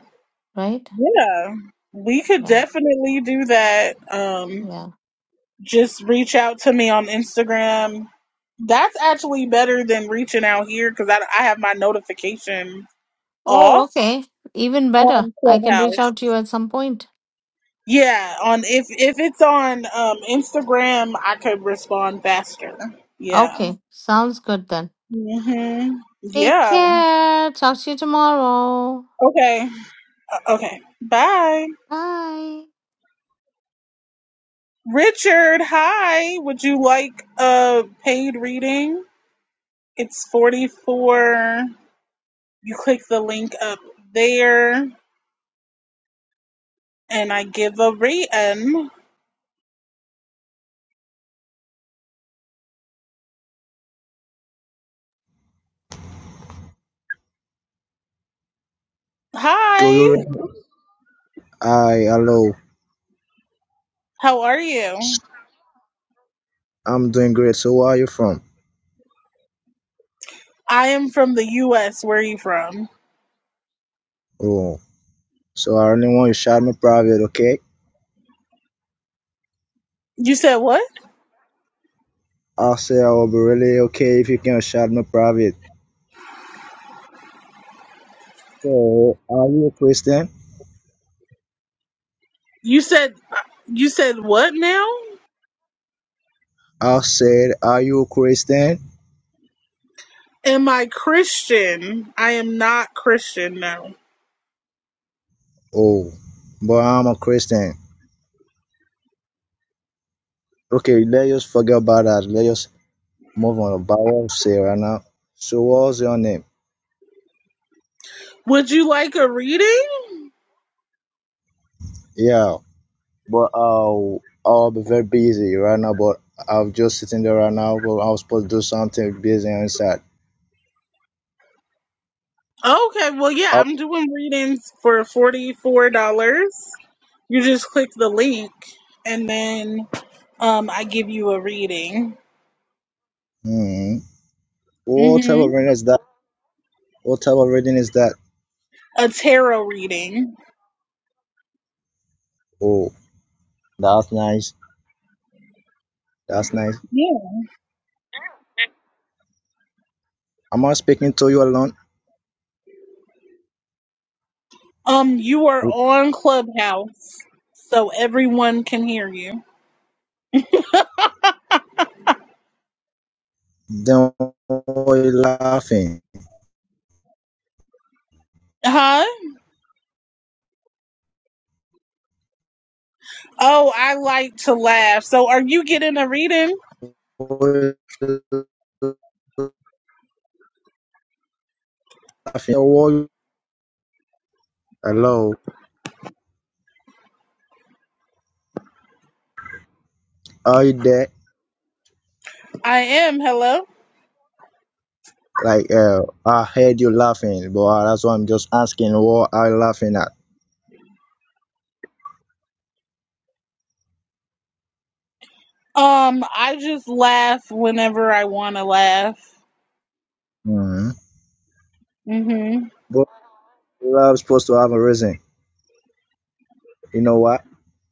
J: right?
A: Yeah, we could
J: Yeah,
A: definitely do that. Um,
J: yeah.
A: just reach out to me on Instagram. That's actually better than reaching out here because I I have my notification off
J: Oh, okay. Even better.
A: on
J: I can
A: Clubhouse.
J: reach out to you at some point.
A: Yeah, on if if it's on um Instagram, I could respond faster. Yeah.
J: Okay, sounds good then.
A: Mhm.
J: Take
A: Yeah.
J: care. Talk to you tomorrow.
A: Okay. Uh, Okay. Bye.
J: Bye.
A: Richard, hi. Would you like a paid reading? It's 44. You click the link up there and I give a rating.
K: Doyoran,
A: Hi.
K: hi, hello.
A: How are you?
K: I'm doing great. So where are you from?
A: I am from the US. Where are you from?
K: Oh, so I only want you shout me private, okay?
A: You said what?
K: I'll say I will be really okay if you can shout me private. So are you a Christian?
A: You said you said what now?
K: I said, are you a Christian?
A: Am I Christian? I am not Christian, no.
K: Oh, but I'm a Christian. Okay, let's just forget about that. Let's just move on about what I say right now. So what's your name?
A: Would you like a reading?
K: Yeah, but I'll I'll be very busy right now, but i am just sitting there right now. But I was supposed to do something busy inside.
A: Okay, well, yeah,
K: Up-
A: I'm doing readings for $44. You just click the link and then um, I give you a reading.
K: hmm. What type
A: hmm
K: of reading is that? What type of reading is that?
A: A tarot reading.
K: Oh, that's nice. That's nice.
A: Yeah.
K: Am I speaking to you alone?
A: Um, you are on Clubhouse, so everyone can hear you.
K: Then why you laughing?
A: Huh? Oh, I like to laugh. So are you getting a reading?
K: Why you laughing? Why- Hello. Are you there?
A: I am. Hello?
K: Like, uh, I heard you laughing, but uh, that's why I'm just asking what are you laughing at?
A: Um, I just laugh whenever I want to laugh.
K: hmm
A: Mm-hmm.
K: But love supposed to have a reason. You know what?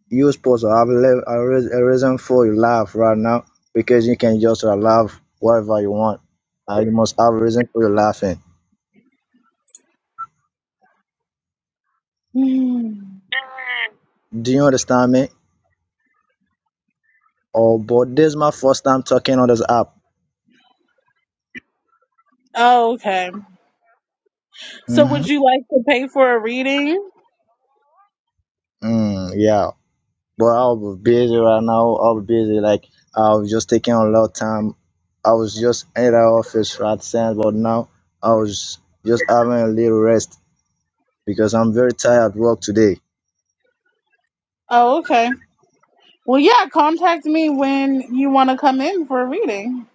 K: you supposed to have le- a, reas- a reason for your laugh right now because you can just uh, laugh whatever you want. Uh, you must have a reason for your laughing.
A: Mm.
K: Do you understand me? Oh, but this is my first time talking on this app.
A: Oh, okay. So
K: Mm-hmm.
A: would you like to pay for a reading?
K: Mm, yeah, but I'll be busy right now. I'll be busy. Like I was just taking a lot of time. I was just in the office right then. but now I was just having a little rest because I'm very tired at work today.
A: Oh, okay. Well, yeah, contact me when you want to come in for a reading.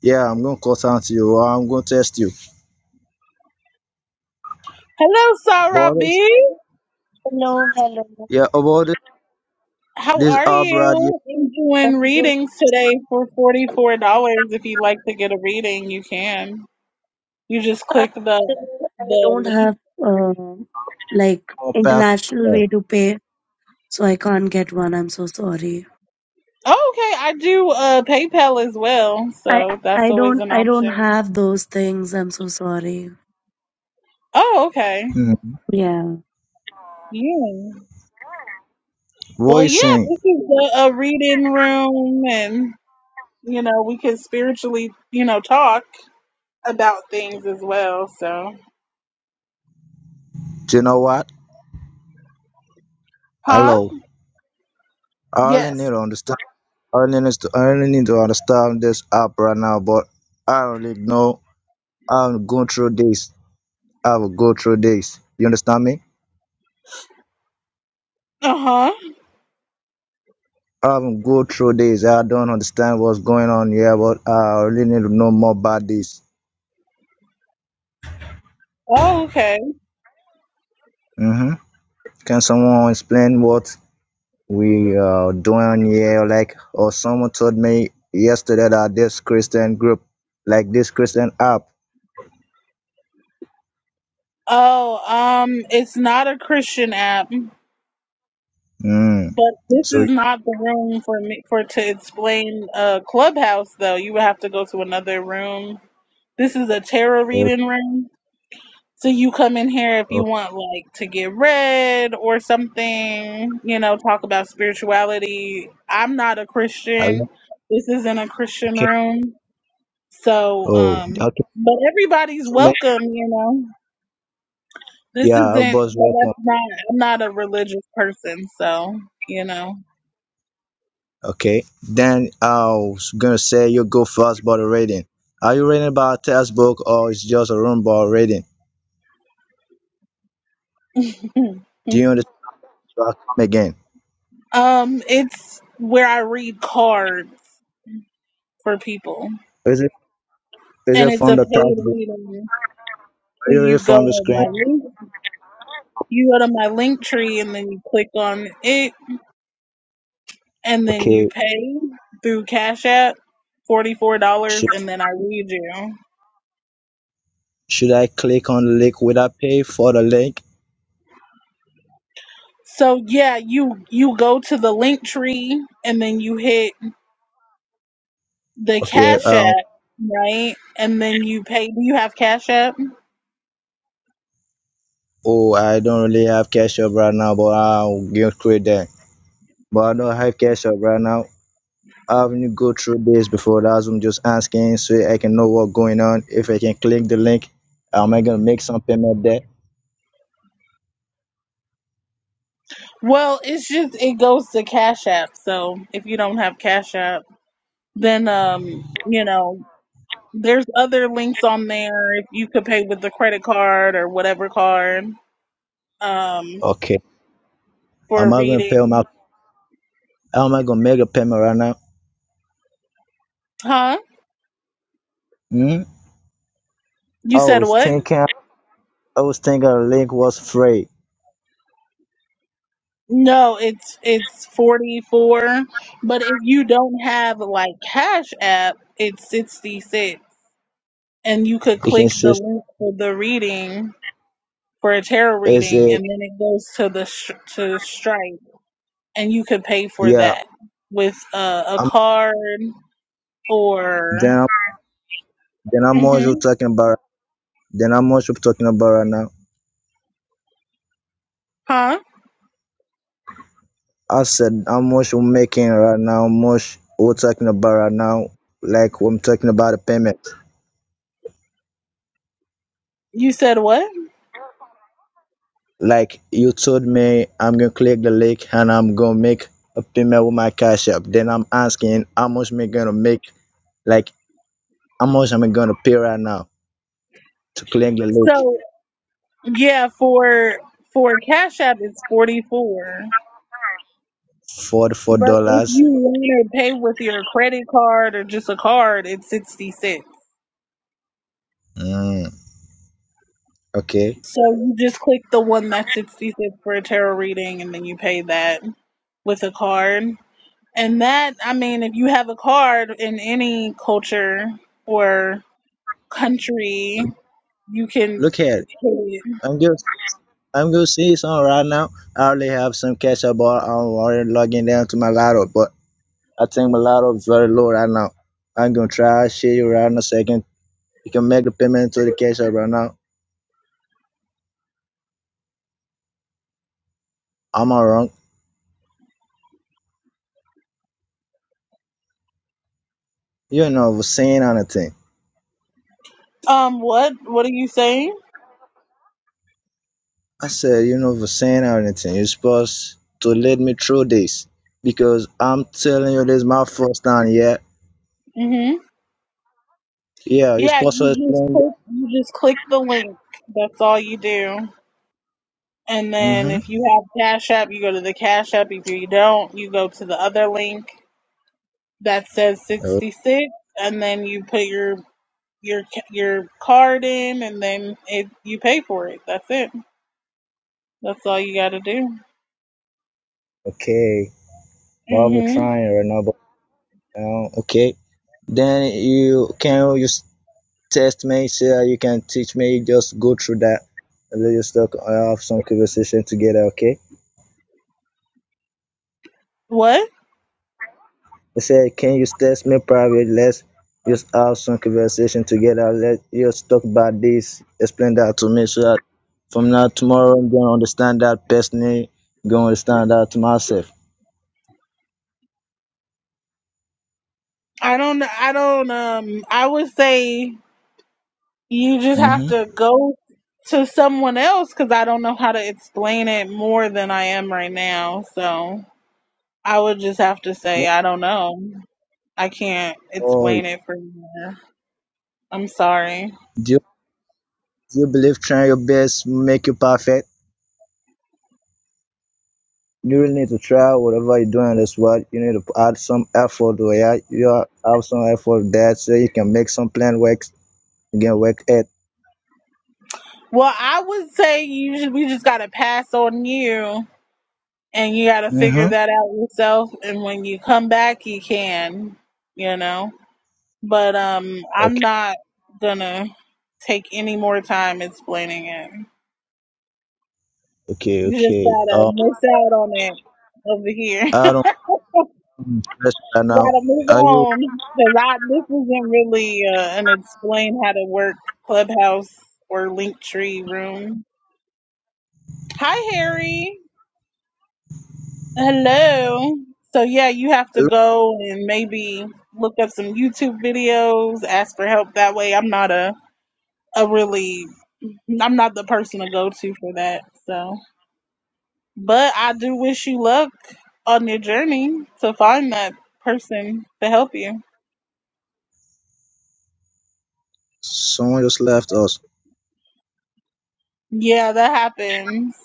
K: Yeah, I'm gonna call out to you. Or I'm gonna test you.
A: Hello, Sarah
K: But
A: B.
L: Hello, hello.
K: Yeah, about it,
A: How
K: this
A: are
K: Albert you
A: you? I'm
L: I'm
A: doing
L: good.
A: readings today for $44. If you'd like to get a reading, you can. You just click the
L: Actually, I
A: the
L: don't
A: link.
L: have uh, like
K: know, pastor
L: international way to pay, so I can't get one. I'm so sorry.
A: Oh, okay, I do uh PayPal as well,
L: I
A: so that's
L: I
A: always
L: don't
A: an
L: I don't
A: option.
L: have those things. I'm so sorry.
A: Oh, okay.
K: mm,
L: Yeah.
A: Yeah. Well, yeah,
K: voicing.
A: this is a, a reading room, and you know we can spiritually, you know, talk about things as well. So,
K: Do you know what?
A: huh?
K: Hello. I only need
A: Yes.
K: to understand. I only need to, I only need to understand this app right now, but I don't really know. I haven't gone through this. I haven't go through this. You understand me?
A: Uh huh.
K: I haven't go through this. I don't understand what's going on here, but I really need to know more about this.
A: Oh, okay.
K: Mm-hmm. Can someone explain what? we are doing here like or someone told me yesterday that this christian group like this christian app
A: Oh, um, it's not a Christian app,
K: mm.
A: but this
K: so
A: is not the room for me for to explain uh Clubhouse though. You would have to go to another room. This is a tarot
K: yeah,
A: reading room. So you come in here if you
K: oh,
A: want like to get read or something, you know, talk about spirituality. I'm not a
K: I-
A: Christian. This isn't a Christian
K: okay
A: room. So
K: oh
A: um
K: okay
A: but everybody's
K: to me
A: welcome, you know. This
K: yeah of
A: isn't
K: course
A: but
K: welcome
A: that's not I'm not a religious person, so you know.
K: okay then i was gonna say you go first about the reading are you reading about textbook or it's just a room about reading do you understand so i come again
A: Um it's where I read cards for people.
K: is it is
A: And
K: it
A: it's a
K: from the
A: paid
K: textbook
A: reading. So
K: are you reading
A: you go
K: from the
A: to my
K: screen
A: link You go to my link tree and then you click on it and then
K: okay
A: you pay through Cash App $44
K: sure.
A: and then I read you.
K: Should I click on the link? Will I pay for the link?
A: So yeah, you you go to the link tree and then you hit the
K: Okay.
A: Cash App,
K: Um.
A: right? And then you pay. Do you have Cash App?
K: Oh, I don't really have cash up right now, but I'll get through that. But I don't have cash up right now. I haven't go through this before. That's what I'm just asking so I can know what's going on. If I can click the link, am I gonna make some payment there?
A: Well, it's just it goes to Cash App. So if you don't have Cash App, then um, you know, there's other links on there. If you could pay with the credit card or whatever card. Um,
K: Okay.
A: for
K: Am I gonna pay
A: reading.
K: my? How am I gonna make a payment right now?
A: Huh?
K: Hmm. I
A: You said
K: was
A: what?
K: thinking. I was thinking the link was free.
A: No, it's it's 44, but if you don't have like Cash App, it's 66 and you could
K: It can
A: click the
K: see.
A: link for the reading for a tarot
K: Is
A: reading
K: it?
A: and then it goes to the sh- to Stripe and you could pay for
K: Yeah.
A: that with uh, a
K: I'm.
A: card or
K: Then. Then how much you
A: Mhm.
K: talking about? Then how much we're talking about right now?
A: Huh?
K: I said how much we're making right now, how much we're talking about right now, like I'm talking about a payment.
A: You said what?
K: Like you told me I'm gonna click the link and I'm gonna make a payment with my cash app. Then I'm asking how much am I gonna make like how much am I gonna pay right now to click the link?
A: So, yeah, for for Cash App it's 44
K: Forty four
A: But if
K: dollars.
A: you want to pay with your credit card or just a card, it's 60 cents.
K: Mm, okay.
A: So you just click the one that's 60 cents for a tarot reading and then you pay that with a card. And that, I mean, if you have a card in any culture or country, you can
K: Look here.
A: pay it.
K: I'm gonna I'm gonna see some right now. I already have some cash about I'm already logging down to my laptop. but I think mulatto is very low right now. I'm gonna try share you right in a second. You can make the payment to the cash app right now. am I wrong. You're not saying anything.
A: Um, what? What are you saying?
K: I said you're not saying anything. You're supposed to lead me through this because I'm telling you this is my first time. Yeah,
A: hmm
K: yeah. You're
A: Yeah,
K: supposed to
A: you just
K: explain.
A: click, you just click the link. That's all you do. And then
K: Mm-hmm.
A: if you have Cash App, you go to the Cash App. If you don't, you go to the other link that says
K: Oh,
A: 66, and then you put your your ca- your card in, and then it you pay for it. That's it. That's all you got to do.
K: Okay. Well, we're
A: Mhm.
K: trying right now, but um, okay. Then you can you s- test me, see how you can teach me. Just go through that. And let's just talk, uh, have some conversation together, okay?
A: What?
K: I said, can you test me private? Let's just have some conversation together. Let us just talk about this. Explain that to me so that from now tomorrow I'm gonna understand that personally. Gonna understand that to myself.
A: I don't. I don't. Um. I would say you just have
K: Mm-hmm.
A: to go to someone else because I don't know how to explain it more than I am right now. So I would just have to say I don't know. I can't
K: Or
A: explain it for you. I'm sorry.
K: do you, do you believe trying your best make you perfect? you really need to try whatever you're doing that's what you need to add some effort to it you have have some effort there so you can make some plan work you can work it
A: Well, I would say you ju- we just gotta pass on you, and you gotta figure
K: mm-hmm.
A: that out yourself. And when you come back, you can, you know. But um, I'm
K: okay
A: not gonna take any more time explaining it.
K: okay
A: You just
K: okay
A: gotta
K: um
A: miss out on it over here. you
K: i don't stress right now
A: gotta move
K: are you
A: on because I this isn't really uh, an explain how to work clubhouse or Linktree room. Hi, Harry. Hello. So, yeah, you have to go and maybe look up some YouTube videos, ask for help that way. I'm not a, a really, I'm not the person to go to for that. So, but I do wish you luck on your journey to find that person to help you.
K: someone just left us
A: Yeah, that happens.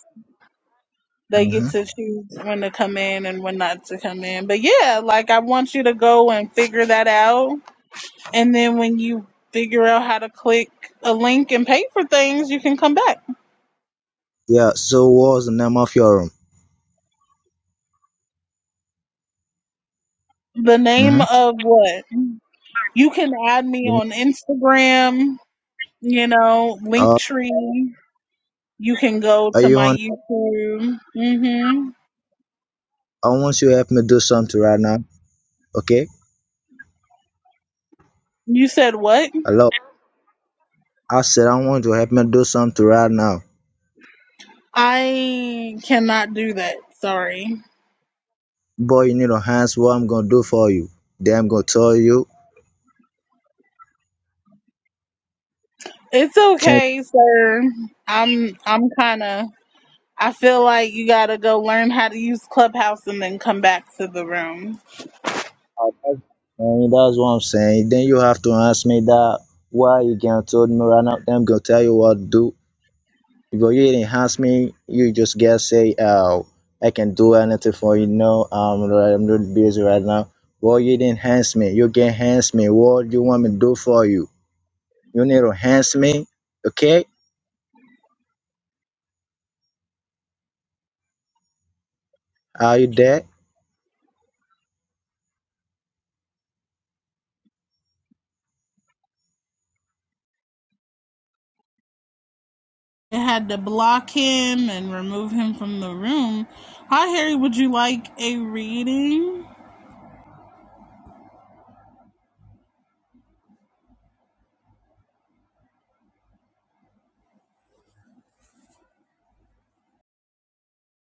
A: They
K: mm-hmm.
A: get to choose when to come in and when not to come in. But yeah, like I want you to go and figure that out And then when you figure out how to click a link and pay for things, you can come back.
K: yeah so what's the name of your room
A: The name
K: mm-hmm.
A: of what? You can add me on Instagram, you know,
K: uh
A: Linktree. You can go
K: are
A: to
K: you
A: my
K: on
A: YouTube. hmm
K: i want you to help me do something right now okay
A: You said what?
K: hello i said i want you to help me do something right now
A: I cannot do that. Sorry.
K: Boy, you need to ask what I'm gonna do for you. Then I'm gonna tell you,
A: It's
K: can't
A: okay, sir. I'm I'm kind of I feel like you got to go learn how to use Clubhouse and then come back to the room.
K: and that's what I'm saying. Then you have to ask me that why you can't told me right now. Then I'm gonna tell you what to do. Because you didn't ask me, you just get say, oh, I can do anything for you. No, I'm right- I'm really busy right now. Well, you didn't ask me. You can ask me. What do you want me to do for you? You need to ask me. Okay? Are you there?
A: It had to block him and remove him from the room. Hi, Harry. Would you like a reading?